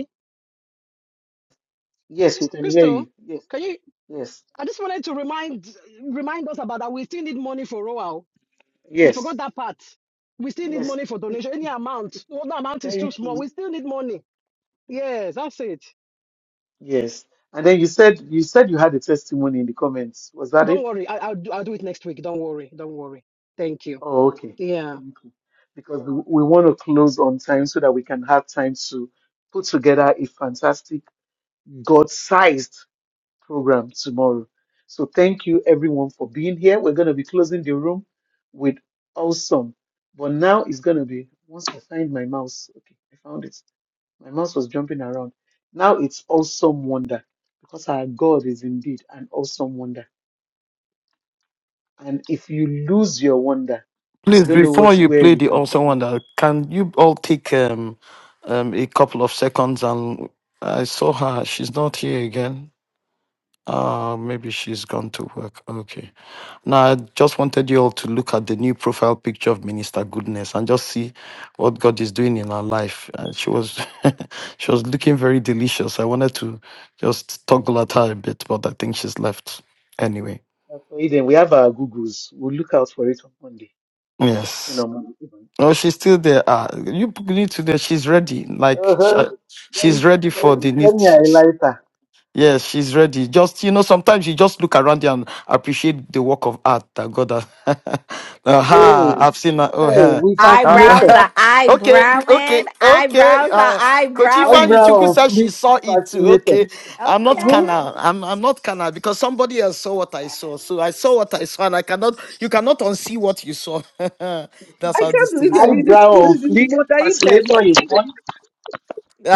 Speaker 1: Yes, we can hear
Speaker 4: Crystal,
Speaker 1: you. Yes,
Speaker 4: can you?
Speaker 1: yes,
Speaker 4: I just wanted to remind remind us about that. We still need money for Roal. You
Speaker 1: yes,
Speaker 4: forgot that part. We still need
Speaker 1: yes.
Speaker 4: money for donation. Any amount. well, No, the amount is too
Speaker 1: Thank
Speaker 4: small.
Speaker 1: you.
Speaker 4: We still need money. Yes, that's it.
Speaker 1: Yes. And then you said you said you had a testimony in the comments. Was that
Speaker 4: Don't
Speaker 1: it?
Speaker 4: worry. I, I'll do, I'll do it next week. Don't worry. Don't worry. Thank you.
Speaker 1: Oh, okay.
Speaker 4: Yeah.
Speaker 1: Thank you. Because we, we want to close on time so that we can have time to put together a fantastic God-sized program tomorrow. So thank you everyone for being here. We're going to be closing the room with awesome. But now it's going to be once I find my mouse. Okay, I found it. My mouse was jumping around. Now it's awesome wonder because our God is indeed an awesome wonder. And if you lose your wonder, I
Speaker 5: Please,
Speaker 1: don't know what
Speaker 5: before you
Speaker 1: where
Speaker 5: play
Speaker 1: you
Speaker 5: the
Speaker 1: can
Speaker 5: awesome
Speaker 1: find it.
Speaker 5: wonder, can you all take um, um, a couple of seconds? And I saw her; she's not here again. Uh, maybe she's gone to work. Okay. Now, I just wanted you all to look at the new profile picture of Minister Goodness and just see what God is doing in her life. And she was, she was looking very delicious. I wanted to just toggle at her a bit, but I think she's left. Anyway,
Speaker 1: Now, for Eden, we have our Googles. We'll look out for it on Monday. First
Speaker 5: yes.
Speaker 1: thing on Monday.
Speaker 5: No, she's still there. Ah, you need to there. She's ready. Like sh-
Speaker 1: Uh-huh.
Speaker 5: uh,
Speaker 1: Then,
Speaker 5: she's ready for
Speaker 1: then,
Speaker 5: the need.
Speaker 1: then me
Speaker 5: she-
Speaker 1: a
Speaker 5: she-
Speaker 1: lighter.
Speaker 5: Yes, she's ready. Just you know, sometimes you just look around you and appreciate the work of art that God has.
Speaker 1: Hey,
Speaker 5: Aha, I've seen that. Oh,
Speaker 1: hey,
Speaker 5: yeah.
Speaker 1: we
Speaker 2: Eyebrows
Speaker 1: fascinator.
Speaker 5: Ah,
Speaker 2: are
Speaker 5: okay, okay,
Speaker 2: eyebrowing.
Speaker 5: okay.
Speaker 2: Eyebrows are
Speaker 5: Uh,
Speaker 2: eyebrowing.
Speaker 5: Kochifan
Speaker 1: Eyebrow
Speaker 5: Ichuku
Speaker 1: on
Speaker 5: said she
Speaker 1: fleek,
Speaker 5: saw it too.
Speaker 1: fascination.
Speaker 5: Okay, I'm not
Speaker 2: Okay.
Speaker 1: Mm-hmm.
Speaker 5: canal. I'm I'm not canal because somebody else saw what I saw. So I saw what I saw, and I cannot. You cannot unsee what you saw. That's
Speaker 8: I
Speaker 5: how
Speaker 8: can't
Speaker 5: these
Speaker 8: believe
Speaker 5: things.
Speaker 8: you're doing this
Speaker 1: Eyebrow on
Speaker 8: in the
Speaker 1: fleek,
Speaker 8: motor even.
Speaker 1: fascinator is one.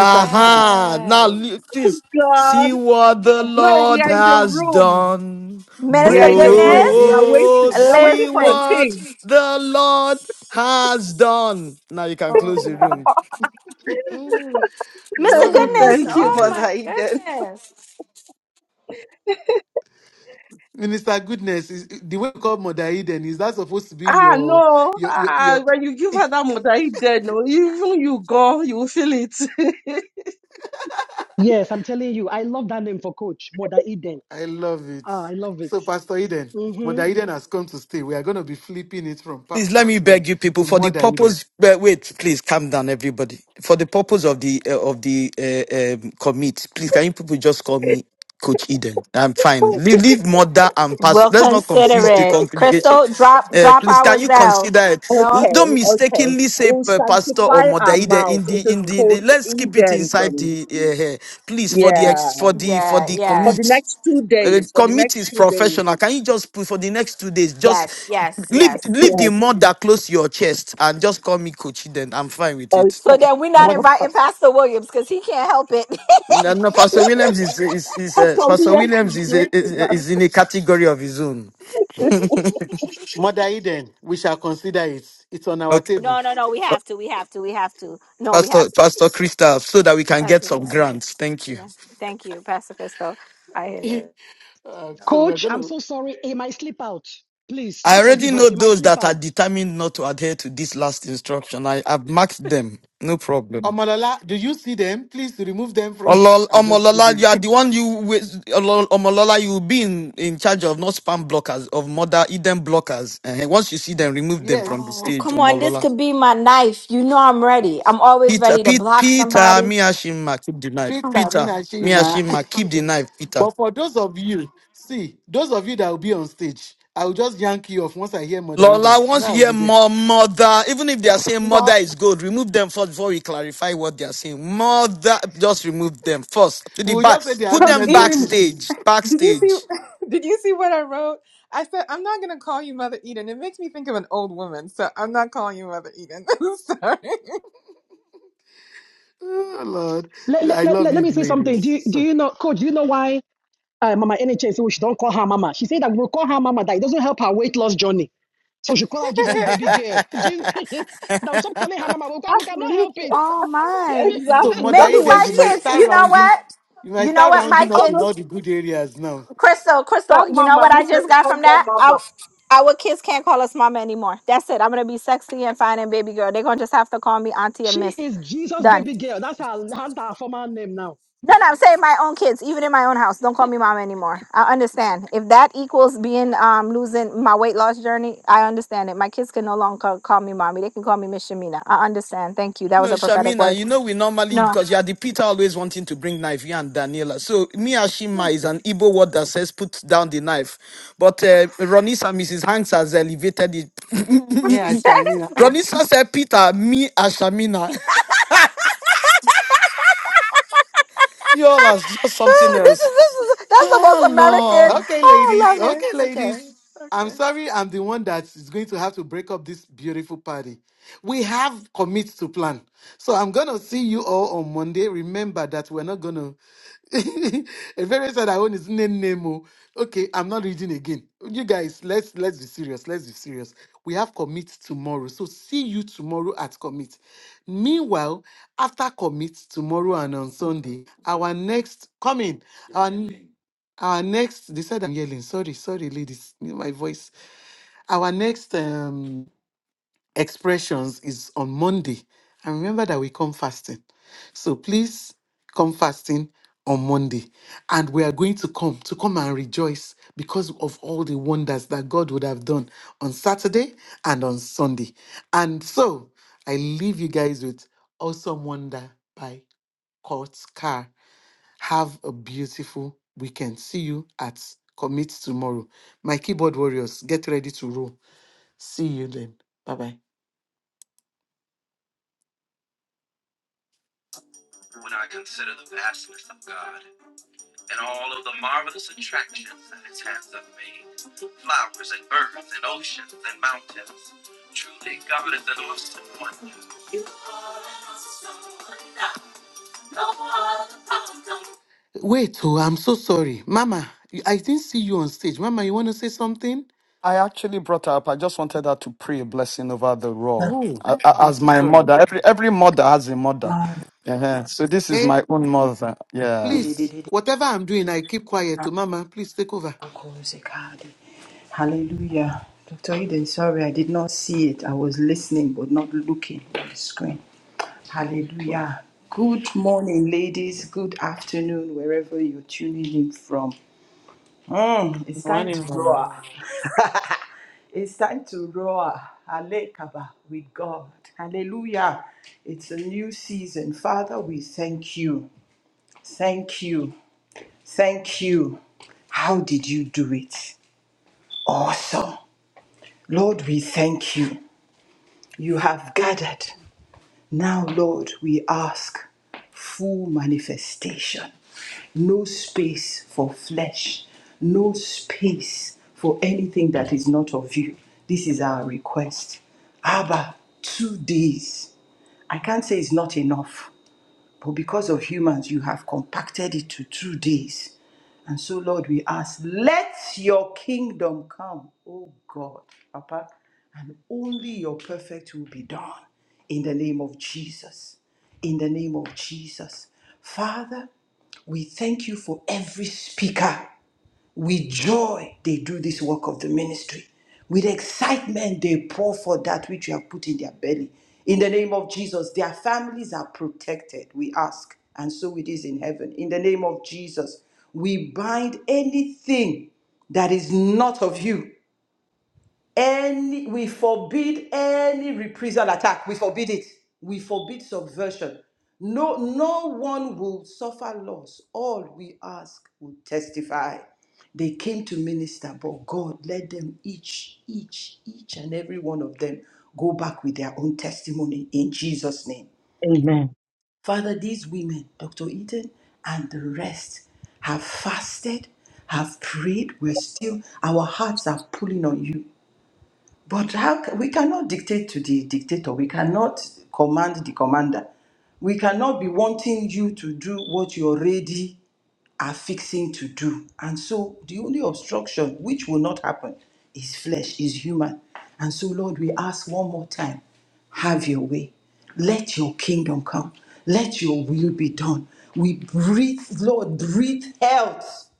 Speaker 1: Mr. Goodness,
Speaker 5: Now look this.
Speaker 8: God.
Speaker 5: See what the
Speaker 8: No, we
Speaker 5: Lord
Speaker 8: are in the
Speaker 5: has
Speaker 8: room.
Speaker 5: done.
Speaker 8: We are
Speaker 2: Minister
Speaker 1: braids
Speaker 8: in the
Speaker 1: be
Speaker 8: room. We
Speaker 2: Goodness,
Speaker 8: are
Speaker 1: braiding.
Speaker 8: waiting.
Speaker 5: Oh,
Speaker 8: We are
Speaker 5: see
Speaker 8: waiting for the
Speaker 2: listen.
Speaker 5: what
Speaker 8: king.
Speaker 5: the Lord has done. Now you can
Speaker 2: Oh,
Speaker 5: close the
Speaker 2: no.
Speaker 5: room.
Speaker 2: Mm.
Speaker 1: we
Speaker 2: Mr.
Speaker 1: love you,
Speaker 2: Goodness,
Speaker 1: Minister
Speaker 8: Thank you,
Speaker 2: oh my
Speaker 1: Goodness.
Speaker 8: Mother Eden.
Speaker 2: goodness.
Speaker 1: Minister Goodness, is, the way you call Mother Eden, is that supposed to be
Speaker 8: Ah,
Speaker 1: your,
Speaker 8: no.
Speaker 1: your, your,
Speaker 8: Ah,
Speaker 1: your,
Speaker 8: when you give her that Mother Eden, no, even you go, you will feel it.
Speaker 4: Yes, I'm telling you. I love that name for Coach more than Eden.
Speaker 1: I love it.
Speaker 4: Ah, I love it.
Speaker 1: So, Pastor Eden,
Speaker 4: Mm-hmm.
Speaker 1: Mother Eden has come to stay. We are going to be flipping it from
Speaker 5: Please
Speaker 1: Pastor
Speaker 5: let me
Speaker 1: Eden
Speaker 5: beg you people
Speaker 1: to
Speaker 5: for the
Speaker 1: Mother Eden.
Speaker 5: purpose. Wait, wait, please calm down, everybody. For the purpose of the uh, of the uh, um, commit, please can you people just call me Coach Eden? I'm fine. Leave, leave mother and pastor.
Speaker 2: We'll
Speaker 5: Let's not
Speaker 2: consider
Speaker 5: confuse the
Speaker 2: it.
Speaker 5: congregation.
Speaker 2: Crystal, drop
Speaker 5: Uh,
Speaker 2: drop
Speaker 5: please
Speaker 2: our
Speaker 5: can you
Speaker 2: Zell.
Speaker 5: consider it?
Speaker 8: Okay,
Speaker 2: Nope.
Speaker 5: Don't
Speaker 8: okay, okay.
Speaker 5: mistakenly
Speaker 8: We
Speaker 5: say
Speaker 8: will
Speaker 5: uh, pastor or
Speaker 8: sanctify
Speaker 5: mother
Speaker 8: our
Speaker 5: Eden
Speaker 8: mouth.
Speaker 5: in
Speaker 8: It
Speaker 5: the in
Speaker 8: is
Speaker 5: the.
Speaker 8: called
Speaker 5: Let's keep it
Speaker 8: Eden
Speaker 5: inside
Speaker 8: from,
Speaker 5: the. Uh, uh, please for the
Speaker 8: yeah,
Speaker 5: ex, for the for
Speaker 2: Yeah,
Speaker 5: the
Speaker 8: for
Speaker 2: yeah.
Speaker 8: the
Speaker 5: commit
Speaker 8: next two
Speaker 5: uh,
Speaker 8: days, for the
Speaker 5: committee
Speaker 8: next
Speaker 5: is
Speaker 8: two days.
Speaker 5: professional. Can you just put for the next two days?
Speaker 2: Yes,
Speaker 5: Just
Speaker 2: yes,
Speaker 5: leave
Speaker 2: yes.
Speaker 5: leave the
Speaker 8: Yes,
Speaker 5: mud that close to your chest and just call me coach. Then I'm fine with it.
Speaker 2: So then we're
Speaker 8: okay.
Speaker 2: not
Speaker 1: Mod,
Speaker 2: inviting Pastor Williams because he can't help it.
Speaker 5: No, no Pastor Williams is is is
Speaker 8: For
Speaker 5: uh,
Speaker 8: So
Speaker 5: Pastor
Speaker 8: yes,
Speaker 5: Williams
Speaker 8: he's
Speaker 5: is,
Speaker 8: grace
Speaker 5: is
Speaker 8: enough.
Speaker 5: is in a category of his own.
Speaker 1: Mother Eden, we shall consider it. It's on our
Speaker 5: Okay,
Speaker 1: table.
Speaker 2: no, no, no. We have to. We have to. We have to. No, we have
Speaker 5: Pastor
Speaker 2: to.
Speaker 5: Pastor Christoph, so that we can get
Speaker 2: Pastor,
Speaker 5: some
Speaker 2: yes.
Speaker 5: grants. Thank you.
Speaker 2: yes. Thank you, Pastor Crystal. I hear it.
Speaker 1: Uh, so, we're
Speaker 4: Coach,
Speaker 1: going
Speaker 4: I'm
Speaker 1: to.
Speaker 4: so sorry. It might slip out. Please,
Speaker 5: I
Speaker 4: just
Speaker 5: already
Speaker 4: forgive
Speaker 5: know
Speaker 4: us. It might
Speaker 5: those
Speaker 4: slip
Speaker 5: that are
Speaker 4: out.
Speaker 5: determined not to adhere to this last instruction. I have marked them. No problem.
Speaker 1: Omolola, do you see them? Please remove them from.
Speaker 5: Olol-
Speaker 1: I'm just
Speaker 5: Omolola,
Speaker 1: kidding.
Speaker 5: you are the one you with Olol- Omolola, you will be in, in charge of not spam blockers, of mother Eden blockers. And once you see them, remove them from the
Speaker 1: yes.
Speaker 2: Oh,
Speaker 5: stage,
Speaker 2: come on, this
Speaker 5: Omolola.
Speaker 2: could be. I'm
Speaker 5: Peter, Pete, Peter,
Speaker 2: already.
Speaker 5: Miyashima, keep the knife.
Speaker 1: Peter,
Speaker 5: Peter,
Speaker 1: Mina, Shima.
Speaker 5: Miyashima, keep the knife, Peter.
Speaker 1: But for those of you, see, those of you that will be on stage, I will just yank you off once I hear Mother Eden.
Speaker 5: Lola,
Speaker 1: You know,
Speaker 5: once
Speaker 1: I
Speaker 5: you
Speaker 1: will
Speaker 5: hear
Speaker 1: be there.
Speaker 5: more mother, even if they are saying mother
Speaker 1: But
Speaker 5: is good, remove them first before we clarify what they are saying. Mother, just remove them first to
Speaker 1: we
Speaker 5: the
Speaker 1: will
Speaker 5: back.
Speaker 1: just say they're
Speaker 5: Put
Speaker 1: having
Speaker 9: Coach
Speaker 5: them
Speaker 1: network
Speaker 9: Eden,
Speaker 1: issues.
Speaker 5: backstage,
Speaker 9: did you see
Speaker 5: backstage.
Speaker 9: did you see what I wrote? I said I'm not gonna call you Mother Eden. It makes me think of an old woman, so I'm not calling you Mother Eden. I'm sorry.
Speaker 1: oh, Lord.
Speaker 4: Let, let,
Speaker 1: I
Speaker 4: let,
Speaker 1: love
Speaker 4: let let
Speaker 1: you,
Speaker 4: me say something.
Speaker 1: ladies.
Speaker 4: Do you, do
Speaker 1: So,
Speaker 4: you know, Coach, do you know why? uh, Mama NHS, so she don't call her Mama. She said that we'll call her Mama, that it doesn't help her weight loss journey. So she call her
Speaker 5: no,
Speaker 4: Jesus baby girl. Jesus, now stop calling her Mama. We, can, we cannot help
Speaker 8: Exactly.
Speaker 4: it.
Speaker 2: Oh my.
Speaker 1: so,
Speaker 8: Exactly. He
Speaker 1: Mother
Speaker 2: Maybe
Speaker 8: doesn't
Speaker 1: Eden,
Speaker 8: wait.
Speaker 2: my
Speaker 1: you
Speaker 4: she,
Speaker 1: might
Speaker 2: kids.
Speaker 1: start
Speaker 2: You know
Speaker 1: rounding.
Speaker 2: what?
Speaker 1: You might
Speaker 2: You know
Speaker 1: start
Speaker 2: what? My
Speaker 1: rounding
Speaker 8: All
Speaker 1: up in
Speaker 8: those
Speaker 2: kids.
Speaker 1: all the good areas now.
Speaker 2: Crystal.
Speaker 8: that
Speaker 2: You know
Speaker 8: mama
Speaker 2: what I
Speaker 8: makes her
Speaker 2: just got from
Speaker 8: become that
Speaker 2: that?
Speaker 8: mama.
Speaker 2: Our kids can't call us mama anymore. That's it. I'm gonna be sexy and fine and baby girl. They're gonna just have to call me auntie and
Speaker 4: she
Speaker 2: miss.
Speaker 4: is Jesus
Speaker 2: Done.
Speaker 4: baby girl. That's her, that's her former name now.
Speaker 2: No, no, I'm saying my own kids, even in my own house, don't call me mama anymore. I understand. If that equals being um losing my weight loss journey, I understand it. My kids can no longer call, call me mommy. They can call me Miss Shamina. I understand. Thank you. That was a prophetic
Speaker 5: Shamina,
Speaker 2: word.
Speaker 5: you know we normally
Speaker 2: No.
Speaker 5: because you are the Peter always wanting to bring knife, you and Daniela. So Miyashima is an Igbo word that says put down the knife. But uh, Ronisa, Mrs. Hanks has elevated it.
Speaker 1: Yeah, Shamina.
Speaker 5: Ronisa said Peter, me and Shamina. You all are just something else. Ah, Lord.
Speaker 1: Okay, ladies. Okay, ladies. I'm sorry, I'm the one that is going to have to break up this beautiful party. We have commit to plan. So I'm going to see you all on Monday. Remember that we're not going to. A very sad I own is Nemo. Okay, I'm not reading again. You guys, let's let's be serious. Let's be serious. We have commit tomorrow. So see you tomorrow at commit. Meanwhile, after commit tomorrow and on Sunday, our next coming. Our next, they said I'm yelling. Sorry, sorry, ladies, my voice. Our next um, expressions is on Monday. And remember that we come fasting. So please come fasting on Monday. And we are going to come, to come and rejoice because of all the wonders that God would have done on Saturday and on Sunday. And so I leave you guys with Awesome Wonder by Kurt Carr. Have a beautiful weekend. See you at Commit tomorrow. My keyboard warriors, get ready to roll. See you then. Bye bye. Wait, oh, I'm so sorry. Mama, you- I didn't see you on stage. Mama, you want to say something?
Speaker 5: I actually brought her up. I just wanted her to pray a blessing over the raw.
Speaker 1: Oh,
Speaker 5: A- a-
Speaker 1: I'm
Speaker 5: As
Speaker 1: so
Speaker 5: my
Speaker 1: sorry.
Speaker 5: mother, every every mother has a mother. Uh-huh. So this is
Speaker 1: Hey,
Speaker 5: my own mother. Yeah.
Speaker 1: please, whatever I'm doing, I keep quiet. Oh, Mama, please take over.
Speaker 10: Hallelujah. Dr. Eden, sorry, I did not see it. I was listening but not looking at the screen. Hallelujah. Good morning, ladies. Good afternoon, wherever you're tuning in from. Mm, it's time to roar. It's time to roar. Alekaba with God. Hallelujah. It's a new season. Father, we thank you. Thank you. Thank you. How did you do it? awesome. Lord, we thank you. You have gathered. Now, Lord, we ask full manifestation. No space for flesh, no space for anything that is not of you. This is our request. Abba, two days. I can't say it's not enough but because of humans, you have compacted it to two days. And so, Lord, we ask, let your kingdom come, oh God, Papa, and only your perfect will be done in the name of Jesus. In the name of Jesus. Father, we thank you for every speaker with joy, they do this work of the ministry. With excitement, they pour for that which you have put in their belly. In the name of Jesus, their families are protected, we ask, and so it is in heaven. In the name of Jesus, we bind anything that is not of you any we forbid any reprisal attack. We forbid it. We forbid subversion. No, no one will suffer loss. All we ask will testify. They came to minister, but God let them each, each, each and every one of them go back with their own testimony in Jesus' name.
Speaker 8: Amen.
Speaker 10: Father, these women, Dr. Eden and the rest, have fasted, have prayed. We're still, our hearts are pulling on you. But how, ca- we cannot dictate to the dictator. We cannot command the commander. We cannot be wanting you to do what you already are fixing to do. And so the only obstruction which will not happen is flesh, is human. And so, Lord, we ask one more time have your way. Let your kingdom come. Let your will be done. We breathe, Lord, breathe health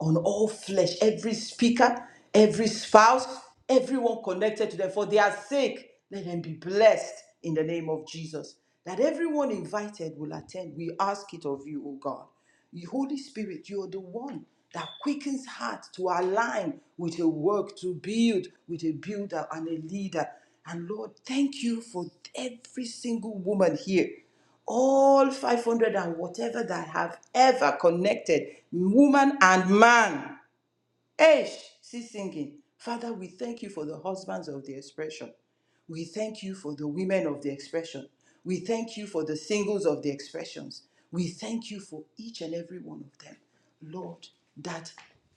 Speaker 10: on all flesh, every speaker, every spouse, everyone connected to them. For their sake, let them be blessed in the name of Jesus. That everyone invited will attend. We ask it of you, O God. You, Holy Spirit, you are the one that quickens heart to align with a work, to build with a builder and a leader. And Lord, thank you for every single woman here all 500 and whatever that have ever connected woman and man. Eish, see singing. Father, we thank you for the husbands of the expression. We thank you for the women of the expression. We thank you for the singles of the expressions. We thank you for each and every one of them. Lord, that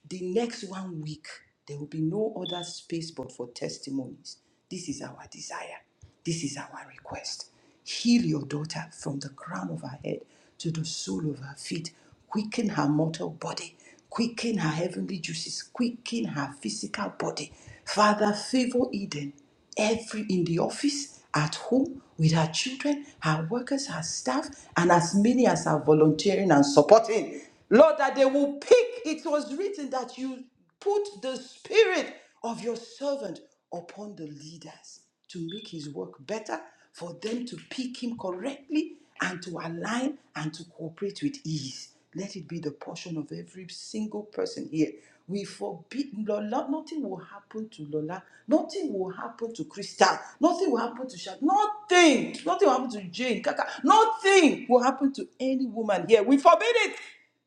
Speaker 10: the next one week, there will be no other space but for testimonies. This is our desire. This is our request. Heal your daughter from the crown of her head to the sole of her feet. Quicken her mortal body. Quicken her heavenly juices. Quicken her physical body. Father, favor Eden every in the office, at home, with her children, her workers, her staff, and as many as are volunteering and supporting. Lord, that they will pick. It was written that you put the spirit of your servant upon the leaders to make his work better, for them to pick him correctly and to align and to cooperate with ease. Let it be the portion of every single person here. We forbid Lola, nothing will happen to Lola, nothing will happen to Crystal, nothing will happen to Shad, nothing, nothing will happen to Jane, Kaka, nothing will happen to any woman here. We forbid it.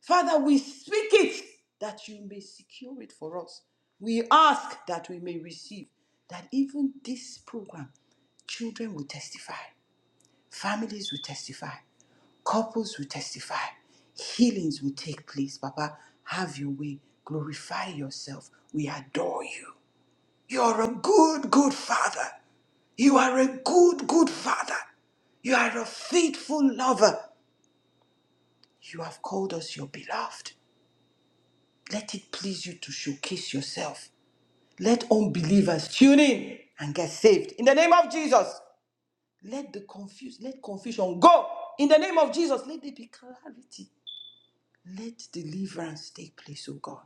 Speaker 10: Father, we speak it that you may secure it for us. We ask that we may receive that even this program, children will testify, families will testify, couples will testify, healings will take place. Papa, have your way. Glorify yourself. We adore you. You are a good, good father. You are a good, good father. You are a faithful lover. You have called us your beloved. Let it please you to showcase yourself. Let unbelievers tune in and get saved. In the name of Jesus. Let the confuse, let confusion go. In the name of Jesus, let there be clarity. Let deliverance take place, oh God.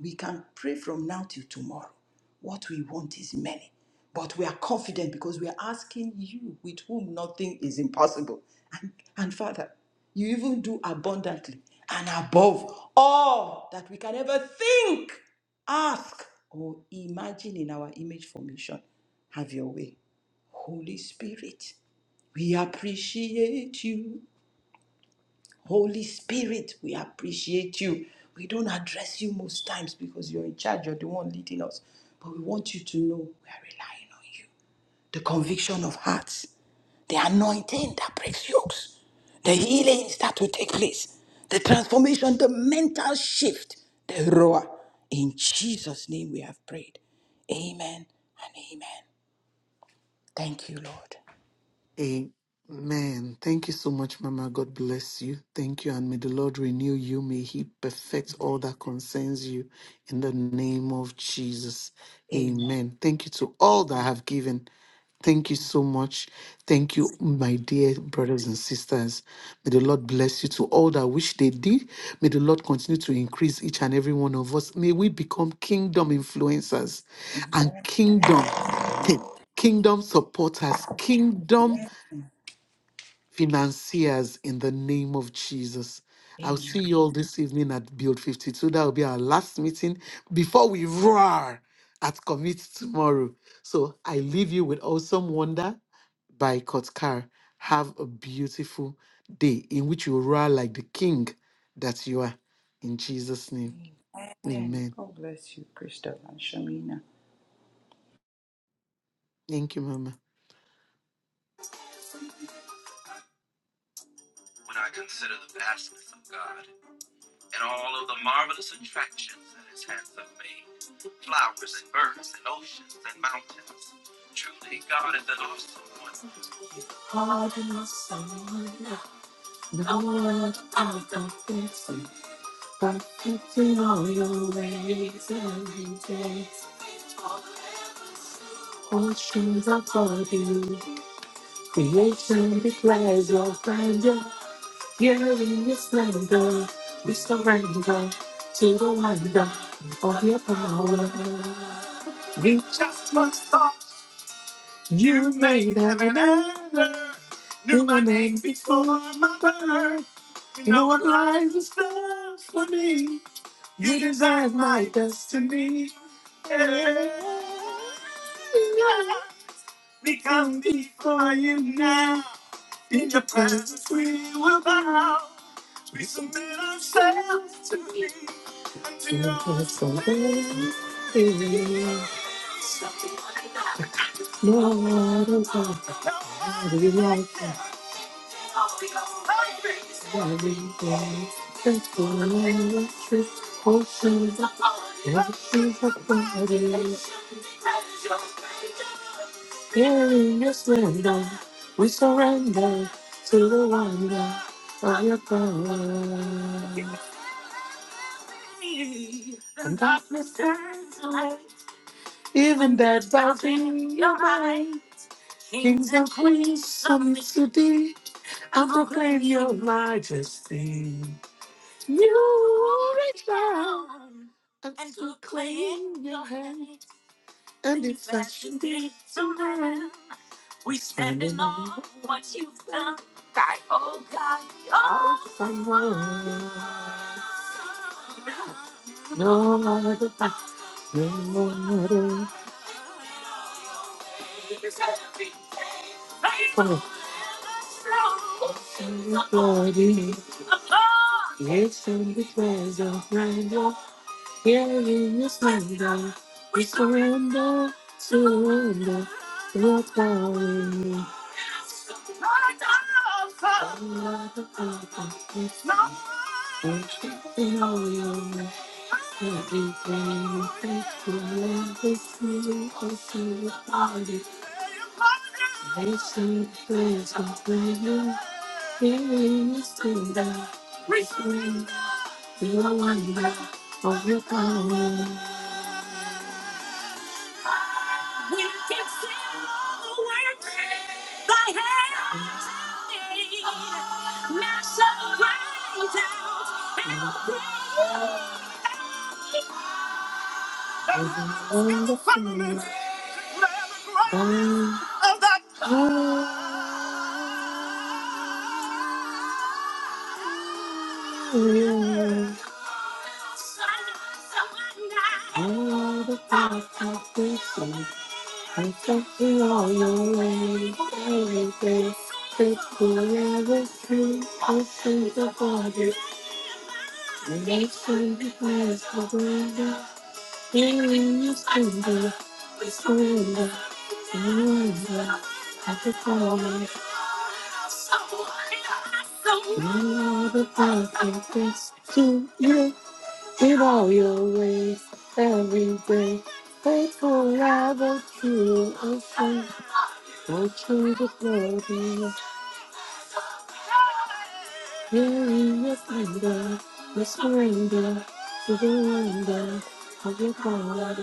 Speaker 10: We can pray from now till tomorrow. What we want is many, but we are confident because we are asking you with whom nothing is impossible. And, and Father, you even do abundantly and above all that we can ever think, ask, or imagine in our image formation. Have your way. Holy Spirit, we appreciate you. Holy Spirit, we appreciate you. We don't address you most times because you're in charge, you're the one leading us. But we want you to know we are relying on you. The conviction of hearts, the anointing that breaks yokes, the healings that will take place, the transformation, the mental shift, the roar. In Jesus' name we have prayed. Amen and amen. Thank you, Lord.
Speaker 1: Amen. Thank you so much, Mama. God bless you. Thank you. And may the Lord renew you. May He perfect all that concerns you in the name of Jesus. Amen. Thank you to all that have given. Thank you so much. Thank you, my dear brothers and sisters. May the Lord bless you to all that wish they did. May the Lord continue to increase each and every one of us. May we become kingdom influencers and kingdom kingdom supporters, kingdom financiers in the name of Jesus. I'll see you all this evening at Build 52. That will be our last meeting before we roar at Commit tomorrow. So I leave you with Awesome Wonder by Kotkar. Have a beautiful day in which you roar like the king that you are. In Jesus' name,
Speaker 10: Amen.
Speaker 1: amen.
Speaker 10: God bless you, Crystal and Shamina.
Speaker 1: Thank you, Mama. Hard enough, son. Now I'm confessing. Perfect in all your ways and details. Oceans are for you. Creation declares your grandeur. Here in your splendor, we surrender to the wonder of your power. We just must stop. You made heaven and earth. Knew my name before my birth. No one lies is there for me. You deserve my destiny. Yeah. We come before you now. In your presence we will bow. Until your presence no other God we like that. every day. That's the way of truth, oceans of Rushes of bodies. Here in your splendor, we surrender to the wonder of your power. And darkness turns to light, even that bows in your mind. Kings and queens submit to thee, and proclaim your majesty. You reach down and to claim your hand, and in fashion did to man. We stand in awe of what you've done. No other glory. It's in the presence of Lord. Here in His hand, we surrender, surrender. Your power in me. No other glory. In all your everything, thank you, Lord. This is They Receive praise and glory, praise to God. Receive the wonder of your power, all the fullness of your love. all the past of wisdom, and thank you all your ways, every day. Faithful ever true, I sing the body, and I sing the praise of To you In all your ways, every day, faithful, rather true, and true, oh, true to glory, hearing your thunder, the surrender to the wonder of your power.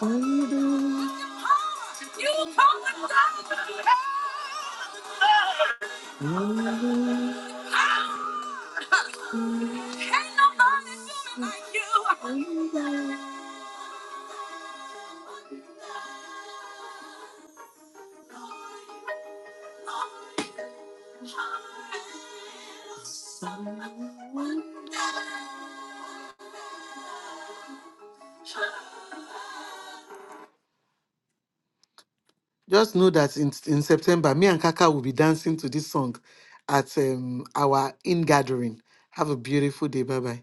Speaker 1: You come and die. Ain't nobody do me like you. Just know that in, in September, me and Kaka will be dancing to this song at um, our in gathering. Have a beautiful day. Bye bye.